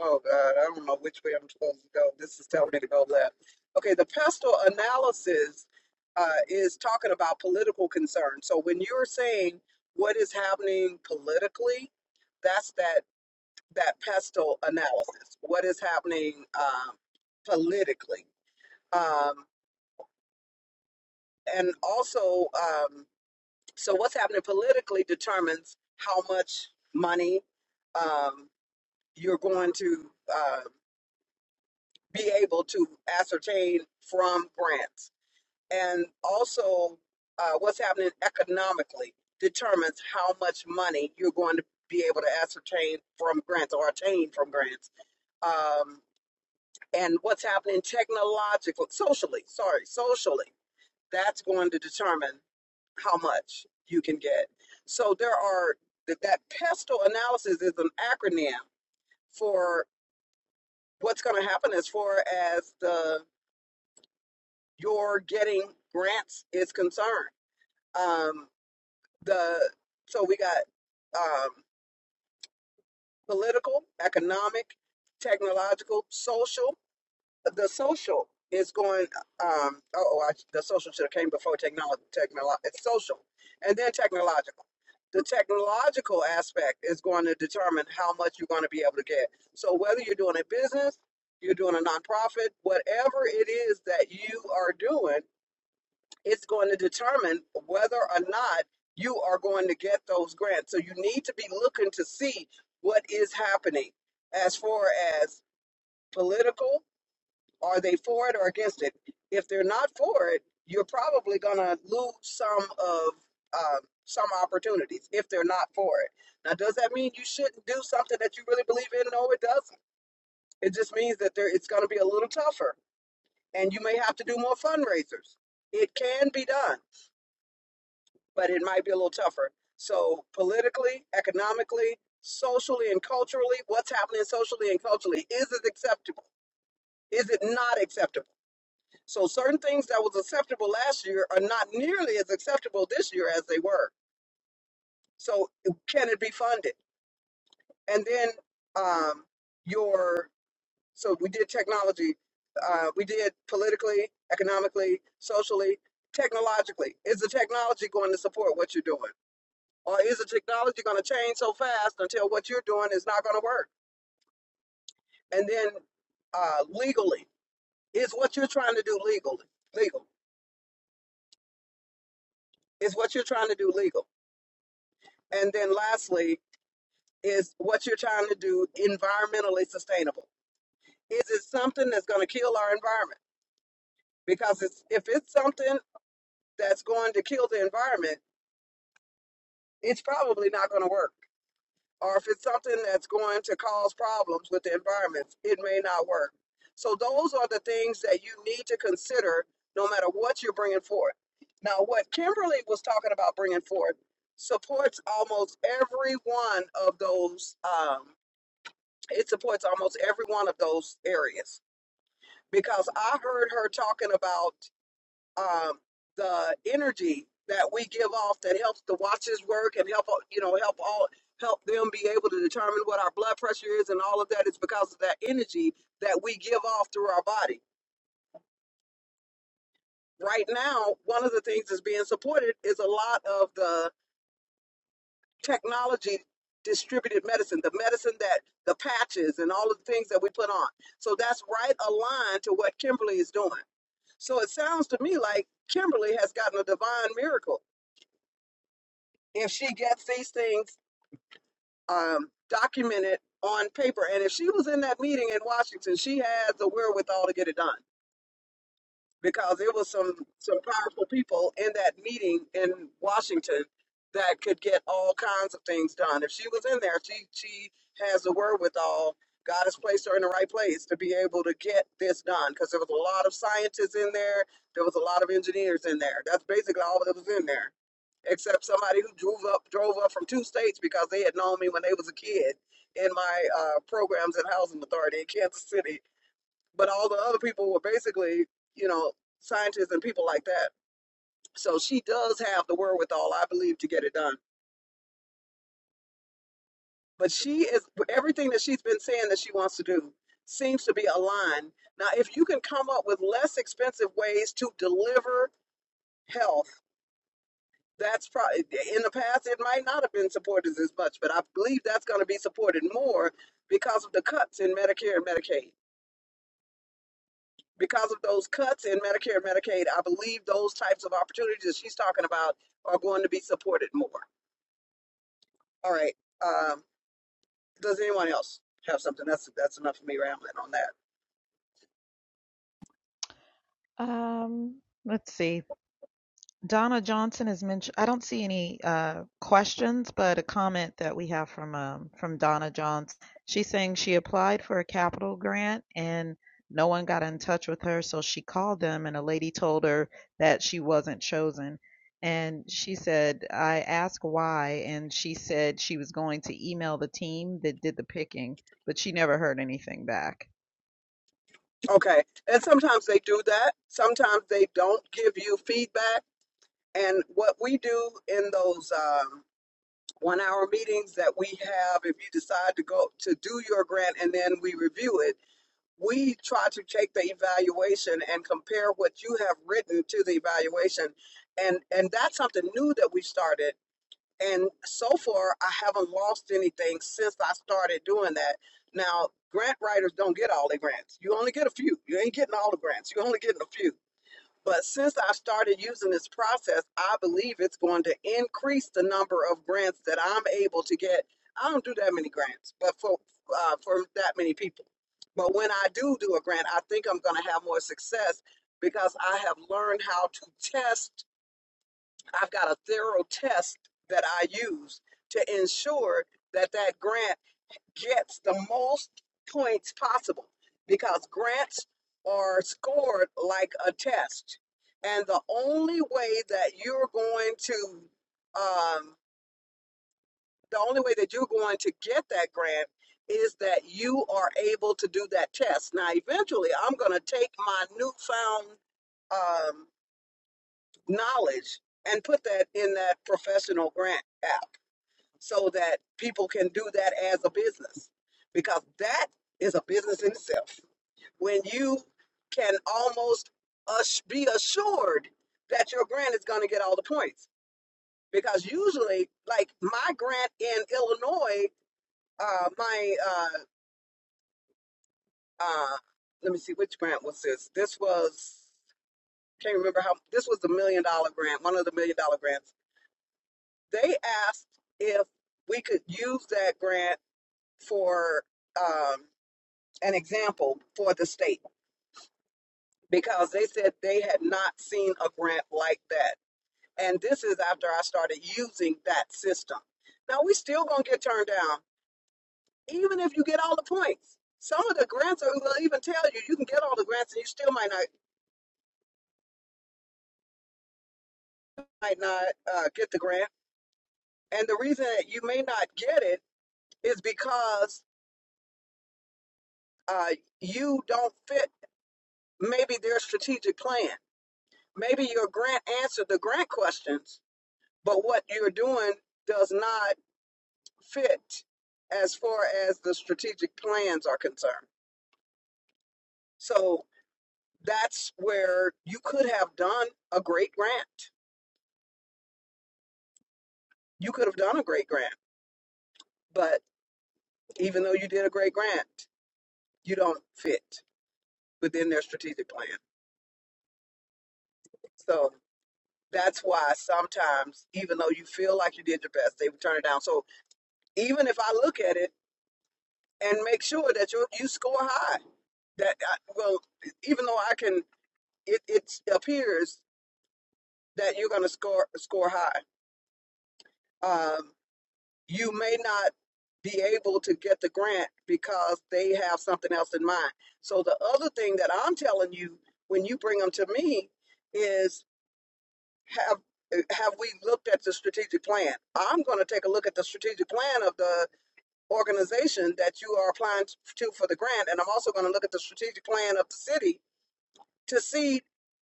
[SPEAKER 1] oh, God, I don't know which way I'm supposed to go. This is telling me to go left. Okay, the pestle analysis uh, is talking about political concerns. So when you're saying what is happening politically, that's that. that pestle analysis, what is happening um, politically. Um, and also, um, so what's happening politically determines how much money um, you're going to uh, be able to ascertain from grants. And also, uh, what's happening economically determines how much money you're going to be able to ascertain from grants or attain from grants. Um, and what's happening technologically, socially, sorry, socially, that's going to determine how much you can get. So there are that, that pestle analysis is an acronym for what's going to happen as far as the your getting grants is concerned. Um, the so we got um, political, economic, technological, social. the social is going um oh I, the social should have came before technology technolo- it's social and then technological the technological aspect is going to determine how much you're going to be able to get so whether you're doing a business you're doing a nonprofit whatever it is that you are doing it's going to determine whether or not you are going to get those grants so you need to be looking to see what is happening as far as political are they for it or against it? If they're not for it, you're probably going to lose some of um, some opportunities if they're not for it. Now, does that mean you shouldn't do something that you really believe in? No, it doesn't. It just means that there, it's going to be a little tougher, and you may have to do more fundraisers. It can be done, but it might be a little tougher. So, politically, economically, socially, and culturally, what's happening socially and culturally? Is it acceptable? Is it not acceptable? So certain things that was acceptable last year are not nearly as acceptable this year as they were. So can it be funded? And then um, your so we did technology, uh, we did politically, economically, socially, technologically. Is the technology going to support what you're doing, or is the technology going to change so fast until what you're doing is not going to work? And then uh, legally, is what you're trying to do legal? Legal is what you're trying to do legal. And then lastly, Is what you're trying to do environmentally sustainable? Is it something that's going to kill our environment? Because it's, if it's something that's going to kill the environment, it's probably not going to work. Or if it's something that's going to cause problems with the environment, it may not work. So those are the things that you need to consider no matter what you're bringing forth. Now, what Kimberly was talking about bringing forth supports almost every one of those. Um, it supports almost every one of those areas because I heard her talking about um, the energy that we give off that helps the watches work and help you know help all help them be able to determine what our blood pressure is and all of that is because of that energy that we give off through our body. Right now, one of the things that's being supported is a lot of the technology distributed medicine, the medicine that the patches and all of the things that we put on. So that's right aligned to what Kimberly is doing. So it sounds to me like Kimberly has gotten a divine miracle if she gets these things um, documented on paper. And if she was in that meeting in Washington, she has the wherewithal to get it done. because it was some some powerful people in that meeting in Washington that could get all kinds of things done. If she was in there, she she has the wherewithal. God has placed her in the right place to be able to get this done because there was a lot of scientists in there. There was a lot of engineers in there. That's basically all that was in there, except somebody who drove up drove up from two states because they had known me when they was a kid in my uh, programs at Housing Authority in Kansas City but all the other people were basically, you know, scientists and people like that. So she does have the wherewithal, I believe, to get it done. But she is everything that she's been saying that she wants to do seems to be aligned. Now, if you can come up with less expensive ways to deliver health, that's probably in the past it might not have been supported as much, but I believe that's going to be supported more because of the cuts in Medicare and Medicaid. because of those cuts in Medicare and Medicaid, I believe those types of opportunities that she's talking about are going to be supported more. All right. Um, does anyone else have something? That's that's enough of me rambling on that.
[SPEAKER 7] Um, let's see. Donna Johnson has mentioned, I don't see any uh, questions, but a comment that we have from um, from Donna Johnson. She's saying she applied for a capital grant and no one got in touch with her, so she called them and a lady told her that she wasn't chosen. And she said, I asked why, and she said she was going to email the team that did the picking, but she never heard anything back.
[SPEAKER 1] Okay. And sometimes they do that. Sometimes they don't give you feedback. And what we do in those um, one hour meetings that we have, if you decide to go to do your grant and then we review it, we try to take the evaluation and compare what you have written to the evaluation. And, and that's something new that we started. And so far, I haven't lost anything since I started doing that. Now, grant writers don't get all their grants. You only get a few. You ain't getting all the grants. you only getting a few. But since I started using this process, I believe it's going to increase the number of grants that I'm able to get. I don't do that many grants, but for uh, for that many people. But when I do do a grant, I think I'm going to have more success because I have learned how to test I've got a thorough test that I use to ensure that that grant gets the most points possible because grants are scored like a test. And the only way that you're going to, um, the only way that you're going to get that grant is that you are able to do that test. Now, eventually, I'm going to take my newfound um, knowledge and put that in that professional grant app so that people can do that as a business because that is a business in itself when you can almost us- be assured that your grant is going to get all the points because usually like my grant in illinois uh my uh uh let me see which grant was this this was can't remember how this was the million dollar grant one of the million dollar grants they asked if we could use that grant for um, an example for the state because they said they had not seen a grant like that. And this is after I started using that system. Now we still gonna get turned down, even if you get all the points. Some of the grants are will even tell you you can get all the grants and you still might not might not uh, get the grant. And the reason that you may not get it is because uh, you don't fit maybe their strategic plan. Maybe your grant answered the grant questions, but what you're doing does not fit as far as the strategic plans are concerned. So that's where you could have done a great grant. You could have done a great grant, but even though you did a great grant, you don't fit within their strategic plan. So that's why sometimes, even though you feel like you did your best, they would turn it down. So even if I look at it, and make sure that you you score high. That I, well, even though I can, it, it appears that you're going to score score high. Um, you may not be able to get the grant because they have something else in mind. So the other thing that I'm telling you when you bring them to me is have have we looked at the strategic plan? I'm going to take a look at the strategic plan of the organization that you are applying to for the grant. And I'm also going to look at the strategic plan of the city to see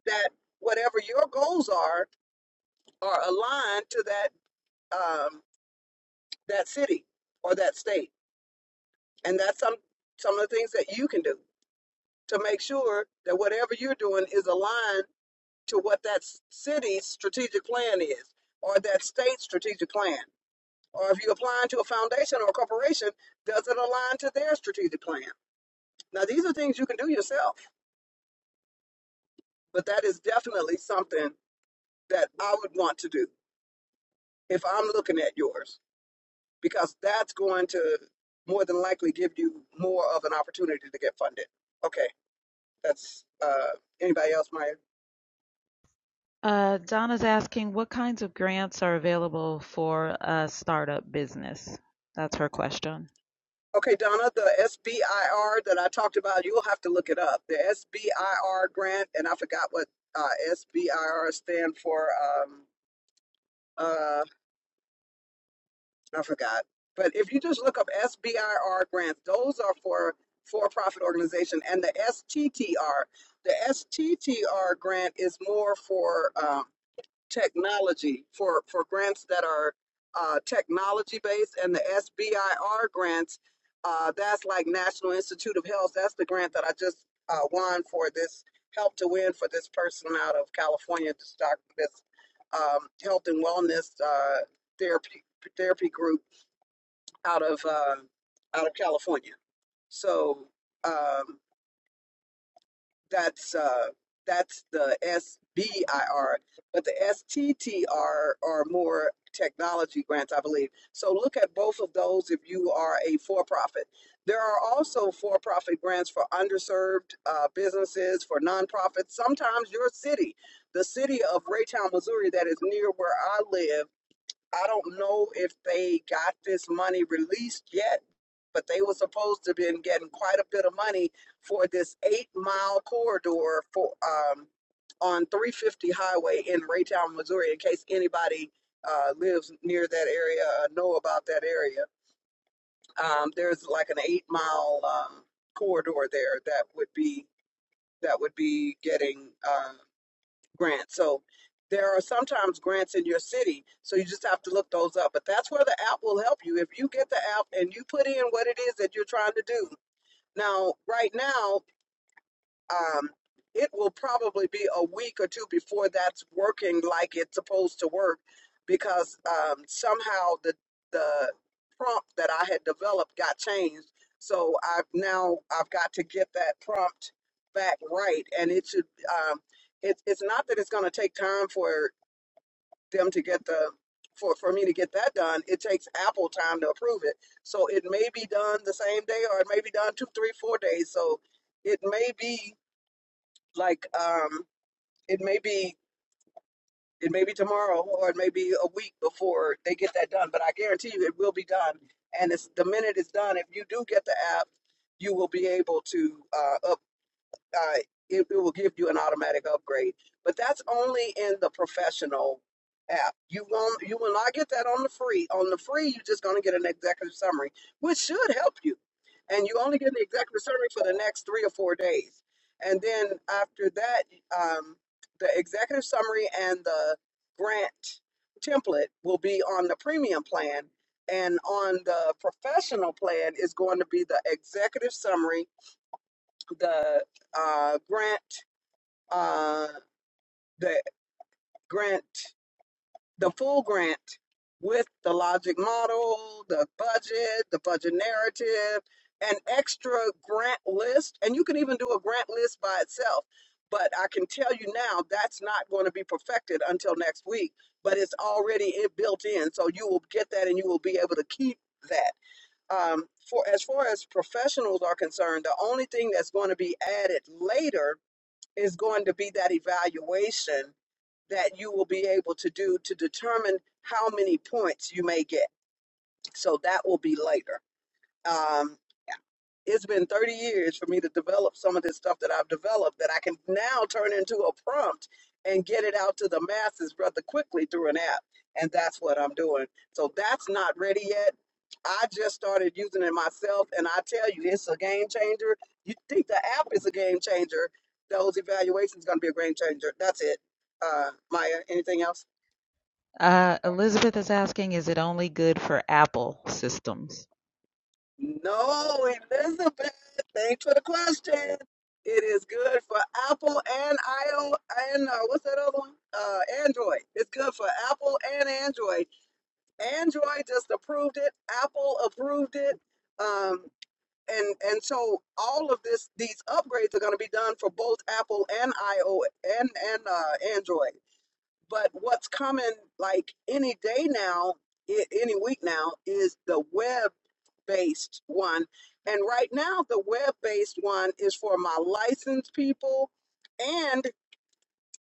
[SPEAKER 1] that whatever your goals are are aligned to that um, that city or that state. And that's some some of the things that you can do to make sure that whatever you're doing is aligned to what that city's strategic plan is or that state's strategic plan. Or if you're applying to a foundation or a corporation, does it align to their strategic plan? Now, these are things you can do yourself but that is definitely something that I would want to do if I'm looking at yours, because that's going to more than likely give you more of an opportunity to get funded. Okay, that's uh, anybody else, Maya?
[SPEAKER 7] Uh, Donna's asking what kinds of grants are available for a startup business? That's her question.
[SPEAKER 1] Okay, Donna, the SBIR that I talked about, you'll have to look it up. The SBIR grant, and I forgot what uh, SBIR stand for. Um, uh, I forgot. But if you just look up SBIR grants, those are for for-profit organization, and the STTR, the STTR grant is more for um, technology, for for grants that are uh, technology based, and the SBIR grants, uh, that's like National Institute of Health. That's the grant that I just uh, won for this, helped to win for this person out of California, this doc, this um, health and wellness uh, therapy therapy group out of uh, out of California. So um, that's uh, that's the SBIR, but the STTR are more technology grants, I believe. So look at both of those if you are a for-profit. There are also for-profit grants for underserved uh, businesses, for nonprofits. Sometimes your city, the city of Raytown, Missouri, that is near where I live I don't know if they got this money released yet, but they were supposed to have been getting quite a bit of money for this eight mile corridor for um on 350 highway in Raytown, Missouri, in case anybody uh, lives near that area or know about that area. Um, there's like an eight mile um, corridor there that would be that would be getting uh, grant. So there are sometimes grants in your city, so you just have to look those up. But that's where the app will help you. If you get the app and you put in what it is that you're trying to do. Now, right now, um, it will probably be a week or two before that's working like it's supposed to work because um, somehow the the prompt that I had developed got changed. So I've now I've got to get that prompt back right, and it should. Um, it's it's not that it's going to take time for them to get the for for me to get that done. It takes Apple time to approve it, so it may be done the same day, or it may be done two, three, four days. So it may be like um it may be it may be tomorrow or it may be a week before they get that done but i guarantee you it will be done and it's the minute it's done if you do get the app you will be able to uh, up, uh, it, it will give you an automatic upgrade. But that's only in the professional app. You won't you will not get that on the free. On the free, you're just gonna get an executive summary, which should help you. And you only get the executive summary for the next three or four days. And then after that, um, the executive summary and the grant template will be on the premium plan. And on the professional plan is going to be the executive summary the uh, grant, uh, the grant, the full grant with the logic model, the budget, the budget narrative, an extra grant list. And you can even do a grant list by itself. But I can tell you now that's not going to be perfected until next week, but it's already it built in. So you will get that and you will be able to keep that. Um, for as far as professionals are concerned, the only thing that's going to be added later is going to be that evaluation that you will be able to do to determine how many points you may get. So that will be later. Um, it's been 30 years for me to develop some of this stuff that I've developed that I can now turn into a prompt and get it out to the masses rather quickly through an app. And that's what I'm doing. So that's not ready yet. I just started using it myself, and I tell you, it's a game changer. You think the app is a game changer? Those evaluations going to be a game changer. That's it. Uh, Maya, anything else?
[SPEAKER 7] Uh, Elizabeth is asking, is it only good for Apple systems?
[SPEAKER 1] No, Elizabeth. Thanks for the question. It is good for Apple and iOS and uh, what's that other one? Uh, Android. It's good for Apple and Android. Android just approved it. Apple approved it. Um, and and so all of this, these upgrades are going to be done for both Apple and iOS and and uh, Android. But what's coming like any day now, i- any week now, is the web based one. And right now, the web based one is for my licensed people. And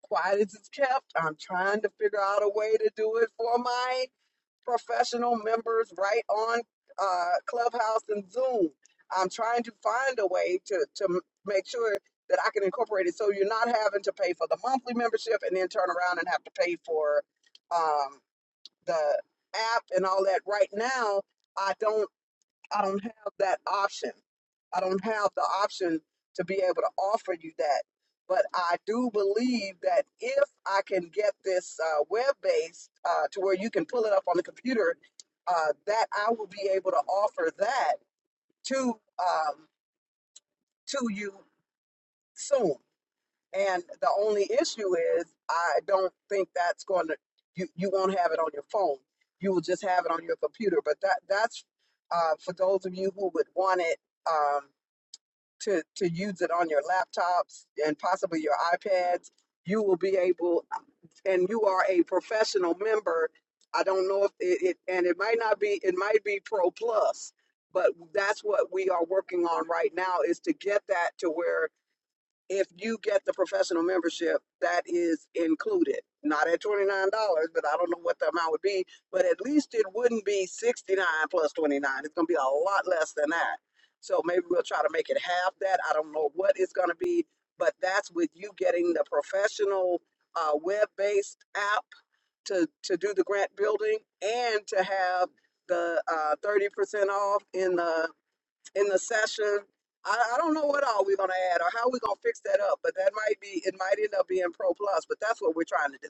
[SPEAKER 1] quiet as it's kept, I'm trying to figure out a way to do it for my professional members right on uh, Clubhouse and Zoom. I'm trying to find a way to, to m- make sure that I can incorporate it so you're not having to pay for the monthly membership and then turn around and have to pay for um, the app and all that. Right now, I don't. I don't have that option. I don't have the option to be able to offer you that. But I do believe that if I can get this uh, web based uh, to where you can pull it up on the computer, uh, that I will be able to offer that to um, to you soon. And the only issue is I don't think that's going to you, you won't have it on your phone. You will just have it on your computer. But that that's uh, for those of you who would want it. Um, to, to use it on your laptops and possibly your iPads. You will be able, and you are a professional member. I don't know if it, it and it might not be, it might be Pro Plus, but that's what we are working on right now is to get that to where if you get the professional membership, that is included. Not at $29, but I don't know what the amount would be, but at least it wouldn't be 69 dollars plus 29. dollars. It's going to be a lot less than that. So maybe we'll try to make it half that. I don't know what it's going to be, but that's with you getting the professional uh, web-based app to, to do the grant building and to have the uh, 30% off in the in the session. I, I don't know what all we're gonna add or how we're gonna fix that up, but that might be it might end up being pro plus, but that's what we're trying to do.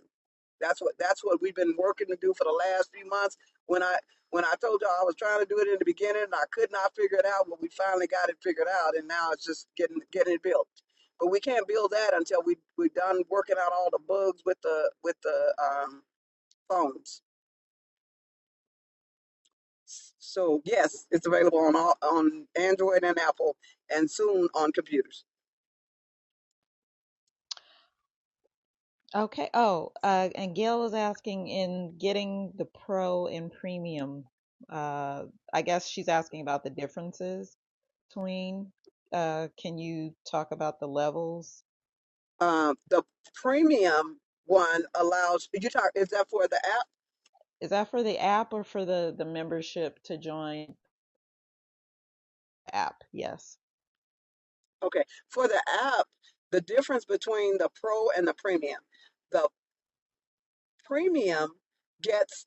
[SPEAKER 1] That's what that's what we've been working to do for the last few months. When I when I told y'all I was trying to do it in the beginning and I could not figure it out, but we finally got it figured out and now it's just getting getting it built. But we can't build that until we we're done working out all the bugs with the with the um, phones. So yes, it's available on all on Android and Apple and soon on computers.
[SPEAKER 7] Okay. Oh, uh, and Gail is asking in getting the pro and premium. Uh, I guess she's asking about the differences between. Uh, can you talk about the levels?
[SPEAKER 1] uh, the premium one allows you talk is that for the app
[SPEAKER 7] Is that for the app or for the the membership to join app. Yes.
[SPEAKER 1] okay for the app the difference between the pro and the premium the premium gets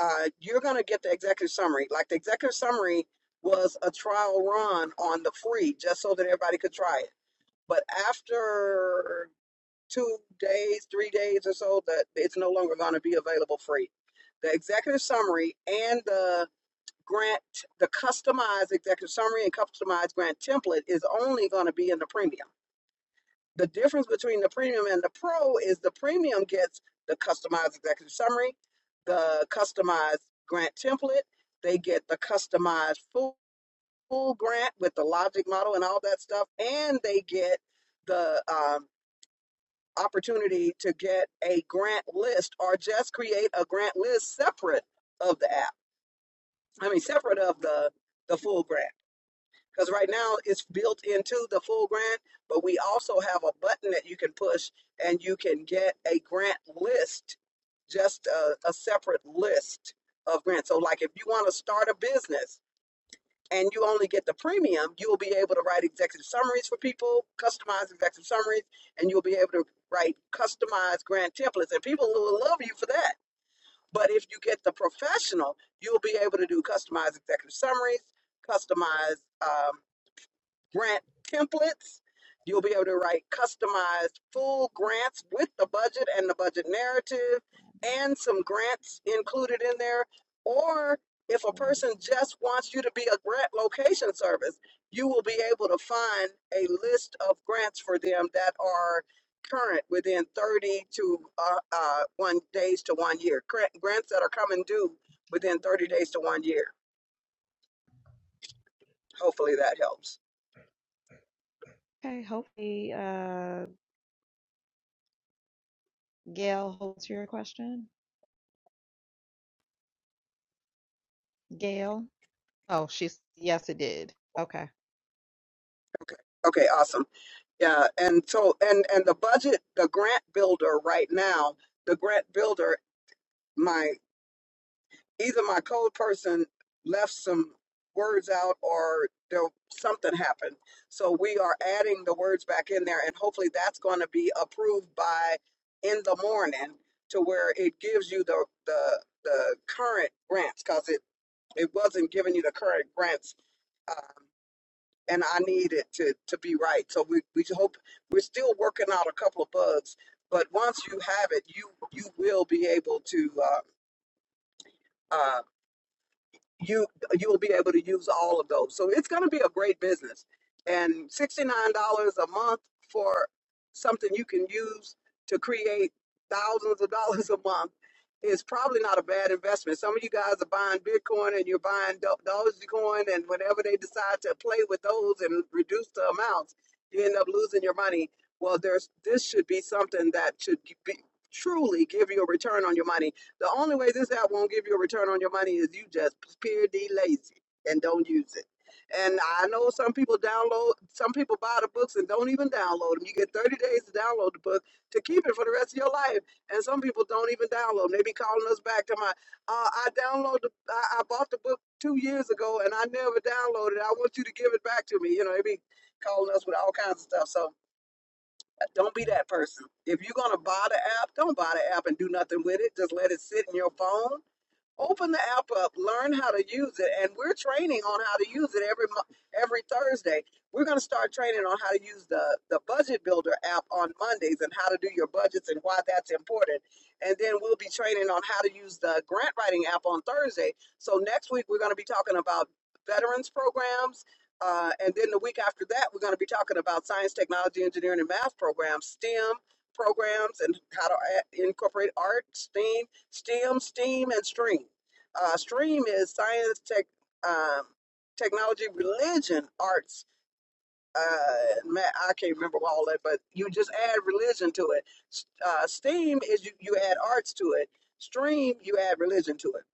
[SPEAKER 1] uh, you're going to get the executive summary like the executive summary was a trial run on the free just so that everybody could try it but after two days three days or so that it's no longer going to be available free the executive summary and the grant, the customized executive summary and customized grant template is only going to be in the premium. The difference between the premium and the pro is the premium gets the customized executive summary, the customized grant template, they get the customized full, full grant with the logic model and all that stuff, and they get the um, opportunity to get a grant list or just create a grant list separate of the app. I mean, separate of the the full grant. because right now it's built into the full grant, but we also have a button that you can push and you can get a grant list, just a, a separate list of grants. So, like if you want to start a business and you only get the premium, you will be able to write executive summaries for people, customized executive summaries, and you'll be able to write customized grant templates. And people will love you for that. But if you get the professional, you'll be able to do customized executive summaries, customized. Um, grant templates. You'll be able to write customized full grants with the budget and the budget narrative and some grants included in there. Or if a person just wants you to be a grant location service, you will be able to find a list of grants for them that are current within 30 to uh, uh, one days to one year. Grant, grants that are coming due within 30 days
[SPEAKER 7] Okay.
[SPEAKER 1] to one year. Hopefully that helps.
[SPEAKER 7] Hopefully, uh, Gail holds your question. Gail. Oh, she's yes, it did. Okay.
[SPEAKER 1] Okay. Okay, awesome. Yeah, and so and and the budget, the grant builder right now, the grant builder, my either my code person left some words out or there something happened. So we are adding the words back in there and hopefully that's going to be approved by in the morning to where it gives you the the the current grants cuz it it wasn't giving you the current grants um, and I need it to to be right. So we we hope we're still working out a couple of bugs, but once you have it, you you will be able to uh, uh, you you will be able to use all of those. So it's going to be a great business. And $69 a month for something you can use to create thousands of dollars a month is probably not a bad investment. Some of you guys are buying Bitcoin and you're buying Do- Dogecoin and whenever they decide to play with those and reduce the amounts, you end up losing your money. Well, there's this should be something that should be truly give you a return on your money the only way this app won't give you a return on your money is you just pure D lazy and don't use it. And I know some people download, some people buy the books and don't even download them. You get 30 days to download the book to keep it for the rest of your life. And some people don't even download. 'em. They be calling us back to my, uh, I downloaded, the- I, I bought the book two years ago and I never downloaded it. I want you to give it back to me. You know, they be calling us with all kinds of stuff. So don't be that person. If you're gonna buy the app, don't buy the app and do nothing with it. Just let it sit in your phone Open the app up, learn how to use it, and we're training on how to use it every mo- every Thursday. We're going to start training on how to use the the Budget Builder app on Mondays and how to do your budgets and why that's important. And then we'll be training on how to use the grant writing app on Thursday. So next week we're going to be talking about veterans programs. Uh, and then the week after that, we're going to be talking about science, technology, engineering, and math programs, STEM programs, and how to a- incorporate art, STEAM, STEM, STEAM, and STREAM. Uh, STREAM is science, tech, um, technology, religion, arts. Uh, ma I can't remember all that, but you just add religion to it. Uh, STEAM is you, you add arts to it. STREAM, you add religion to it.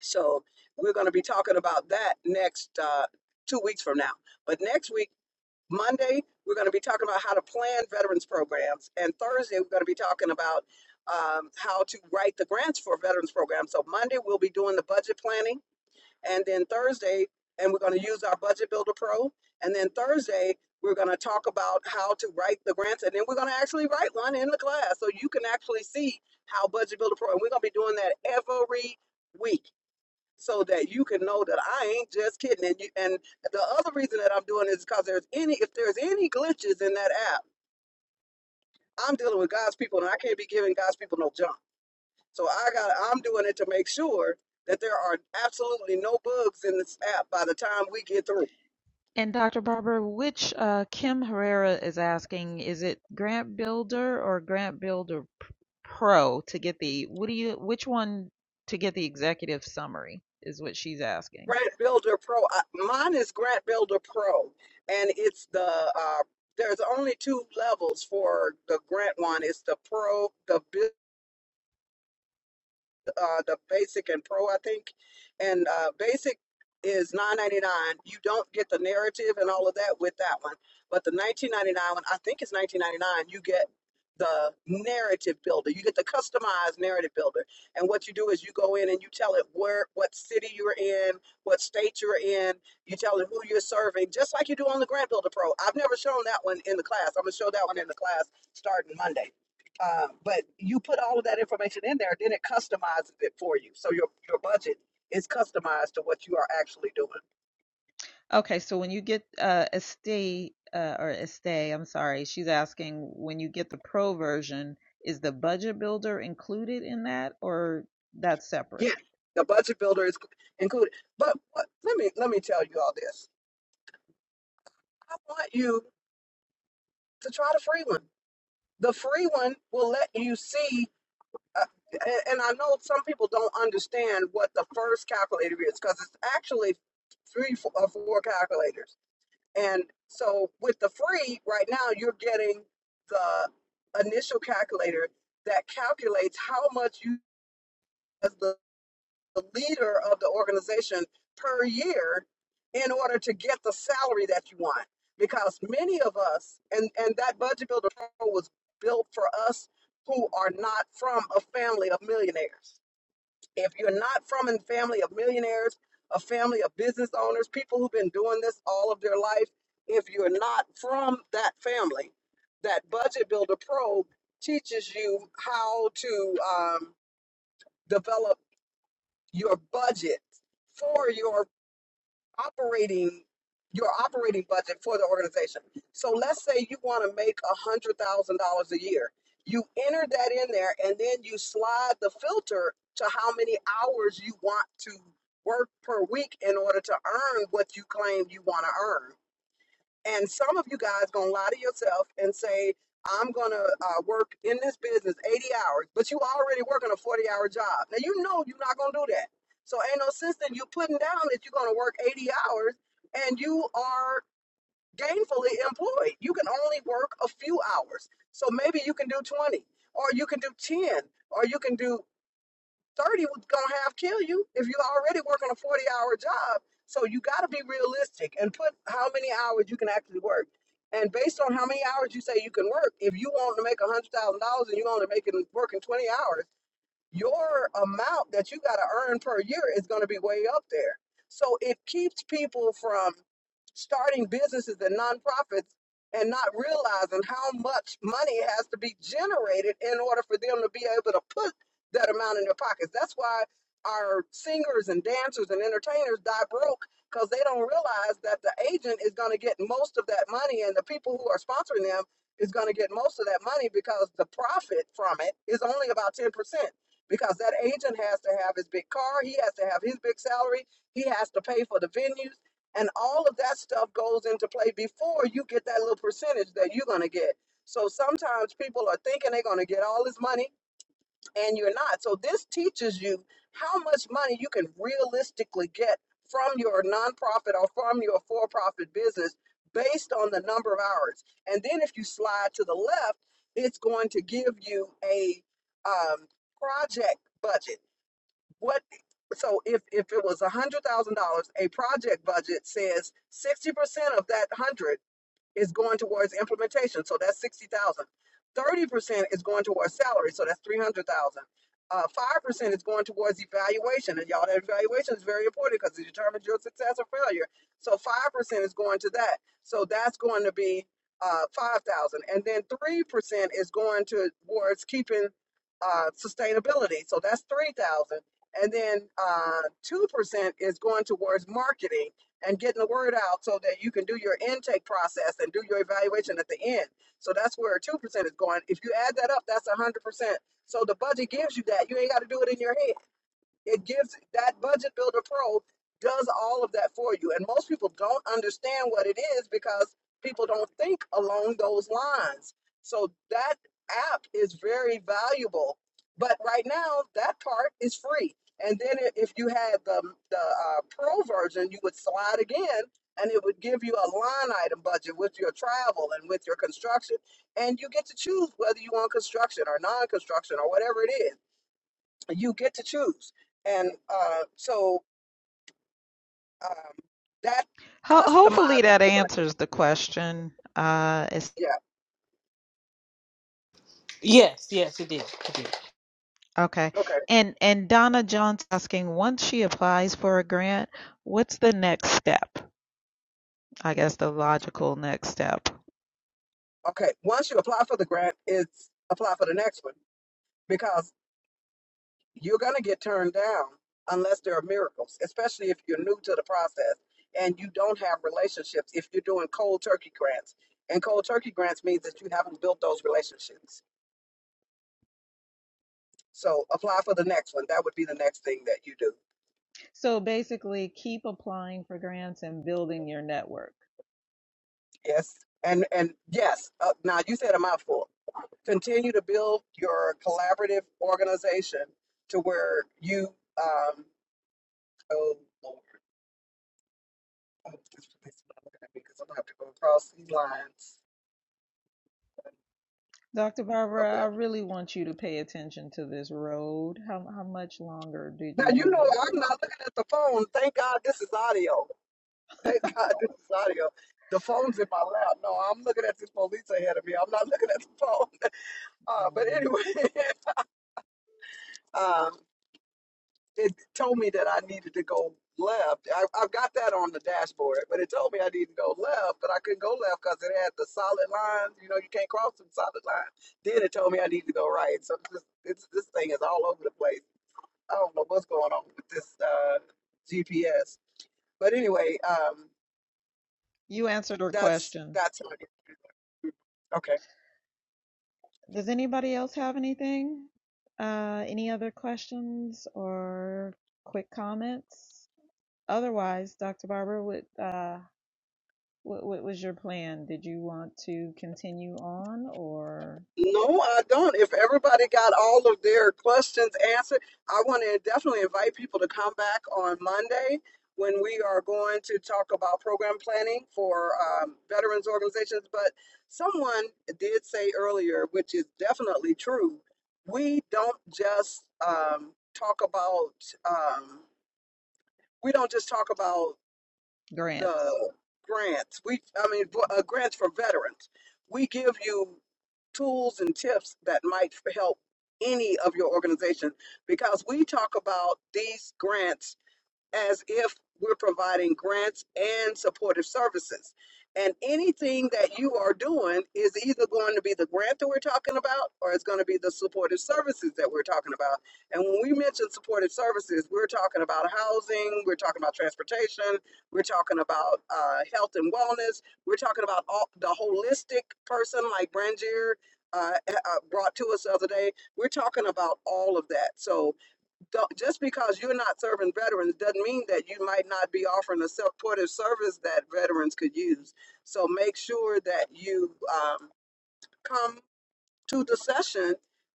[SPEAKER 1] So we're going to be talking about that next uh, two weeks from now. But next week, Monday, we're going to be talking about how to plan veterans programs. And Thursday, we're going to be talking about um, how to write the grants for veterans programs. So Monday, we'll be doing the budget planning. And then Thursday, and we're going to use our Budget Builder Pro. And then Thursday, we're going to talk about how to write the grants. And then we're going to actually write one in the class so you can actually see how Budget Builder Pro, and we're going to be doing that every week so that you can know that I ain't just kidding. And you, and the other reason that I'm doing is because there's any if there's any glitches in that app, I'm dealing with God's people, and I can't be giving God's people no junk. So I got I'm doing it to make sure that there are absolutely no bugs in this app by the time we get through.
[SPEAKER 7] And Dr. Barber, which uh, Kim Herrera is asking, is it Grant Builder or Grant Builder Pro to get the, what do you, which one to get the executive summary is what she's asking.
[SPEAKER 1] Grant Builder Pro, I, mine is Grant Builder Pro, and it's the uh, there's only two levels for the grant one. It's the pro, the builder uh, the basic and pro, I think. And uh, basic is nine ninety nine. You don't get the narrative and all of that with that one. But the nineteen ninety nine one, I think it's nineteen ninety nine. You get the narrative builder. You get the customized narrative builder. And what you do is you go in and you tell it where, what city you're in, what state you're in. You tell it who you're serving, just like you do on the Grant Builder Pro. I've never shown that one in the class. I'm gonna show that one in the class starting Monday. Um, but you put all of that information in there, then it customizes it for you. So your your budget is customized to what you are actually doing.
[SPEAKER 7] Okay, so when you get uh Estee uh or Estee, I'm sorry, she's asking when you get the pro version, is the budget builder included in that or that's separate?
[SPEAKER 1] Yeah, the budget builder is included. But what, let me let me tell you all this. I want you to try the free one. The free one will let you see. Uh, a- and I know some people don't understand what the first calculator is because it's actually three or four calculators And so with the free, right now you're getting the initial calculator that calculates how much you as the, the leader of the organization per year in order to get the salary that you want. Because many of us and, and that budget builder pro was built for us who are not from a family of millionaires. If you're not from a family of millionaires, a family of business owners, people who've been doing this all of their life, if you're not from that family, that Budget Builder Pro teaches you how to um, develop your budget for your operating your operating budget for the organization. So let's say you want to make a hundred thousand dollars a year. You enter that in there and then you slide the filter to how many hours you want to work per week in order to earn what you claim you want to earn. And some of you guys gonna lie to yourself and say, I'm gonna uh, work in this business 80 hours, but you already working a 40 hour job. Now you know you're not gonna do that. So ain't no sense that you putting down that you're gonna work 80 hours and you are gainfully employed. You can only work a few hours. So maybe you can do 20 or you can do 10 or you can do 30 was gonna half kill you if you already working a 40 hour job. So you gotta be realistic and put how many hours you can actually work. And based on how many hours you say you can work, if you want to make a hundred thousand dollars and you only making working 20 hours, your amount that you got to earn per year is going to be way up there. So it keeps people from starting businesses and nonprofits and not realizing how much money has to be generated in order for them to be able to put that amount in their pockets. That's why our singers and dancers and entertainers die broke because they don't realize that the agent is going to get most of that money and the people who are sponsoring them is going to get most of that money because the profit from it is only about 10% because that agent has to have his big car, he has to have his big salary, he has to pay for the venues, and all of that stuff goes into play before you get that little percentage that you're going to get. So sometimes people are thinking they're going to get all this money and you're not. So this teaches you how much money you can realistically get from your nonprofit or from your for-profit business based on the number of hours. And then if you slide to the left, it's going to give you a um, project budget. What so if, if it was a hundred thousand dollars, a project budget says sixty percent of that one hundred is going towards implementation, so that's sixty thousand. Thirty percent is going towards salary, so that's three hundred thousand. Uh, Five percent is going towards evaluation, and y'all, that evaluation is very important because it determines your success or failure. So five percent is going to that, so that's going to be uh, five thousand, and then three percent is going towards keeping uh, sustainability, so that's three thousand, and then uh, two percent is going towards marketing and getting the word out so that you can do your intake process and do your evaluation at the end. So that's where 2% is going. If you add that up, that's 100%. So the budget gives you that. You ain't got to do it in your head. It gives that Budget Builder Pro does all of that for you. And most people don't understand what it is because people don't think along those lines. So that app is very valuable. But right now, that part is free. And then i- if you had the, the uh, pro version, you would slide again and it would give you a line item budget with your travel and with your construction. And you get to choose whether you want construction or non construction or whatever it is you get to choose. And uh, so um, that
[SPEAKER 7] Ho- hopefully
[SPEAKER 1] customizes.
[SPEAKER 7] that answers the question. Uh, it's,
[SPEAKER 1] Yeah.
[SPEAKER 8] Yes, yes, it did. It did.
[SPEAKER 7] okay.
[SPEAKER 1] Okay.
[SPEAKER 7] And and Donna John's asking, once she applies for a grant, what's the next step? I guess the logical next step.
[SPEAKER 1] Okay. Once you apply for the grant, it's apply for the next one because you're going to get turned down unless there are miracles, especially if you're new to the process and you don't have relationships. If you're doing cold turkey grants, and cold turkey grants means that you haven't built those relationships. So apply for the next one. That would be the next thing that you do.
[SPEAKER 7] So basically, keep applying for grants and building your network.
[SPEAKER 1] Yes. And and yes. Uh, now you said a mouthful. Continue to build your collaborative organization to where you, um, oh Lord, oh, this place not looking at me because I'm gonna have to go across these lines.
[SPEAKER 7] Dr.
[SPEAKER 1] Oh
[SPEAKER 7] Barbara, I
[SPEAKER 1] well.
[SPEAKER 7] really want you to pay attention to this road. How how much longer did
[SPEAKER 1] Now
[SPEAKER 7] you
[SPEAKER 1] you
[SPEAKER 7] want
[SPEAKER 1] know
[SPEAKER 7] to?
[SPEAKER 1] I'm not looking at the phone. Thank God this is audio. Thank God this is audio. The phone's in my lap. No, I'm looking at this police ahead of me. I'm not looking at the phone. Uh, but
[SPEAKER 7] Mm,
[SPEAKER 1] anyway, um, it told me that I needed to go left. I, I've got that on the dashboard, but it told me I needed to go left, but I couldn't go left because it had the solid lines. You know, you can't cross the solid line. Then it told me I needed to go right. So this, it's, this thing is all over the place. I don't know what's going on with this uh, GPS. But anyway, um,
[SPEAKER 7] You answered her
[SPEAKER 1] that's
[SPEAKER 7] question.
[SPEAKER 1] that's how it is. Okay.
[SPEAKER 7] Does anybody else have anything? Uh, any other questions or quick comments? Otherwise, Dr. Barber, what, uh, what, what was your plan? Did you want to continue on or
[SPEAKER 1] No, I don't. If everybody got all of their questions answered, I want to definitely invite people to come back on Monday when we are going to talk about program planning for um, veterans organizations. But someone did say earlier, which is definitely true, we don't just um, talk about um, we don't just talk about
[SPEAKER 7] grants?
[SPEAKER 1] the grants. We, I mean, uh, grants for veterans. We give you tools and tips that might help any of your organization because we talk about these grants as if we're providing grants and supportive services. And anything that you are doing is either going to be the grant that we're talking about or it's going to be the supportive services that we're talking about. And when we mention supportive services, we're talking about housing, we're talking about transportation, we're talking about uh, health and wellness, we're talking about all, the holistic person like Brangier uh, eh, uh, brought to us the other day. We're talking about all of that. So don't, just because you're not serving veterans doesn't mean that you might not be offering a supportive service that veterans could use. So make sure that you um, come to the session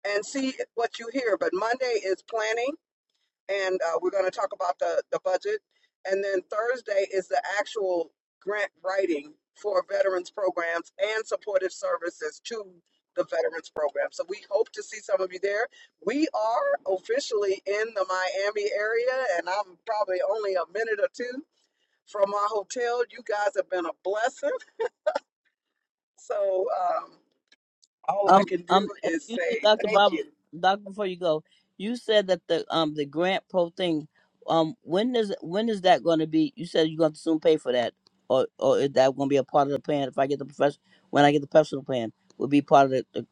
[SPEAKER 1] and see what you hear. But Monday is planning and uh, we're going to talk about the, the budget. And then Thursday is the actual grant writing for veterans programs and supportive services to the veterans program. So we hope to see some of you there. We are officially in the Miami area, and I'm probably only a minute or two from my hotel. You guys have been a blessing. So um, all I
[SPEAKER 3] Um,
[SPEAKER 1] can do
[SPEAKER 3] um,
[SPEAKER 1] is
[SPEAKER 3] excuse me,
[SPEAKER 1] say
[SPEAKER 3] Doctor
[SPEAKER 1] thank
[SPEAKER 3] Bob,
[SPEAKER 1] you
[SPEAKER 3] Doctor, before you go, you said that the um the grant pro thing, um, when is when is that going to be? You said you're going to soon pay for that, or or is that going to be a part of the plan? If I get the profession, when I get the personal plan, would be part of the. the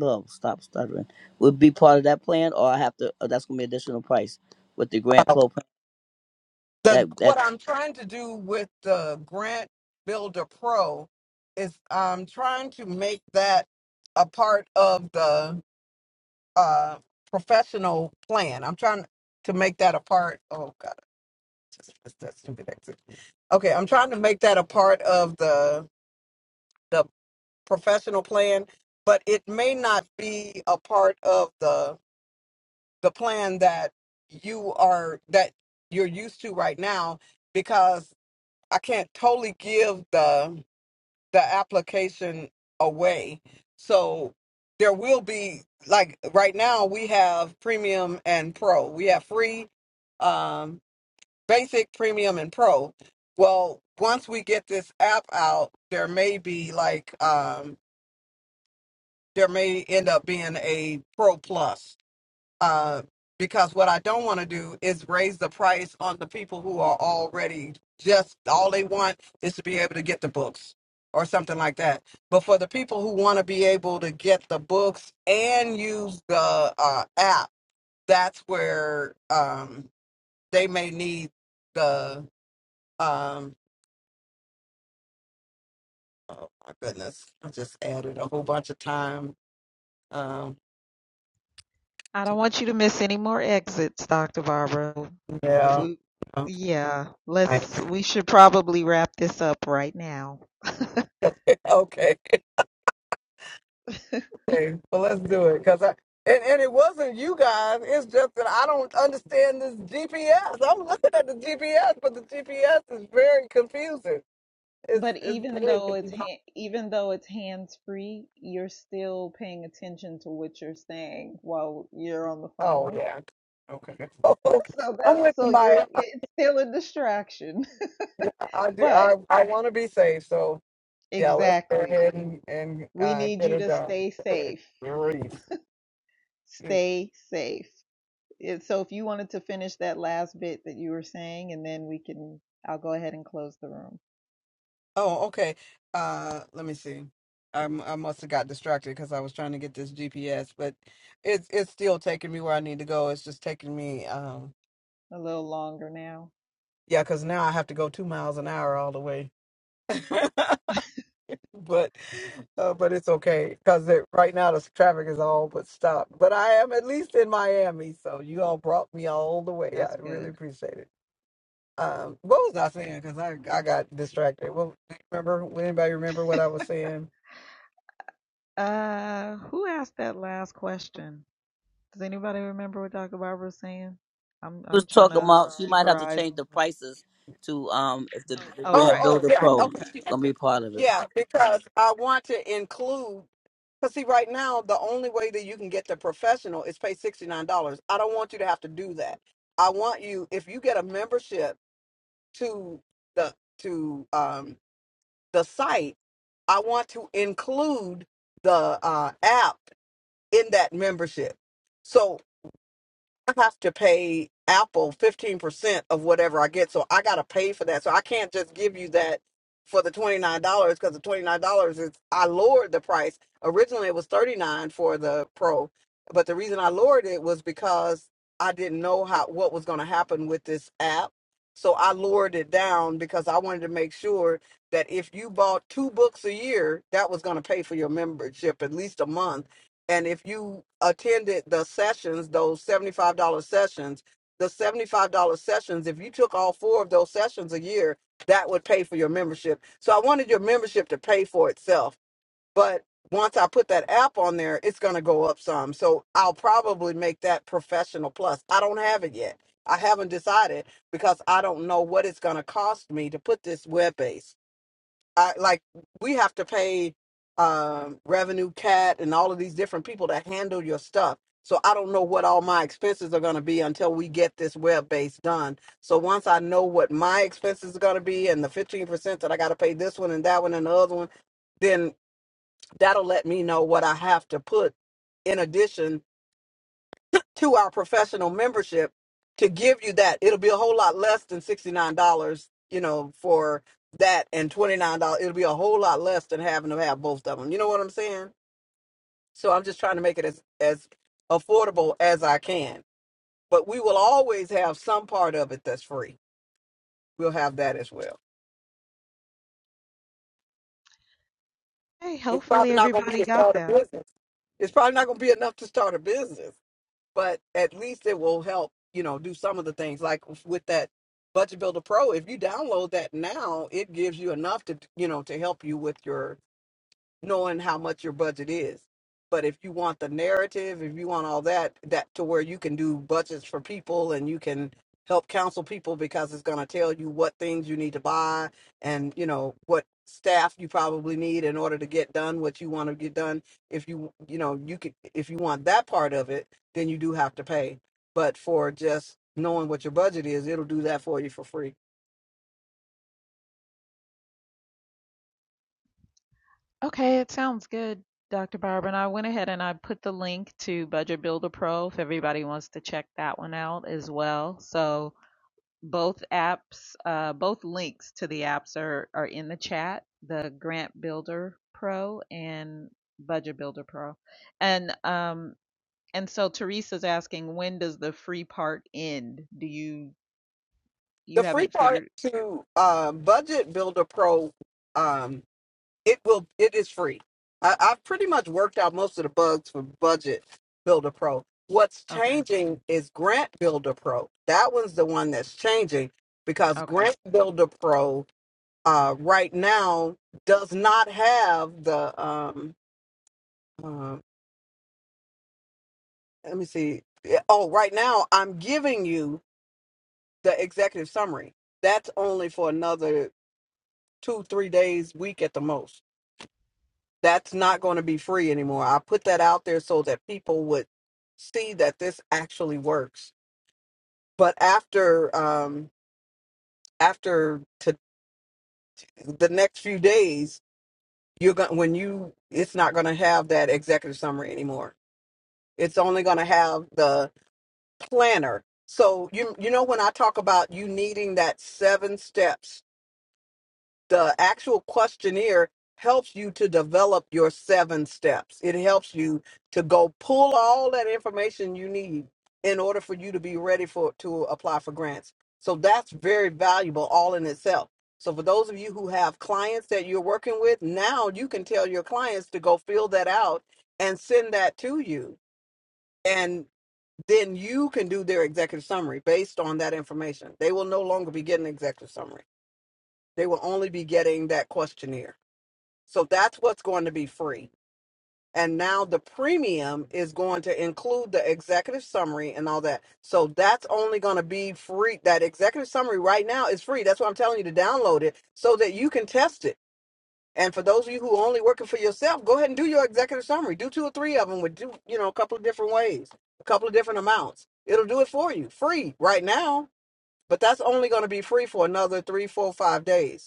[SPEAKER 3] Oh, stop stuttering. Would be part of that plan, or I have to. Or that's gonna be additional price with the grant pro
[SPEAKER 1] the
[SPEAKER 3] plan. That
[SPEAKER 1] what I'm trying to do with the Grant Builder Pro is I'm trying to make that a part of the uh, professional plan. I'm trying to make that a part. Oh God, that's, that's stupid exit. Okay, I'm trying to make that a part of the the professional plan, but it may not be a part of the the plan that you are that you're used to right now because I can't totally give the the application away. So there will be like right now we have premium and pro. We have free um basic premium and pro. Well, once we get this app out, there may be like um, there may end up being a pro plus. Uh, because what I don't want to do is raise the price on the people who are already just all they want is to be able to get the books or something like that. But for the people who want to be able to get the books and use the uh, app, that's where um, they may need the. Um, oh my goodness! I just added a whole bunch of time. Um,
[SPEAKER 7] I don't want you to miss any more exits, Dr. Barbara. If
[SPEAKER 1] yeah.
[SPEAKER 7] we, yeah, let's, we should probably wrap this up right now.
[SPEAKER 1] Okay. Okay, but let's do it because I and, and it wasn't you guys. It's just that I don't understand this GPS. I'm looking at the GPS, but the GPS is very confusing. It's
[SPEAKER 7] But
[SPEAKER 1] it's
[SPEAKER 7] even
[SPEAKER 1] very
[SPEAKER 7] though it's
[SPEAKER 1] confusing.
[SPEAKER 7] ha- even though it's hands free, you're still paying attention to what you're saying while you're on the
[SPEAKER 1] Oh
[SPEAKER 7] phone.
[SPEAKER 1] yeah. Okay. So,
[SPEAKER 7] So
[SPEAKER 1] I'm
[SPEAKER 7] that's
[SPEAKER 1] with
[SPEAKER 7] so you're
[SPEAKER 1] my.
[SPEAKER 7] it's still a distraction.
[SPEAKER 1] I I do.
[SPEAKER 7] But
[SPEAKER 1] I I want to be safe. So yeah, let's go
[SPEAKER 7] exactly,
[SPEAKER 1] ahead and and
[SPEAKER 7] we
[SPEAKER 1] uh,
[SPEAKER 7] need
[SPEAKER 1] get
[SPEAKER 7] you
[SPEAKER 1] it
[SPEAKER 7] to
[SPEAKER 1] done.
[SPEAKER 7] stay safe.
[SPEAKER 1] Grief.
[SPEAKER 7] Stay safe. It, so if you wanted to finish that last bit that you were saying, and then we can, I'll go ahead and close the room
[SPEAKER 1] Oh, okay. Uh, let me see. I'm, I must have got distracted because I was trying to get this GPS, but it's it's still taking me where I need to go. It's just taking me, um,
[SPEAKER 7] a little longer now.
[SPEAKER 1] yeah, because now I have to go two miles an hour all the way. But uh, but it's okay because it, right now the traffic is all but stopped. But I am at least in Miami, so you all brought me all the way. I
[SPEAKER 7] That's
[SPEAKER 1] really
[SPEAKER 7] good.
[SPEAKER 1] appreciate it. Um, what was I saying? Because I I got distracted. Well, remember? Would anybody remember what I was saying?
[SPEAKER 7] Uh, who asked that last question? Does anybody remember what Dr. Barbara was saying? I'm
[SPEAKER 3] was
[SPEAKER 7] I'm trying
[SPEAKER 3] talking
[SPEAKER 7] to
[SPEAKER 3] about she
[SPEAKER 7] keep
[SPEAKER 3] might
[SPEAKER 7] her
[SPEAKER 3] have to
[SPEAKER 7] eyes
[SPEAKER 3] change the
[SPEAKER 7] on her.
[SPEAKER 3] prices to um if the, the
[SPEAKER 7] Oh,
[SPEAKER 1] Oh,
[SPEAKER 3] grant
[SPEAKER 7] right.
[SPEAKER 1] oh,
[SPEAKER 3] builder
[SPEAKER 1] yeah.
[SPEAKER 3] pro
[SPEAKER 1] Okay.
[SPEAKER 7] Okay.
[SPEAKER 1] she was
[SPEAKER 3] gonna be part of it.
[SPEAKER 1] Yeah, because I want to include. Because see, right now the only way that you can get the professional is pay sixty nine dollars. I don't want you to have to do that. I want you if you get a membership to the to um the site i want to include the uh app in that membership so I have to pay Apple 15% of whatever I get. So I got to pay for that. So I can't just give you that for the $29 because the $29 is, I lowered the price. Originally it was 39 for the Pro, but the reason I lowered it was because I didn't know how, what was going to happen with this app. So I lowered it down because I wanted to make sure that if you bought two books a year, that was going to pay for your membership at least a month and if you attended the sessions, those $75 sessions, the $75 sessions, if you took all four of those sessions a year, that would pay for your membership. So I wanted your membership to pay for itself. But once I put that app on there, it's going to go up some. So I'll probably make that professional plus. I don't have it yet. I haven't decided because I don't know what it's going to cost me to put this web based. I, like we have to pay um, revenue cat and all of these different people that handle your stuff. So I don't know what all my expenses are going to be until we get this web base done. So once I know what my expenses are going to be and the fifteen percent that I got to pay this one and that one and the other one, then that'll let me know what I have to put in addition to our professional membership to give you that. It'll be a whole lot less than $69, you know, for that and $29. It'll be a whole lot less than having to have both of them. You know what I'm saying? So I'm just trying to make it as, as affordable as I can. But we will always have some part of it that's free. We'll have that as well.
[SPEAKER 7] Hey,
[SPEAKER 1] It's
[SPEAKER 7] hopefully
[SPEAKER 1] probably not going to be
[SPEAKER 7] everybody
[SPEAKER 1] to
[SPEAKER 7] got
[SPEAKER 1] start a
[SPEAKER 7] that.
[SPEAKER 1] business. It's probably not going to be enough to start a business but at least it will help you know do some of the things like with that budget builder pro if you download that now it gives you enough to you know to help you with your knowing how much your budget is. But if you want the narrative, if you want all that, that to where you can do budgets for people and you can help counsel people because it's going to tell you what things you need to buy and you know what staff you probably need in order to get done what you want to get done. If you you know you could if you want that part of it, then you do have to pay. But for just knowing what your budget is, it'll do that for you for free.
[SPEAKER 7] Okay, it sounds good, Dr. Barbara. And I went ahead and I put the link to Budget Builder Pro if everybody wants to check that one out as well. So Both apps, uh, both links to the apps are, are in the chat, the Grant Builder Pro and Budget Builder Pro. And um and so Teresa's asking when does the free part end? Do you you
[SPEAKER 1] The free
[SPEAKER 7] haven't
[SPEAKER 1] part
[SPEAKER 7] figured
[SPEAKER 1] to uh, Budget Builder Pro um, it will it is free. I, I've pretty much worked out most of the bugs for Budget Builder Pro. What's
[SPEAKER 7] okay.
[SPEAKER 1] changing is Grant Builder Pro. That one's the one that's changing because
[SPEAKER 7] Okay.
[SPEAKER 1] Grant Builder Pro uh, right now does not have the um, uh, let me see. Yeah, Oh, right now I'm giving you the executive summary. That's only for another two, three days, week at the most That's not going to be free anymore. I put that out there so that people would see that this actually works. But after um after to the next few days, you're going when you it's not going to have that executive summary anymore. It's only going to have the planner. So you you know when I talk about you needing that seven steps the actual questionnaire helps you to develop your seven steps. It helps you to go pull all that information you need in order for you to be ready for to apply for grants. So that's very valuable all in itself. So for those of you who have clients that you're working with, now you can tell your clients to go fill that out and send that to you. And then you can do their executive summary based on that information. They will no longer be getting executive summary. They will only be getting that questionnaire. So that's what's going to be free. And now the premium is going to include the executive summary and all that. So that's only going to be free. That executive summary right now is free. That's why I'm telling you to download it so that you can test it. And for those of you who are only working for yourself, go ahead and do your executive summary. Do two or three of them with do, you know, a couple of different ways, a couple of different amounts. It'll do it for you free right now, but that's only going to be free for another three, four, five days.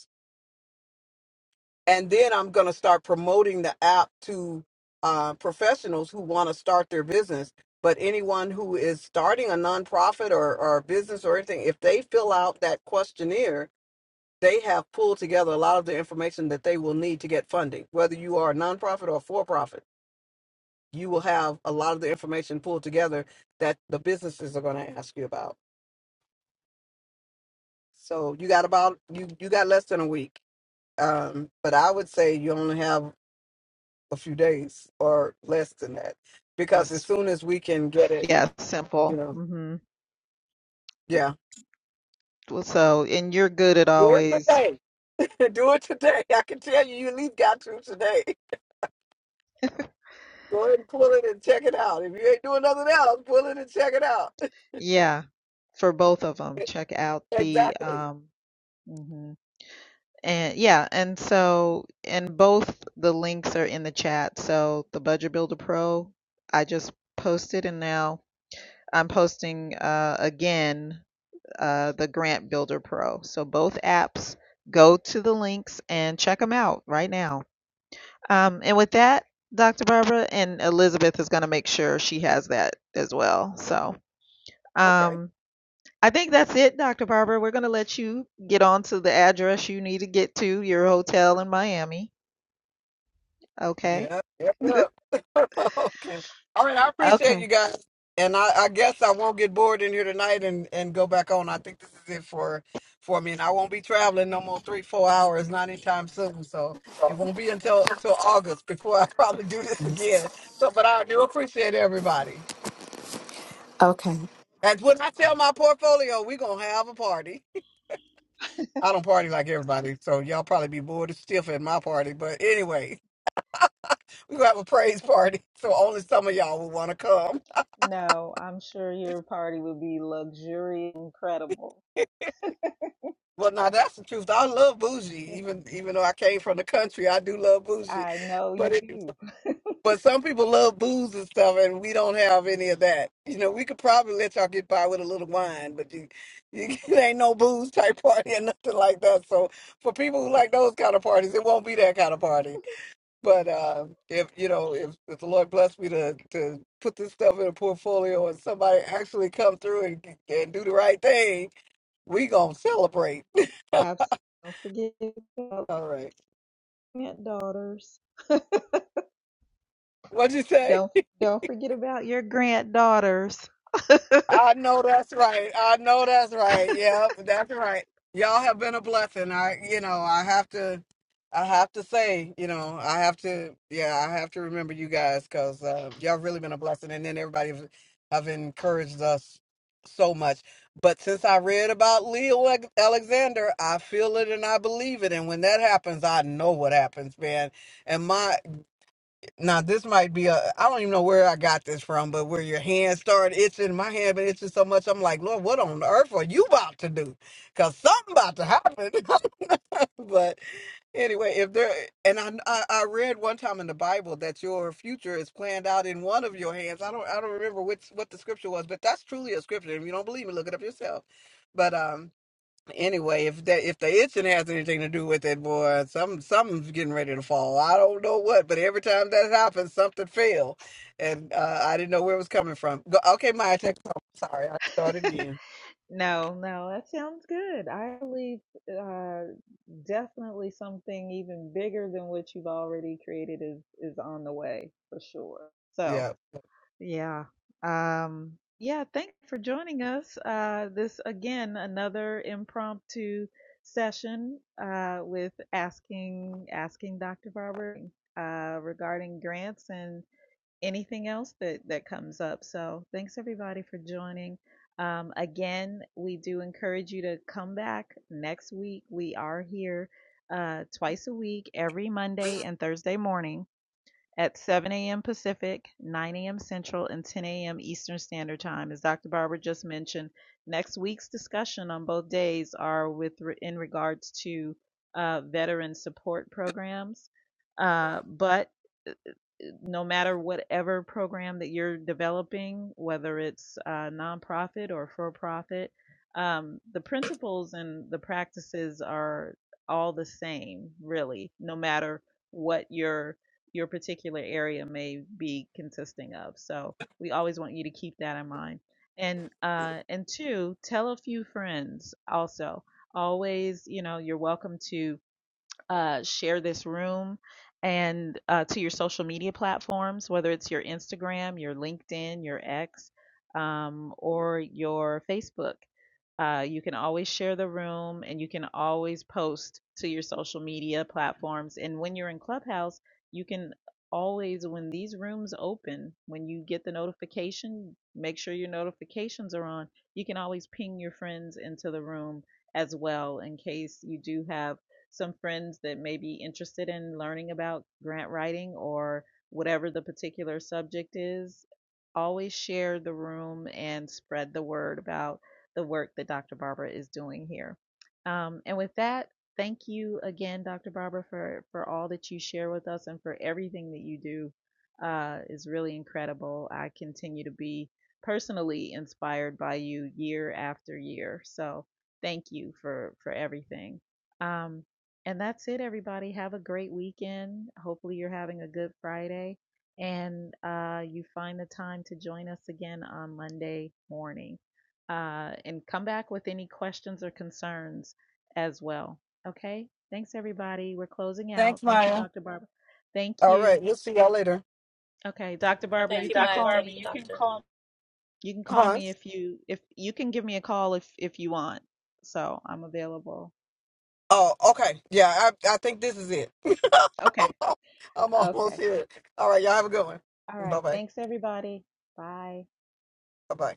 [SPEAKER 1] and then I'm going to start promoting the app to uh, professionals who want to start their business. But anyone who is starting a nonprofit or, or a business or anything, if they fill out that questionnaire, they have pulled together a lot of the information that they will need to get funding. Whether you are a nonprofit or for profit, you will have a lot of the information pulled together that the businesses are going to ask you about. So you got about you you got less than a week, um, but I would say you only have a few days or less than that. Because as
[SPEAKER 7] That's
[SPEAKER 1] soon as we can get it,
[SPEAKER 7] yeah,
[SPEAKER 1] you
[SPEAKER 7] simple.
[SPEAKER 1] know,
[SPEAKER 7] Mhm. If-
[SPEAKER 1] yeah.
[SPEAKER 7] well, So, and you're good at
[SPEAKER 1] Do it
[SPEAKER 7] always
[SPEAKER 1] today. Do it today. I can tell you, you at least got to today. Go ahead and pull it and check it out. If you ain't doing nothing else, pull it and check it out.
[SPEAKER 7] yeah, for both of them, check out the
[SPEAKER 1] Exactly.
[SPEAKER 7] um mhm. And yeah, and so and both the links are in the chat. So the Budget Builder Pro, I just posted, and now I'm posting uh, again uh, the Grant Builder Pro. So both apps, go to the links and check them out right now. Um, and with that, Dr. Barbara and Elizabeth is going to make sure she has that as well. So
[SPEAKER 1] Okay.
[SPEAKER 7] um, I think that's it, Dr. Barbara. We're going to let you get on to the address you need to get to your hotel in Miami. Okay.
[SPEAKER 1] Yeah, yep, yep. okay. All right, I appreciate you
[SPEAKER 7] Okay.
[SPEAKER 1] guys. And I, I guess I won't get bored in here tonight and, and go back on. I think this is it for for me. And I won't be traveling no more three, four hours, not anytime soon. So it won't be until till August before I probably do this
[SPEAKER 7] Yes.
[SPEAKER 1] again. So but I do appreciate everybody.
[SPEAKER 7] Okay.
[SPEAKER 1] And when I tell my portfolio, we're gonna have a party. I don't party like everybody, so y'all probably be bored as stiff at my party. But anyway, we're gonna have a praise party. So only some of y'all will wanna come.
[SPEAKER 7] No, I'm sure your party would be luxurious, incredible.
[SPEAKER 1] Well, now that's the truth. I love bougie, even even though I came from the country. I do love bougie,
[SPEAKER 7] I know
[SPEAKER 1] but
[SPEAKER 7] you
[SPEAKER 1] it,
[SPEAKER 7] do.
[SPEAKER 1] but some people love booze and stuff, and we don't have any of that. You know, we could probably let y'all get by with a little wine, but you, you it ain't no booze type party or nothing like that. So for people who like those kind of parties, it won't be that kind of party. But uh, if you know, if, if the Lord bless me to to put this stuff in a portfolio, and somebody actually come through and and do the right thing, we gonna celebrate.
[SPEAKER 7] Absolutely. Don't forget about
[SPEAKER 1] All right.
[SPEAKER 7] granddaughters.
[SPEAKER 1] What'd you say?
[SPEAKER 7] Don't don't forget about your granddaughters.
[SPEAKER 1] I know that's right. I know that's right. Yep, that's right. Y'all have been a blessing. I, you know, I have to, I have to say, you know, I have to, yeah, I have to remember you guys because uh, y'all really been a blessing. And then everybody have have encouraged us so much. But since I read about Leo Alex- Alexander, I feel it and I believe it. And when that happens, I know what happens, man. And my. Now this might be a I don't even know where I got this from, but where your hand started itching, my hand been itching so much. I'm like, Lord, what on earth are you about to do? Cause something about to happen. but anyway, if there and I, I I read one time in the Bible that your future is planned out in one of your hands. I don't I don't remember which what the scripture was, but that's truly a scripture. If you don't believe me, look it up yourself. But um Anyway, if that if the itching has anything to do with it, boy, some something's getting ready to fall. I don't know what, but every time that happens, something fell, and uh, I didn't know where it was coming from. Go, okay, Maya, take it home. Sorry, I started again.
[SPEAKER 7] No, no, that sounds good. I believe uh, definitely something even bigger than what you've already created is is on the way for sure. So.
[SPEAKER 1] Yeah.
[SPEAKER 7] Yeah. Um, yeah, thank you for joining us. Uh, this, again, another impromptu session uh, with asking asking Dr. Barber uh, regarding grants and anything else that, that comes up. So thanks, everybody, for joining. Um, again, we do encourage you to come back next week. We are here uh, twice a week, every Monday and Thursday morning at 7 a.m. Pacific, 9 a.m. Central, and 10 a.m. Eastern Standard Time. As Dr. Barber just mentioned, next week's discussion on both days are with in regards to uh, veteran support programs. Uh, but uh, uh, no matter whatever program that you're developing, whether it's uh, nonprofit or for profit, um, the principles and the practices are all the same, really, no matter what your your particular area may be consisting of. So we always want you to keep that in mind. And uh, and two, tell a few friends also. Always, you know, you're welcome to uh, share this room and uh, to your social media platforms, whether it's your Instagram, your LinkedIn, your X, um, or your Facebook. Uh, you can always share the room and you can always post to your social media platforms. And when you're in Clubhouse, you can always, when these rooms open, when you get the notification, make sure your notifications are on. You can always ping your friends into the room as well in case you do have some friends that may be interested in learning about grant writing or whatever the particular subject is. Always share the room and spread the word about the work that Dr. Barbara is doing here. Um, and with that, thank you again, Dr. Barbara, for, for all that you share with us and for everything that you do uh, is really incredible. I continue to be personally inspired by you year after year. So thank you for, for everything. Um, and that's it, everybody. Have a great weekend. Hopefully, you're having a good Friday and uh, you find the time to join us again on Monday morning. Uh, and come back with any questions or concerns as well. Okay. Thanks, everybody. We're closing out.
[SPEAKER 1] Thanks,
[SPEAKER 7] Thank you,
[SPEAKER 1] Maya.
[SPEAKER 7] Dr. Barbara. Thank
[SPEAKER 1] All
[SPEAKER 7] you.
[SPEAKER 1] right, we'll see y'all later,
[SPEAKER 7] Okay, Dr. Barbara,
[SPEAKER 2] Okay,
[SPEAKER 7] you
[SPEAKER 2] you, Dr.
[SPEAKER 7] can
[SPEAKER 2] Maya.
[SPEAKER 7] call
[SPEAKER 2] Thank you,
[SPEAKER 7] me.
[SPEAKER 2] can Doctor.
[SPEAKER 7] You can call
[SPEAKER 1] huh?
[SPEAKER 7] me if you if you can give me a call if if you want. So I'm available.
[SPEAKER 1] Oh, okay. Yeah, I I think this is it.
[SPEAKER 7] Okay.
[SPEAKER 1] I'm almost
[SPEAKER 7] Okay.
[SPEAKER 1] here. All right, y'all have a good one.
[SPEAKER 7] All
[SPEAKER 1] Bye
[SPEAKER 7] right.
[SPEAKER 1] bye.
[SPEAKER 7] Thanks, everybody. Bye.
[SPEAKER 1] Bye bye.